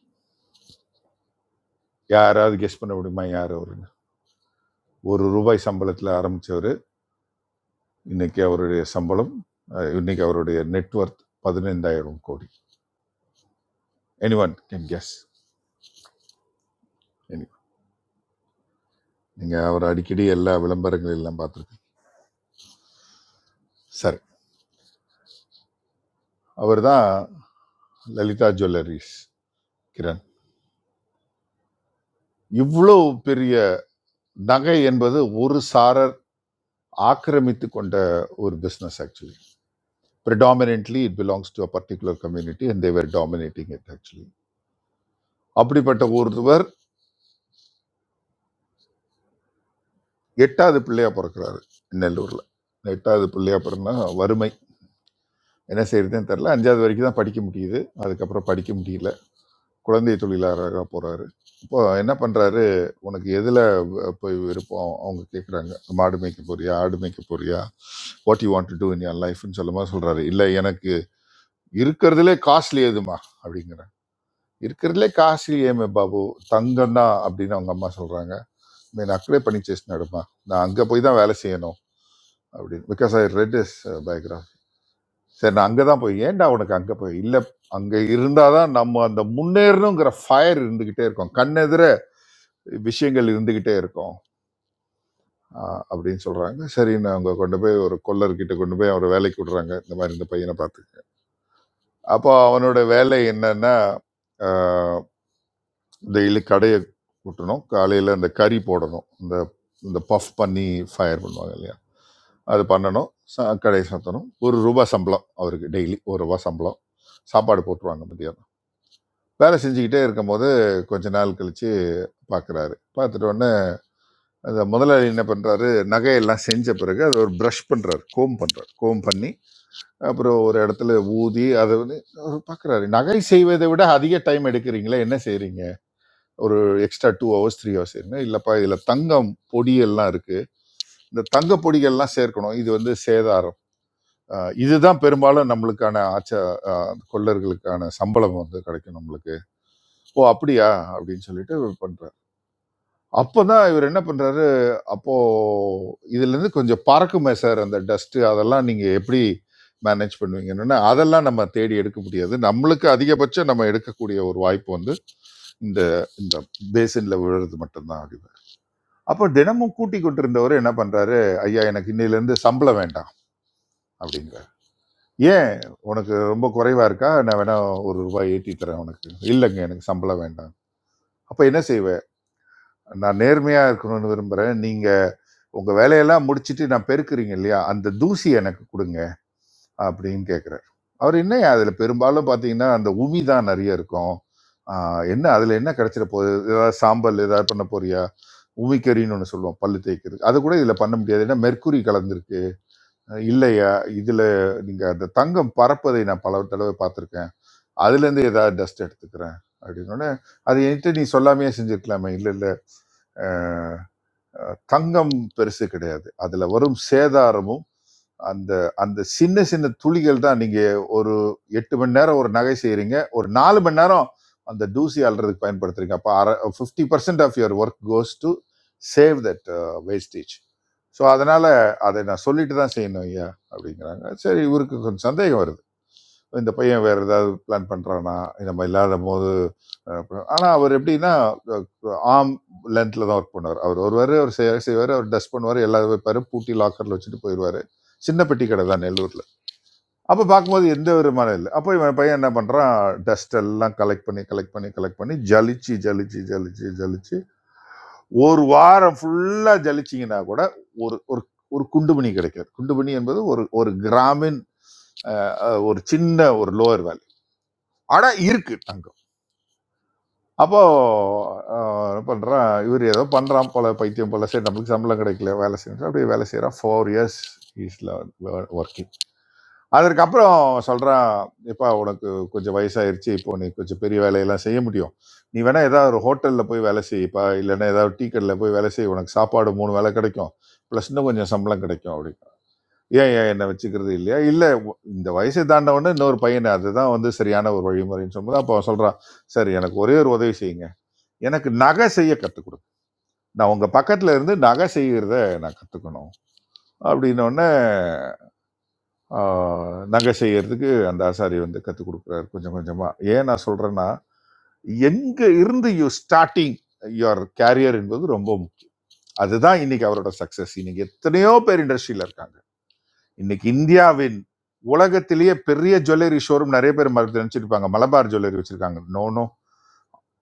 யாராவது கெஸ் பண்ண முடியுமா யார் அவருன்னு ஒரு ரூபாய் சம்பளத்தில் ஆரம்பிச்சவர் இன்னைக்கு அவருடைய சம்பளம் அஹ், இன்னைக்கு அவருடைய நெட்வொர்த் பதினைந்தாயிரம் கோடி எனிவன் கேன் கெஸ் எனி நீங்கள் அவர் அடிக்கடி எல்லா விளம்பரங்கள் எல்லாம் பார்த்துருக்கீங்க சரி அவர் தான் லலிதா ஜுவல்லரிஸ் கிரண் இவ்வளோ பெரிய நகை என்பது ஒரு சாரர் ஆக்கிரமித்து கொண்ட ஒரு business actually predominantly it belongs to a particular community and they were dominating it actually அப்படிப்பட்ட ஒருவர் எட்டாவது பிள்ளையா பிறக்கிறாரு நெல்லூரில் எட்டாவது பிள்ளையா பிறந்தா வறுமை என்ன செய்யறதுன்னு தெரில அஞ்சாவது வரைக்கும் தான் படிக்க முடியுது அதுக்கப்புறம் படிக்க முடியல குழந்தை தொழிலாளராக போறாரு இப்போ என்ன பண்றாரு உனக்கு எதில் போய் விருப்பம் அவங்க கேட்குறாங்க மாடு மேய்க்க போறியா ஆடு மேய்க்க போறியா what you want to do in your லைஃப்னு சொல்லுமா சொல்றாரு இல்லை எனக்கு இருக்கிறதுலே காஸ்ட்லி எதுமா அப்படிங்கிறேன் இருக்கிறதுலே காஸ்ட்லி ஏமே பாபு தங்கம் தான் அப்படின்னு அவங்க அம்மா சொல்றாங்க மீன் அக்ரே பண்ணி சேசினாடுமா நான் அங்கே போய் தான் வேலை செய்யணும் அப்படின்னு because I read his biography சரி நான் அங்கே தான் போய் ஏன்டா உனக்கு அங்கே போய் இல்லை அங்கே இருந்தால் தான் நம்ம அந்த முன்னேறணுங்கிற ஃபயர் இருந்துக்கிட்டே இருக்கும் கண்ணெதிர விஷயங்கள் இருந்துக்கிட்டே இருக்கும் ஆஹ் அப்படின்னு சொல்கிறாங்க சரி நான் அவங்க கொண்டு போய் ஒரு கொல்லர்கிட்ட கொண்டு போய் அவரை வேலைக்கு விடுறாங்க இந்த மாதிரி இந்த பையனை பார்த்து அப்போ அவனோட வேலை என்னன்னா டெய்லி கடையை கூட்டணும் காலையில் அந்த கறி போடணும் இந்த இந்த பஃப் பண்ணி ஃபயர் பண்ணுவாங்க இல்லையா அது பண்ணணும் ச- கடையை சாத்தணும் ஒரு ரூபா சம்பளம் அவருக்கு டெய்லி ஒரு ரூபா சம்பளம் சாப்பாடு போட்டுருவாங்க மதியம் வேலை செஞ்சுக்கிட்டே இருக்கும்போது கொஞ்ச நாள் கழிச்சு பார்க்குறாரு பார்த்துட்டு உடனே அந்த முதலாளி என்ன பண்ணுறாரு நகையெல்லாம் செஞ்ச பிறகு அது ஒரு ப்ரஷ் பண்ணுறாரு கோம் பண்ணுறாரு கோம் பண்ணி அப்புறம் ஒரு இடத்துல ஊதி அதை வந்து அவர் பார்க்குறாரு நகை செய்வதை விட அதிக டைம் எடுக்கிறீங்களே என்ன செய்கிறீங்க ஒரு extra two hours three hours செய்யுங்க இல்லைப்பா இதில் தங்கம் பொடியெல்லாம் இருக்குது இந்த தங்க பொடிகள்லாம் சேர்க்கணும் இது வந்து சேதாரம் அஹ் இதுதான் பெரும்பாலும் நம்மளுக்கான ஆச்ச அஹ் கொள்ளர்களுக்கான சம்பளம் வந்து கிடைக்கும் நம்மளுக்கு ஓ அப்படியா அப்படின்னு சொல்லிட்டு பண்றாரு அப்பதான் இவரு என்ன பண்றாரு, அப்போ இதுலேருந்து கொஞ்சம் பறக்குமே சார் அந்த டஸ்ட்டு, அதெல்லாம் நீங்க எப்படி மேனேஜ் பண்ணுவீங்கன்னோனே, அதெல்லாம் நம்ம தேடி எடுக்க முடியாது. நம்மளுக்கு அதிகபட்சம் நம்ம எடுக்கக்கூடிய ஒரு வாய்ப்பு வந்து, இந்த இந்த பேசின்ல விழுறது மட்டும் தான் ஆகுது. அப்போ தினமும் கூட்டிக் கொண்டிருந்தவரு என்ன பண்றாரு, "ஐயா எனக்கு இன்னையிலேருந்து சம்பளம் வேண்டாம்" அப்படிங்கிறாரு. "ஏன் உனக்கு ரொம்ப குறைவா இருக்கா? நான் வேணா ரூ. 1 ஏத்தி தரேன் உனக்கு." "இல்லங்க எனக்கு சம்பளம் வேண்டாம்." "அப்ப என்ன செய்வ?" "நான் நேர்மையா இருக்கணும்னு விரும்புறேன். நீங்க உங்க வேலையெல்லாம் முடிச்சிட்டு நான் பெருக்குறீங்க இல்லையா அந்த தூசி எனக்கு கொடுங்க அப்படின்னு கேட்குறாரு அவர் என்ன அதில் பெரும்பாலும் பார்த்தீங்கன்னா அந்த உமி தான் நிறைய இருக்கும் ஆஹ் என்ன அதில் என்ன கிடைச்சிட போகுது ஏதாவது சாம்பல் ஏதாவது பண்ண போறியா உமிக்கறின்னு ஒன்று சொல்லுவோம் பல்லு தேய்க்கிறதுக்கு அது கூட இதில் பண்ண முடியாது ஏன்னா மெர்க்குரி கலந்துருக்கு அஹ் இல்லையா இதில் நீங்கள் அந்த தங்கம் பறப்பதை நான் பல தடவை பார்த்துருக்கேன் அதுலேருந்து ஏதாவது டஸ்ட் எடுத்துக்கிறேன் அப்படின்னோடனே அது என்கிட்ட நீ சொல்லாமையே செஞ்சுருக்கலாமே இல்லை இல்லை தங்கம் பெருசு கிடையாது அதுல வரும் சேதாரமும் அந்த அந்த சின்ன சின்ன துளிகள் தான் நீங்க ஒரு எட்டு மணி நேரம் ஒரு நகை செய்றீங்க ஒரு நாலு மணி நேரம் அந்த தூசி அல்றதுக்கு பயன்படுத்துறீங்க அப்போ அரை fifty percent of your work goes to save that wastage so அதனால அதை நான் சொல்லிட்டு தான் செய்யணும் ஐயா அப்படிங்கிறாங்க சரி இவருக்கு கொஞ்சம் சந்தேகம் வருது இந்த பையன் வேற ஏதாவது பிளான் பண்றானா நம்ம இல்லாத போது அஹ், அப்புறம்- ஆனா அவர் எப்படின்னா ஆம் லென்த்ல தான் ஒர்க் பண்ணுவார் அவர் வருவாரு அவர் செய்ய- செய்வாரு அவர் டஸ்ட் பண்ணுவார் எல்லாரும் வைப்பாரு பூட்டி லாக்கர்ல வச்சுட்டு போயிடுவாரு சின்ன பெட்டி கடை தான் நெல்லூர்ல அப்ப பார்க்கும்போது எந்த விதமான இல்லை அப்போ இவன் பையன் என்ன பண்றான் டஸ்ட் எல்லாம் கலெக்ட் பண்ணி கலெக்ட் பண்ணி கலெக்ட் பண்ணி ஜலிச்சு ஜலிச்சு ஜலிச்சு ஜலிச்சு ஒரு வாரம் ஃபுல்லா ஜலிச்சிங்கன்னா கூட ஒரு ஒரு ஒரு குண்டுமணி கிடைக்காது குண்டுமணி என்பது ஒரு ஒரு கிராமின் அஹ், ஒரு சின்ன ஒரு லோயர் ஆனா இருக்கு தங்கம் அப்போ ஆஹ், என்ன பண்றான் இவர் ஏதோ பண்றான் போல பைத்தியம் போல சரி நம்மளுக்கு சம்பளம் கிடைக்கல வேலை செய்யணும் அப்படியே வேலை செய்யறான் ஃபோர் இயர்ஸ் இஸ்ல ஒர்க்கிங் அதற்கப்புறம் சொல்றான் எப்பா உனக்கு கொஞ்சம் வயசாயிருச்சு இப்போ நீ கொஞ்சம் பெரிய வேலையெல்லாம் செய்ய முடியும் நீ வேணா ஏதாவது ஒரு ஹோட்டல்ல போய் வேலை செய்யப்பா இல்லைன்னா ஏதாவது டீ கடையில் போய் வேலை செய் உனக்கு சாப்பாடு மூணு வேலை கிடைக்கும் ப்ளஸ் இன்னும் கொஞ்சம் சம்பளம் கிடைக்கும் அப்படின்னு ஏன் ஏன் என்ன வச்சுக்கிறது இல்லையா இல்ல உ- இந்த வயசை தாண்டவொன்னு இன்னொரு பையன் அதுதான் வந்து சரியான ஒரு வழிமுறைன்னு சொல்லும்போது அப்போ அவன் சொல்றான் சரி எனக்கு ஒரே ஒரு உதவி செய்யுங்க எனக்கு நகை செய்ய கற்றுக் கொடுங்க நான் உங்க பக்கத்துல இருந்து நகை செய்யறத நான் கத்துக்கணும் அப்படின்ன உடனே ஆஹ், நகை செய்யறதுக்கு அந்த ஆசாரி வந்து கற்றுக் கொடுக்குறாரு கொஞ்சம் கொஞ்சமா ஏன் நான் சொல்றேன்னா எங்க இருந்து யூ ஸ்டார்டிங் யுவர் கேரியர் என்பது ரொம்ப முக்கியம் அதுதான் இன்னைக்கு அவரோட சக்சஸ் இன்னைக்கு எத்தனையோ பேர் இண்டஸ்ட்ரியில இருக்காங்க இன்னைக்கு இந்தியாவின் உலகத்திலேயே பெரிய ஜுவல்லரி ஷோரூம் நிறைய பேர் மறந்து நினைச்சிருப்பாங்க மலபார் ஜுவல்லரி வச்சிருக்காங்க நோ நோ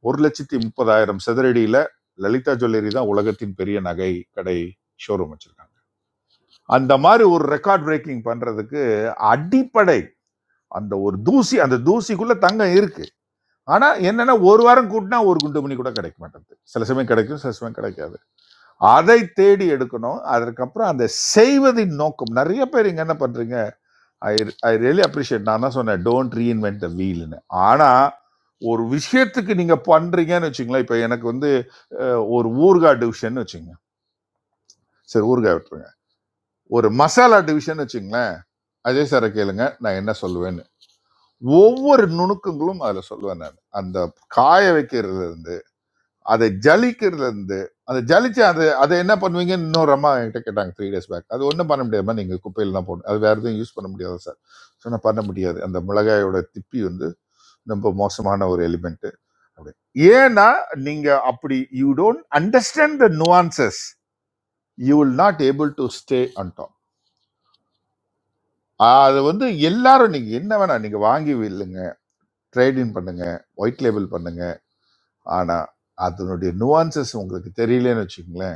ஒரு லட்சத்தி முப்பதாயிரம் சதுரடியில லலிதா ஜுவல்லரி தான் உலகத்தின் பெரிய நகை கடை ஷோரூம் வச்சிருக்காங்க அந்த மாதிரி ஒரு ரெக்கார்ட் பிரேக்கிங் பண்றதுக்கு அடிப்படை அந்த ஒரு தூசி அந்த தூசிக்குள்ள தங்கம் இருக்கு ஆனா என்னன்னா ஒரு வாரம் கூட்டினா ஒரு குண்டு மணி கூட கிடைக்க மாட்டேங்குது சில சமயம் கிடைக்கும் சில சமயம் கிடைக்காது அதை தேடி எடுக்கணும் அதற்கப்புறம் அந்த செய்வதின் நோக்கம் நிறைய பேர் இங்க என்ன பண்றீங்க ஐ ஐ ரியலி அப்ரிஷியேட் நான் தான் சொன்னேன் டோன்ட் ரீஇன்வென்ட் த வீல்னு ஆனால் ஒரு விஷயத்துக்கு நீங்கள் பண்ணுறீங்கன்னு வச்சுங்களேன் இப்போ எனக்கு வந்து ஒரு ஊறுகாய் டிவிஷன் வச்சுங்க சரி ஊறுகாய் விட்டுருங்க ஒரு மசாலா டிவிஷன் வச்சுங்களேன் அஜய் சாரை கேளுங்க நான் என்ன சொல்லுவேன்னு ஒவ்வொரு நுணுக்கங்களும் அதில் சொல்லுவேன் நான் அந்த காய வைக்கிறதுல இருந்து அதை ஜலிக்கிறதுல இருந்து அதை ஜலிச்சு அது அதை என்ன பண்ணுவீங்க இன்னொரு அம்மா என்கிட்ட கேட்டாங்க த்ரீ டேஸ் பேக் அது ஒன்றும் பண்ண முடியாதுமா நீங்கள் குப்பையில் தான் போடணும் அது வேறு எதுவும் யூஸ் பண்ண முடியாது சார் சொன்னால் பண்ண முடியாது அந்த மிளகாயோட திப்பி வந்து ரொம்ப மோசமான ஒரு எலிமெண்ட் அப்படி ஏன்னா நீங்க அப்படி you don't understand the nuances you will not able to stay on top அது வந்து எல்லாரும் நீங்க என்ன வேணா நீங்க வாங்கி வில்லுங்க ட்ரேடிங் பண்ணுங்க ஒயிட் லேபிள் பண்ணுங்க ஆனா அதனுடைய நுவான்சஸ் உங்களுக்கு தெரியலன்னு வச்சுக்கோங்களேன்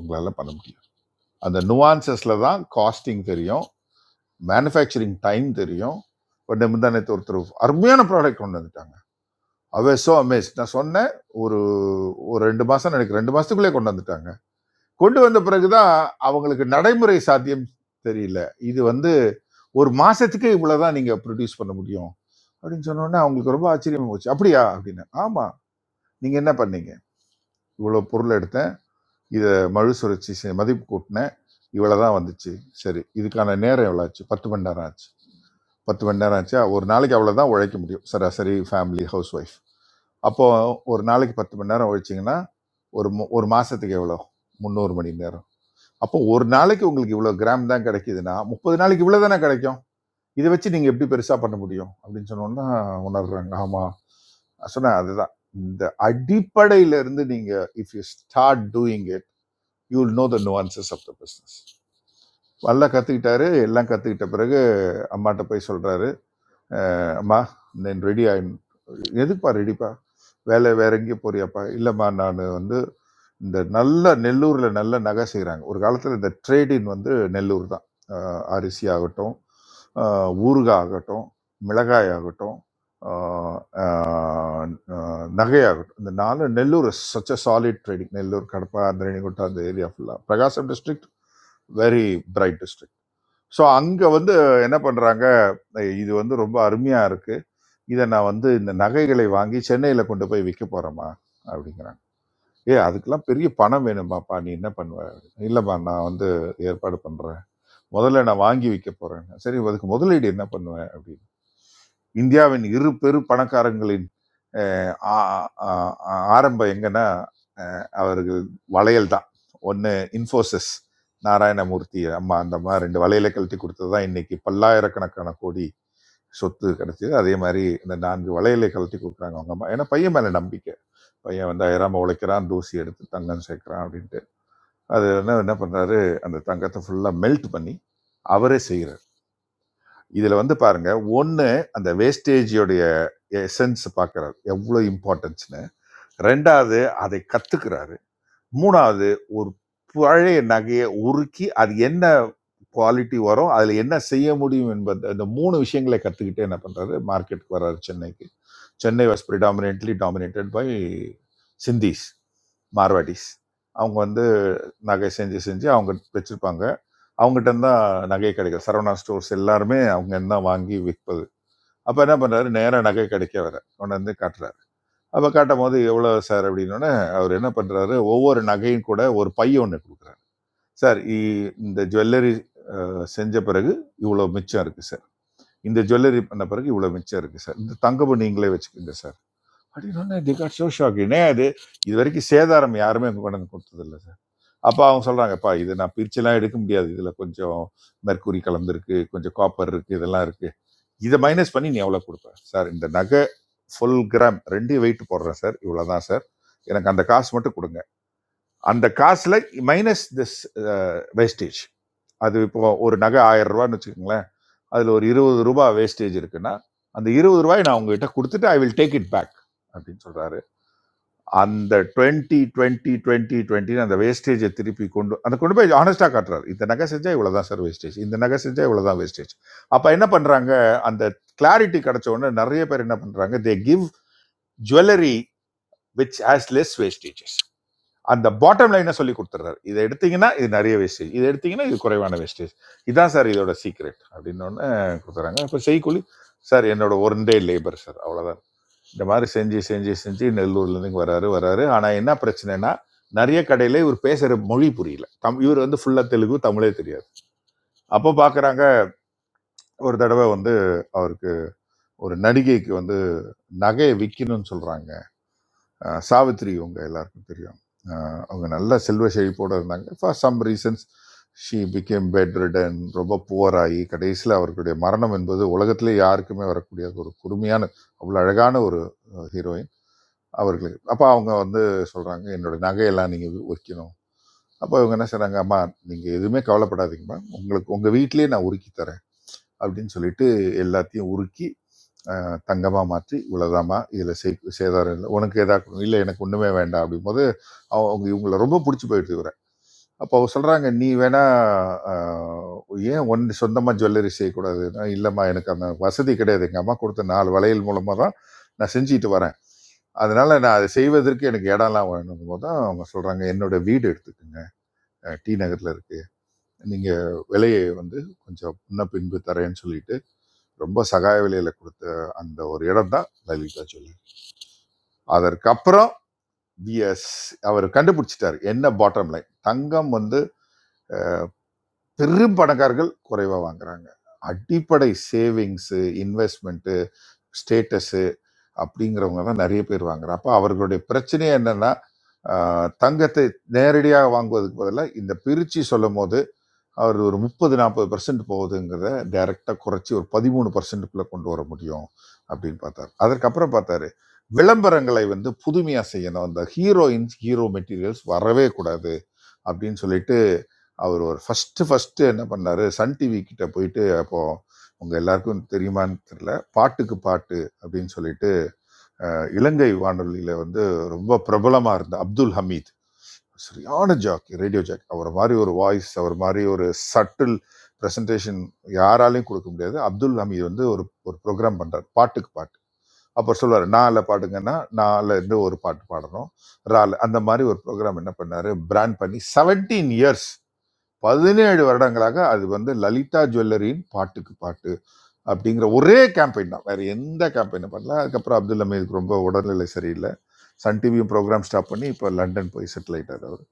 உங்களால பண்ண முடியும் அந்த நுவான்சஸ்ல தான் காஸ்டிங் தெரியும் மேனுஃபேக்சரிங் டைம் தெரியும் முந்தானத்து ஒருத்தர் அருமையான ப்ராடக்ட் கொண்டு வந்துட்டாங்க அவே சோ அமேஸ் நான் சொன்னேன் ஒரு ஒரு ரெண்டு மாசம் எனக்கு ரெண்டு மாசத்துக்குள்ளே கொண்டு வந்துட்டாங்க கொண்டு வந்த பிறகுதான் அவங்களுக்கு நடைமுறை சாத்தியம் தெரியல இது வந்து ஒரு மாசத்துக்கு இவ்வளவுதான் நீங்க ப்ரொடியூஸ் பண்ண முடியும் அப்படின்னு சொன்ன உடனே அவங்களுக்கு ரொம்ப ஆச்சரியமா போச்சு அப்படியா அப்படின்னு ஆமா நீங்க என்ன பண்ணீங்க இவ்வளவு பொருள் எடுத்தேன் இதை மழு சுழற்சி செ- மதிப்பு கூட்டினேன் இவ்வளவுதான் வந்துச்சு சரி இதுக்கான நேரம் எவ்வளோ ஆச்சு பத்து மணி நேரம் ஆச்சு பத்து மணி நேரம் ஆச்சா ஒரு நாளைக்கு அவ்வளவுதான் உழைக்க முடியும் சராசரி ஃபேமிலி ஹவுஸ் ஒய்ஃப் அப்போ ஒரு நாளைக்கு பத்து மணி நேரம் உழைச்சிங்கன்னா ஒரு மு- ஒரு மாசத்துக்கு எவ்வளோ முந்நூறு மணி நேரம் அப்போ ஒரு நாளைக்கு உங்களுக்கு இவ்வளோ கிராம் தான் கிடைக்குதுன்னா முப்பது நாளைக்கு இவ்வளோ தானே கிடைக்கும் இதை வச்சு நீங்கள் எப்படி பெருசாக பண்ண முடியும் அப்படின்னு சொன்னோன்னா உணர்றாங்க ஆமாம் சொன்னேன் அதுதான் இந்த அடிப்படையிலிருந்து நீங்கள் if you start doing it you will know the nuances of the business நல்லா கற்றுக்கிட்டாரு எல்லாம் கற்றுக்கிட்ட பிறகு அம்மாட்ட போய் சொல்கிறாரு அம்மா நான் ரெடி ஆயின் எதுக்குப்பா ரெடிப்பா வேலை வேற எங்கேயும் போறியாப்பா இல்லைம்மா நான் வந்து இந்த நல்ல நெல்லூரில் நல்ல நகை செய்கிறாங்க ஒரு காலத்தில் இந்த ட்ரேடின் வந்து நெல்லூர் தான் அஹ் அரிசி ஆகட்டும் அஹ் ஊறுகாய் ஆகட்டும் மிளகாய் ஆகட்டும் அஹ் அஹ் அஹ் நகையாகட்டும் இந்த நாலு Nellore such a solid trading Nellore Kadapa அந்த ரெணிகுண்டா அந்த ஏரியா ஃபுல்லாக Prakasam district very bright district so அங்கே வந்து என்ன பண்ணுறாங்க இது வந்து ரொம்ப அருமையாக இருக்குது இதை நான் வந்து இந்த நகைகளை வாங்கி சென்னையில் கொண்டு போய் விற்க போகிறேம்மா அப்படிங்கிறாங்க ஏ அதுக்கெல்லாம் பெரிய பணம் வேணுமாப்பா நீ என்ன பண்ணுவ இல்லைம்மா நான் வந்து ஏற்பாடு பண்ணுறேன் முதல்ல நான் வாங்கி விற்க போகிறேன் சரி அதுக்கு முதலீடு என்ன பண்ணுவேன் அப்படின்னு இந்தியாவின் இரு பெரு பணக்காரங்களின் அஹ் ஆ- ஆ- ஆ- ஆரம்பம் எங்கன்னா அஹ் அவருக்கு வளையல் தான் ஒன்று இன்ஃபோசிஸ் நாராயணமூர்த்தி அம்மா அந்த அம்மா ரெண்டு வளையலை கழட்டி கொடுத்தது தான் இன்னைக்கு பல்லாயிரக்கணக்கான கோடி சொத்து கிடைச்சது அதே மாதிரி இந்த நான்கு வளையலை கழட்டி கொடுக்குறாங்க அவங்க அம்மா ஏன்னா பையன் மேலே நம்பிக்கை பையன் வந்து அயராம உழைக்கிறான் தூசி எடுத்து தங்கம் சேர்க்கிறான் அப்படின்ட்டு அது என்ன என்ன பண்ணுறாரு அந்த தங்கத்தை ஃபுல்லாக மெல்ட் பண்ணி அவரே செய்கிறார் இதில் வந்து பாருங்க ஒன்று அந்த வேஸ்டேஜியோடைய எசன்ஸ் பார்க்கறாரு எவ்வளோ இம்பார்ட்டன்ஸ் ரெண்டாவது அதை கத்துக்கிறாரு மூணாவது ஒரு பழைய நகையை உருக்கி அது என்ன குவாலிட்டி வரும் அதில் என்ன செய்ய முடியும் என்பது அந்த மூணு விஷயங்களை கற்றுக்கிட்டு என்ன பண்ணுறாரு மார்க்கெட்டுக்கு வர்றாரு சென்னைக்கு Chennai was predominantly dominated by Sindhis Marwaris அவங்க வந்து நகை செஞ்சு செஞ்சு அவங்க வச்சுருப்பாங்க அவங்ககிட்ட தான் நகை கிடைக்கும் சரவணா ஸ்டோர்ஸ் எல்லாருமே அவங்க தான் வாங்கி விற்பது அப்போ என்ன பண்ணுறாரு நேராக நகை கிடைக்க வர கொண்டு வந்து காட்டுறாரு அப்போ காட்டும் போது எவ்வளோ சார் அப்படின்னோடனே அவர் என்ன பண்ணுறாரு ஒவ்வொரு நகையும் கூட ஒரு பை ஒன்று கொடுக்குறாரு சார் இ- இந்த ஜுவல்லரி செஞ்ச பிறகு இவ்வளோ மிச்சம் இருக்குது சார் இந்த ஜுவல்லரி பண்ண பிறகு இவ்வளோ மிச்சம் இருக்குது சார் இந்த தங்கம் நீங்களே வச்சுக்கோங்க சார் அப்படின்னோடனே தி காட் ஷோ ஷாக்கினே அது இது வரைக்கும் சேதாரம் யாருமே கொண்டாந்து கொடுத்ததில்ல சார் அப்போ அவங்க சொல்கிறாங்கப்பா இது நான் பிரிச்செல்லாம் எடுக்க முடியாது இதில் கொஞ்சம் மெர்க்குரி கலந்துருக்கு கொஞ்சம் காப்பர் இருக்குது இதெல்லாம் இருக்குது இதை மைனஸ் பண்ணி நீ எவ்வளோ கொடுப்ப சார் இந்த நகை ஃபுல் கிராம் ரெண்டு வெயிட் போடுறேன் சார் இவ்வளோதான் சார் எனக்கு அந்த காசு மட்டும் கொடுங்க அந்த காசில் மைனஸ் திஸ் வேஸ்டேஜ் அது இப்போ ஒரு நகை ஆயிரம் ரூபான்னு வச்சுக்கோங்களேன் அதில் ஒரு இருபது ரூபாய் வேஸ்டேஜ் இருக்குன்னா அந்த இருபது ரூபாய் நான் உங்ககிட்ட கொடுத்துட்டு I will take it back அப்படின்னு சொல்கிறாரு அந்த டுவெண்ட்டி டுவெண்ட்டி டுவெண்ட்டி டுவெண்ட்டின்னு அந்த வேஸ்டேஜை திருப்பி கொண்டு அந்த கொண்டு போய் ஹானஸ்டாக காட்டுறாரு இந்த நகை செஞ்சால் இவ்வளோ தான் சார் வேஸ்டேஜ் இந்த நகை செஞ்சால் இவ்வளோ தான் வேஸ்டேஜ் அப்போ என்ன பண்ணுறாங்க அந்த கிளாரிட்டி கிடைச்ச உடனே நிறைய பேர் என்ன பண்ணுறாங்க they give jewellery which has less wastages அந்த பாட்டம் லைனை சொல்லி கொடுத்துட்றாரு இதை எடுத்தீங்கன்னா இது நிறைய வேஸ்டேஜ் இதை எடுத்தீங்கன்னா இது குறைவான வேஸ்டேஜ் இதான் சார் இதோட சீக்ரெட் அப்படின்னு ஒன்று கொடுத்துறாங்க அப்போ செய்கூலி சார் என்னோட ஒன் டே லேபர் சார் அவ்வளோதான் இந்த மாதிரி செஞ்சு செஞ்சு செஞ்சு நெல்லூர்லேருந்து இங்கே வராரு வராரு ஆனால் என்ன பிரச்சனைனா நிறைய கடையில் இவர் பேசுகிற மொழி புரியல தம் இவர் வந்து ஃபுல்லாக தெலுங்கு தமிழே தெரியாது அப்போ பார்க்குறாங்க ஒரு தடவை வந்து அவருக்கு ஒரு நடிகைக்கு வந்து நகையை விற்கணும்னு சொல்கிறாங்க சாவித்ரி இவங்க எல்லாருக்கும் தெரியும் அஹ் அவங்க நல்ல செல்வ செழிப்போடு இருந்தாங்க for some reasons she became bedridden ரொம்ப புவராகி கடைசியில் அவர்களுடைய மரணம் என்பது உலகத்திலே யாருக்குமே வரக்கூடிய ஒரு குறுமையான அவ்வளோ அழகான ஒரு ஹீரோயின் அவர்களுக்கு அப்போ அவங்க வந்து சொல்கிறாங்க என்னோட நகையெல்லாம் நீங்கள் உரிக்கணும் அப்போ இவங்க என்ன செய்கிறாங்க அம்மா நீங்கள் எதுவுமே கவலைப்படாதீங்கம்மா உங்களுக்கு உங்கள் வீட்டிலேயே நான் உருக்கி தரேன் அப்படின்னு சொல்லிட்டு எல்லாத்தையும் உருக்கி தங்கமாக மாற்றி இவ்வளோதாம்மா இதில் செய் சேதாரம் இல்லை உனக்கு எதா இல்லை எனக்கு ஒன்றுமே வேண்டாம் அப்படிங்கும்போது அவங்க இவங்களை ரொம்ப பிடிச்சி போயிட்டு இவரை அப்போ அவங்க சொல்கிறாங்க நீ வேணா ஆஹ், ஏன் ஒன் சொந்தமாக ஜுவல்லரி செய்யக்கூடாதுன்னா இல்லைம்மா எனக்கு அந்த வசதி கிடையாது எங்கள் அம்மா கொடுத்த நாலு வளையல் மூலமாக தான் நான் செஞ்சுட்டு வரேன் அதனால நான் அதை செய்வதற்கு எனக்கு இடம்லாம் வேணும் போது தான் அவங்க சொல்றாங்க என்னோட வீடு எடுத்துக்கோங்க அஹ் டி நகர்ல இருக்கு நீங்க விலையை வந்து கொஞ்சம் முன்ன பின்பு தரேன்னு சொல்லிட்டு ரொம்ப சகாய விலையில கொடுத்த அந்த ஒரு இடம் தான் லலிதா ஜுவல்லரி அதற்கப்புறம் பிஎஸ் அவர் கண்டுபிடிச்சிட்டாரு என்ன பாட்டம் லைன் தங்கம் வந்து பெரும் பணக்காரர்கள் குறைவா வாங்குறாங்க அடிப்படை சேவிங்ஸு இன்வெஸ்ட்மெண்ட்டு ஸ்டேட்டஸு அப்படிங்கிறவங்க தான் நிறைய பேர் வாங்குறாங்க அப்போ அவர்களுடைய பிரச்சனை என்னன்னா ஆஹ், தங்கத்தை நேரடியாக வாங்குவதற்கு பதிலாக இந்த பிரிச்சு சொல்லும் போது அவர் ஒரு முப்பது நாற்பது பர்சன்ட் போகுதுங்கிறத டைரெக்டாக குறைச்சி ஒரு பதிமூணு பர்சன்ட்டுக்குள்ளே கொண்டு வர முடியும் அப்படின்னு பார்த்தார் அதற்கப்புறம் பார்த்தாரு விளம்பரங்களை வந்து புதுமையாக செய்யணும் அந்த ஹீரோயின்ஸ் ஹீரோ மெட்டீரியல்ஸ் வரவே கூடாது அப்படின்னு சொல்லிட்டு அவர் ஒரு ஃபஸ்ட்டு ஃபஸ்ட்டு என்ன பண்ணாரு சன் டிவி கிட்ட போயிட்டு அப்போது உங்கள் எல்லாருக்கும் தெரியுமான்னு தெரியல பாட்டுக்கு பாட்டு அப்படின்னு சொல்லிட்டு அஹ், இலங்கை வானொலியில வந்து ரொம்ப பிரபலமா இருந்த அப்துல் ஹமீத் சரியான ஜாக்கி ரேடியோ ஜாக்கி அவர் மாதிரி ஒரு வாய்ஸ் அவர் மாதிரி ஒரு சட்டில் பிரசன்டேஷன் யாராலையும் கொடுக்க முடியாது அப்துல் ஹமீத் வந்து ஒரு ஒரு ப்ரோக்ராம் பண்றாரு பாட்டுக்கு பாட்டு அப்போ சொல்லுவார் நால பாடுங்கன்னா நால இருந்து ஒரு பாட்டு பாடணும் ரால அந்த மாதிரி ஒரு ப்ரோக்ராம் என்ன பண்ணாரு பிராண்ட் பண்ணி 17 இயர்ஸ் பதினேழு வருடங்களாக அது வந்து லலிதா ஜுவல்லரியின் பாட்டுக்கு பாட்டு அப்படிங்கிற ஒரே கேம்பெயின் தான் வேற எந்த கேம்பெயினும் பண்ணல அதுக்கப்புறம் அப்துல் அமீதுக்கு ரொம்ப உடல்நிலை சரியில்லை சன் டிவியும் ப்ரோக்ராம் ஸ்டாப் பண்ணி இப்போ லண்டன் போய் செட்டில் ஆயிட்டார் அவர்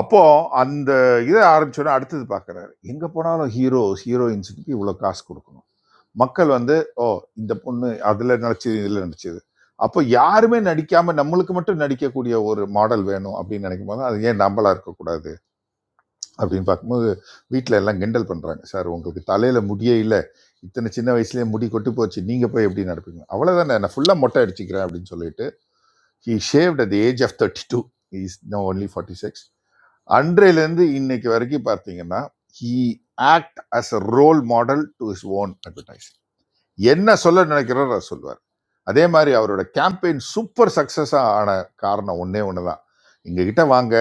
அப்போ அந்த இதை ஆரம்பிச்சோன்னா அடுத்தது பார்க்குறாரு எங்கே போனாலும் ஹீரோஸ் ஹீரோயின்ஸுக்கு இவ்வளோ காசு கொடுக்கணும் மக்கள் வந்து ஓ இந்த பொண்ணு அதில் நடிச்சது இதில் நடிச்சது அப்போ யாருமே நடிக்காம நம்மளுக்கு மட்டும் நடிக்கக்கூடிய ஒரு மாடல் வேணும் அப்படின்னு நினைக்கும் போது அது ஏன் நம்மளா இருக்கக்கூடாது அப்படின்னு பார்க்கும்போது வீட்டில் எல்லாம் கிண்டல் பண்ணுறாங்க சார் உங்களுக்கு தலையில் முடியே இல்லை இத்தனை சின்ன வயசுலேயே முடி கொட்டி போச்சு நீங்கள் போய் எப்படி நடப்பீங்க அவ்வளோதானே நான் ஃபுல்லாக மொட்டை அடிச்சுக்கிறேன் அப்படின்னு சொல்லிட்டு he shaved at the age of thirty two is no only forty six அன்றையிலேருந்து இன்னைக்கு வரைக்கும் பார்த்தீங்கன்னா he act as a role model to his own advertise என்ன சொல்ல நினைக்கிறாரோ அதை சொல்லுவார் அதே மாதிரி அவரோட கேம்பெயின் சூப்பர் சக்ஸஸாக ஆன காரணம் ஒன்றே ஒன்று தான் எங்ககிட்ட வாங்க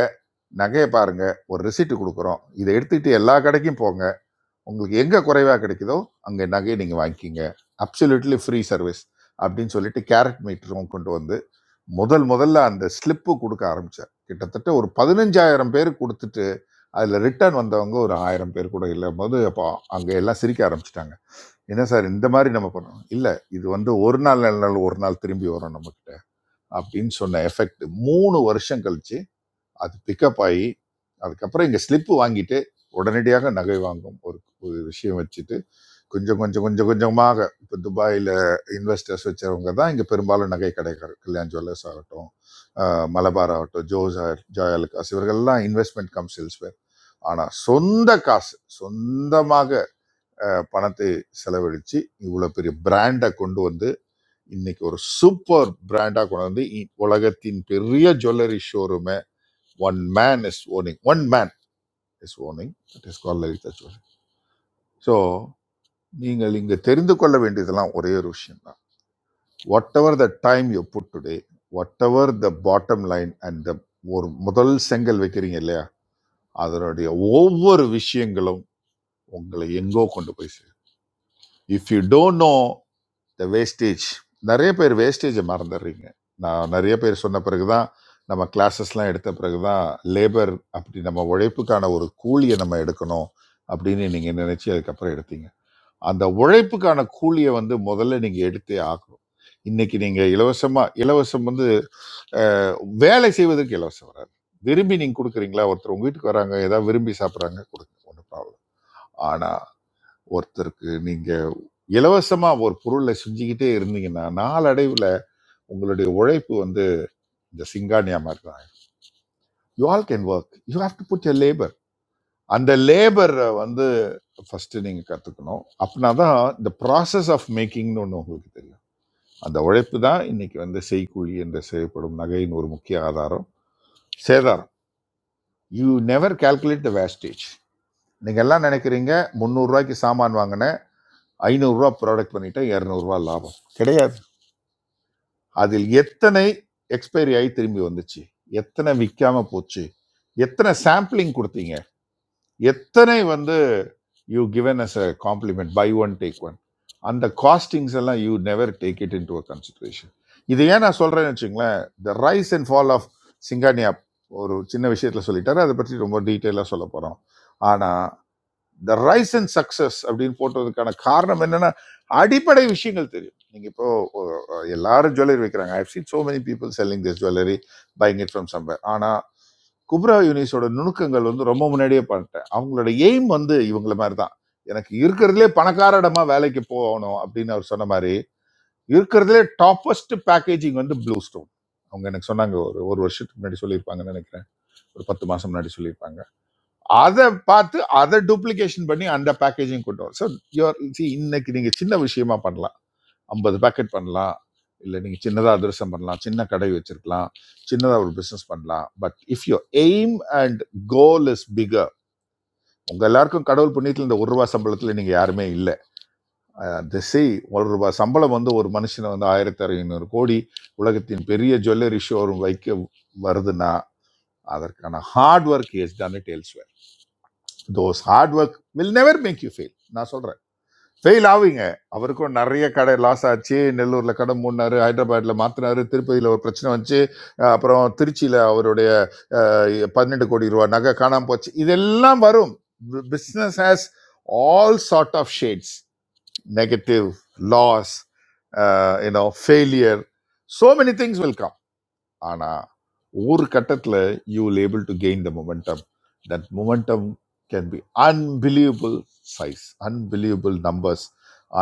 நகையை பாருங்க ஒரு ரெசிப்ட் கொடுக்குறோம் இதை எடுத்துக்கிட்டு எல்லா கடைக்கும் போங்க உங்களுக்கு எங்கே குறைவாக கிடைக்குதோ அங்கே நகையை நீங்கள் வாங்கிக்கிங்க அப்சல்யூட்லி ஃப்ரீ சர்வீஸ் அப்படின்னு சொல்லிட்டு கேரட் மீட்டரும் கொண்டு வந்து முதல் முதல்ல அந்த ஸ்லிப்பு கொடுக்க ஆரம்பித்தார் கிட்டத்தட்ட ஒரு பதினஞ்சாயிரம் பேர் கொடுத்துட்டு அதில் ரிட்டர்ன் வந்தவங்க ஒரு ஆயிரம் பேர் கூட இல்லை போது அப்போ அங்கே எல்லாம் சிரிக்க ஆரம்பிச்சிட்டாங்க என்ன சார் இந்த மாதிரி நம்ம பண்ணணும் இல்லை இது வந்து ஒரு நாள் நல்ல நாள் ஒரு நாள் திரும்பி வரும் நம்மக்கிட்ட அப்படின்னு சொன்ன எஃபெக்ட் மூணு வருஷம் கழிச்சு அது பிக்கப் ஆகி அதுக்கப்புறம் இங்கே ஸ்லிப்பு வாங்கிட்டு உடனடியாக நகை வாங்கும் ஒரு ஒரு விஷயம் வச்சுட்டு கொஞ்சம் கொஞ்சம் கொஞ்சம் கொஞ்சமாக இப்போ துபாயில் இன்வெஸ்டர்ஸ் வச்சவங்க தான் இங்கே பெரும்பாலும் நகை கடைக்காரர் கல்யாண் ஜுவல்லர்ஸ் ஆகட்டும் ஆஹ் மலபார் ஆகட்டும் ஜோசார் ஜாயலுக்காஸ் இவர்கள்லாம் இன்வெஸ்ட்மெண்ட் கம் சேல்ஸ் ஆனால் சொந்த காசு சொந்தமாக பணத்தை செலவழித்து இவ்வளோ பெரிய பிராண்டை கொண்டு வந்து இன்னைக்கு ஒரு சூப்பர் பிராண்டாக கொண்டு வந்து இ- உலகத்தின் பெரிய ஜுவல்லரி ஷோரூமை one man is owning one man is owning it is call Lalitha jewellery so நீங்கள் இங்கே தெரிந்து கொள்ள வேண்டியதெல்லாம் ஒரே ஒரு விஷயம் தான் whatever the time you put today whatever the bottom line and the ஒரு முதல் செங்கல் வைக்கிறீங்க இல்லையா அதனுடைய ஒவ்வொரு விஷயங்களும் உங்களை எங்கோ கொண்டு போய் சேரும் இஃப் யூ டோன்ட் நோ இந்த வேஸ்டேஜ் நிறைய பேர் வேஸ்டேஜை மறந்துடுறீங்க நான் நிறைய பேர் சொன்ன பிறகு தான் நம்ம கிளாஸஸ்லாம் எடுத்த பிறகு தான் லேபர் அப்படி நம்ம உழைப்புக்கான ஒரு கூலியை நம்ம எடுக்கணும் அப்படின்னு நீங்கள் நினச்சி அதுக்கப்புறம் எடுத்தீங்க அந்த உழைப்புக்கான கூலியை வந்து முதல்ல நீங்கள் எடுத்தே ஆகணும் இன்னைக்கு நீங்கள் இலவசமாக இலவசம் வந்து அஹ், வேலை செய்வதற்கு இலவசம் வராது விரும்பி நீங்கள் கொடுக்குறீங்களா ஒருத்தர் உங்கள் வீட்டுக்கு வராங்க ஏதாவது விரும்பி சாப்பிட்றாங்க கொடுங்க ஒன்றும் ப்ராப்ளம் ஆனால் ஒருத்தருக்கு நீங்க இலவசமா ஒரு பொருளை செஞ்சுக்கிட்டே இருந்தீங்கன்னா நாளடைவுல உங்களுடைய உழைப்பு வந்து இந்த சிங்கானியா மாதிரி தான் you all can work you have to put your labour அந்த லேபரை வந்து ஃபர்ஸ்ட் நீங்க கத்துக்கணும் அப்படின்னா தான் இந்த ப்ராசஸ் ஆஃப் மேக்கிங்னு ஒன்று உங்களுக்கு தெரியும் அந்த உழைப்பு தான் இன்னைக்கு வந்து செய்கூலி என்று செய்யப்படும் நகையின் ஒரு முக்கிய ஆதாரம் சேதாரம் you never calculate the wastage நீங்க எல்லாம் நினைக்கிறீங்க முந்நூறுரூவாய்க்கு சாமான் வாங்கினேன் ஐநூறுரூவா ப்ராடக்ட் பண்ணிட்டேன் இரநூறுவா லாபம் கிடையாது அதில் எத்தனை எக்ஸ்பைரி ஆகி திரும்பி வந்துச்சு எத்தனை விற்காம போச்சு எத்தனை சாம்பிளிங் கொடுத்தீங்க எத்தனை வந்து you given as a compliment by one take one அந்த காஸ்டிங்ஸ் எல்லாம் you never take it into a consideration இது ஏன் நான் சொல்றேன்னு வச்சுங்களேன் the rise and fall of Singhania ஒரு சின்ன விஷயத்துல சொல்லிட்டாரு அதை பற்றி ரொம்ப டீட்டெயிலாக சொல்ல போகிறோம் ஆனால் த ரைஸ் அண்ட் சக்சஸ் அப்படின்னு போட்டதுக்கான காரணம் என்னன்னா அடிப்படை விஷயங்கள் தெரியும் நீங்க இப்போ அஹ், எல்லாரும் ஜுவல்லரி வைக்கிறாங்க I have seen so many people selling this jewellery buying it from somewhere ஆனா குப்ரா யூனிஸோட நுணுக்கங்கள் வந்து ரொம்ப முன்னாடியே பண்ணிட்டேன் அவங்களோட எய்ம் வந்து இவங்கள மாதிரி தான் எனக்கு இருக்கிறதுலே பணக்கார இடமா வேலைக்கு போகணும் அப்படின்னு அவர் சொன்ன மாதிரி இருக்கிறதுலே டாப்பஸ்ட் பேக்கேஜிங் வந்து ப்ளூ ஸ்டோன் அவங்க எனக்கு சொன்னாங்க ஒரு ஒரு வருஷத்துக்கு முன்னாடி சொல்லியிருப்பாங்கன்னு நினைக்கிறேன் ஒரு பத்து மாசம் முன்னாடி சொல்லியிருப்பாங்க அதை பார்த்து அதை டூப்ளிகேஷன் பண்ணி அந்த பேக்கேஜிங் கொண்டு வரும் ஸோ யோர் சி இன்னைக்கு நீங்கள் சின்ன விஷயமா பண்ணலாம் ஐம்பது பேக்கெட் பண்ணலாம் இல்லை நீங்கள் சின்னதாக அதிரசம் பண்ணலாம் சின்ன கடை வச்சிருக்கலாம் சின்னதாக ஒரு பிஸ்னஸ் பண்ணலாம் but if your aim and goal is bigger உங்கள் எல்லாருக்கும் கடவுள் புண்ணியத்தில் இந்த ஒரு ரூபா சம்பளத்தில் நீங்கள் யாருமே இல்லை திசை ஒரு ரூபா சம்பளம் வந்து ஒரு மனுஷனை வந்து ஆயிரத்தி ஐநூறு கோடி உலகத்தின் பெரிய ஜுவல்லரி ஷோரூம் வைக்க வருதுன்னா அதற்கான hard work is done it elsewhere. Those hard work will never make you fail நான் சொல்கிறேன் ஃபெயில் ஆவீங்க அவருக்கும் நிறைய கடை லாஸ் ஆச்சு நெல்லூரில் கடை மூடினாரு ஹைதராபாத்தில் மாற்றினாரு திருப்பதியில் ஒரு பிரச்சனை வந்துச்சு அஹ் அப்புறம் திருச்சியில் அவருடைய அஹ், பன்னெண்டு கோடி ரூபா நகை காணாமல் போச்சு இதெல்லாம் வரும் business has all sort of shades negative loss you know failure so many things will ஆனா ஒரு கட்டத்துல you will able to gain the momentum that momentum can be unbelievable size unbelievable numbers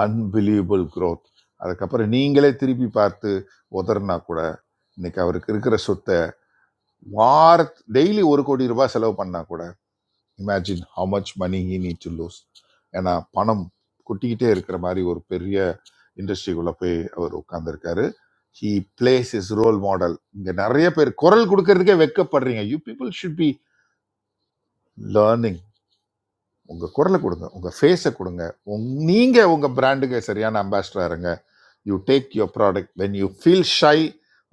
unbelievable growth அதுக்கப்புறம் நீங்களே திருப்பி பார்த்து உதறினா கூட இன்னைக்கு அவருக்கு இருக்கிற சொத்தை வார டெய்லி ஒரு கோடி ரூபாய் செலவு பண்ணா கூட imagine how much money he need to lose ஏன்னா பணம் கொட்டிக்கிட்டே இருக்கிற மாதிரி ஒரு பெரிய இண்டஸ்ட்ரிக்குள்ளே போய் அவர் உட்காந்துருக்காரு he plays his role model இங்கே நிறைய பேர் குரல் கொடுக்கறதுக்கே வெக்கப்படுறீங்க you people should be learning உங்கள் குரலை கொடுங்க உங்கள் ஃபேஸை கொடுங்க உங் நீங்கள் உங்கள் பிராண்டுக்கு சரியான அம்பாசிடராக இருங்க you take your product when you feel shy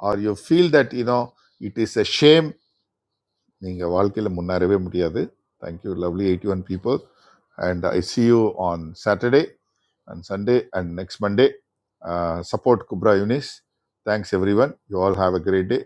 or you feel that you know it is a shame நீங்கள் வாழ்க்கையில் முன்னேறவே முடியாது thank you lovely eighty one people and I see you on Saturday and Sunday and next Monday support குப்ரா யூனிஸ் thanks everyone you all have a great day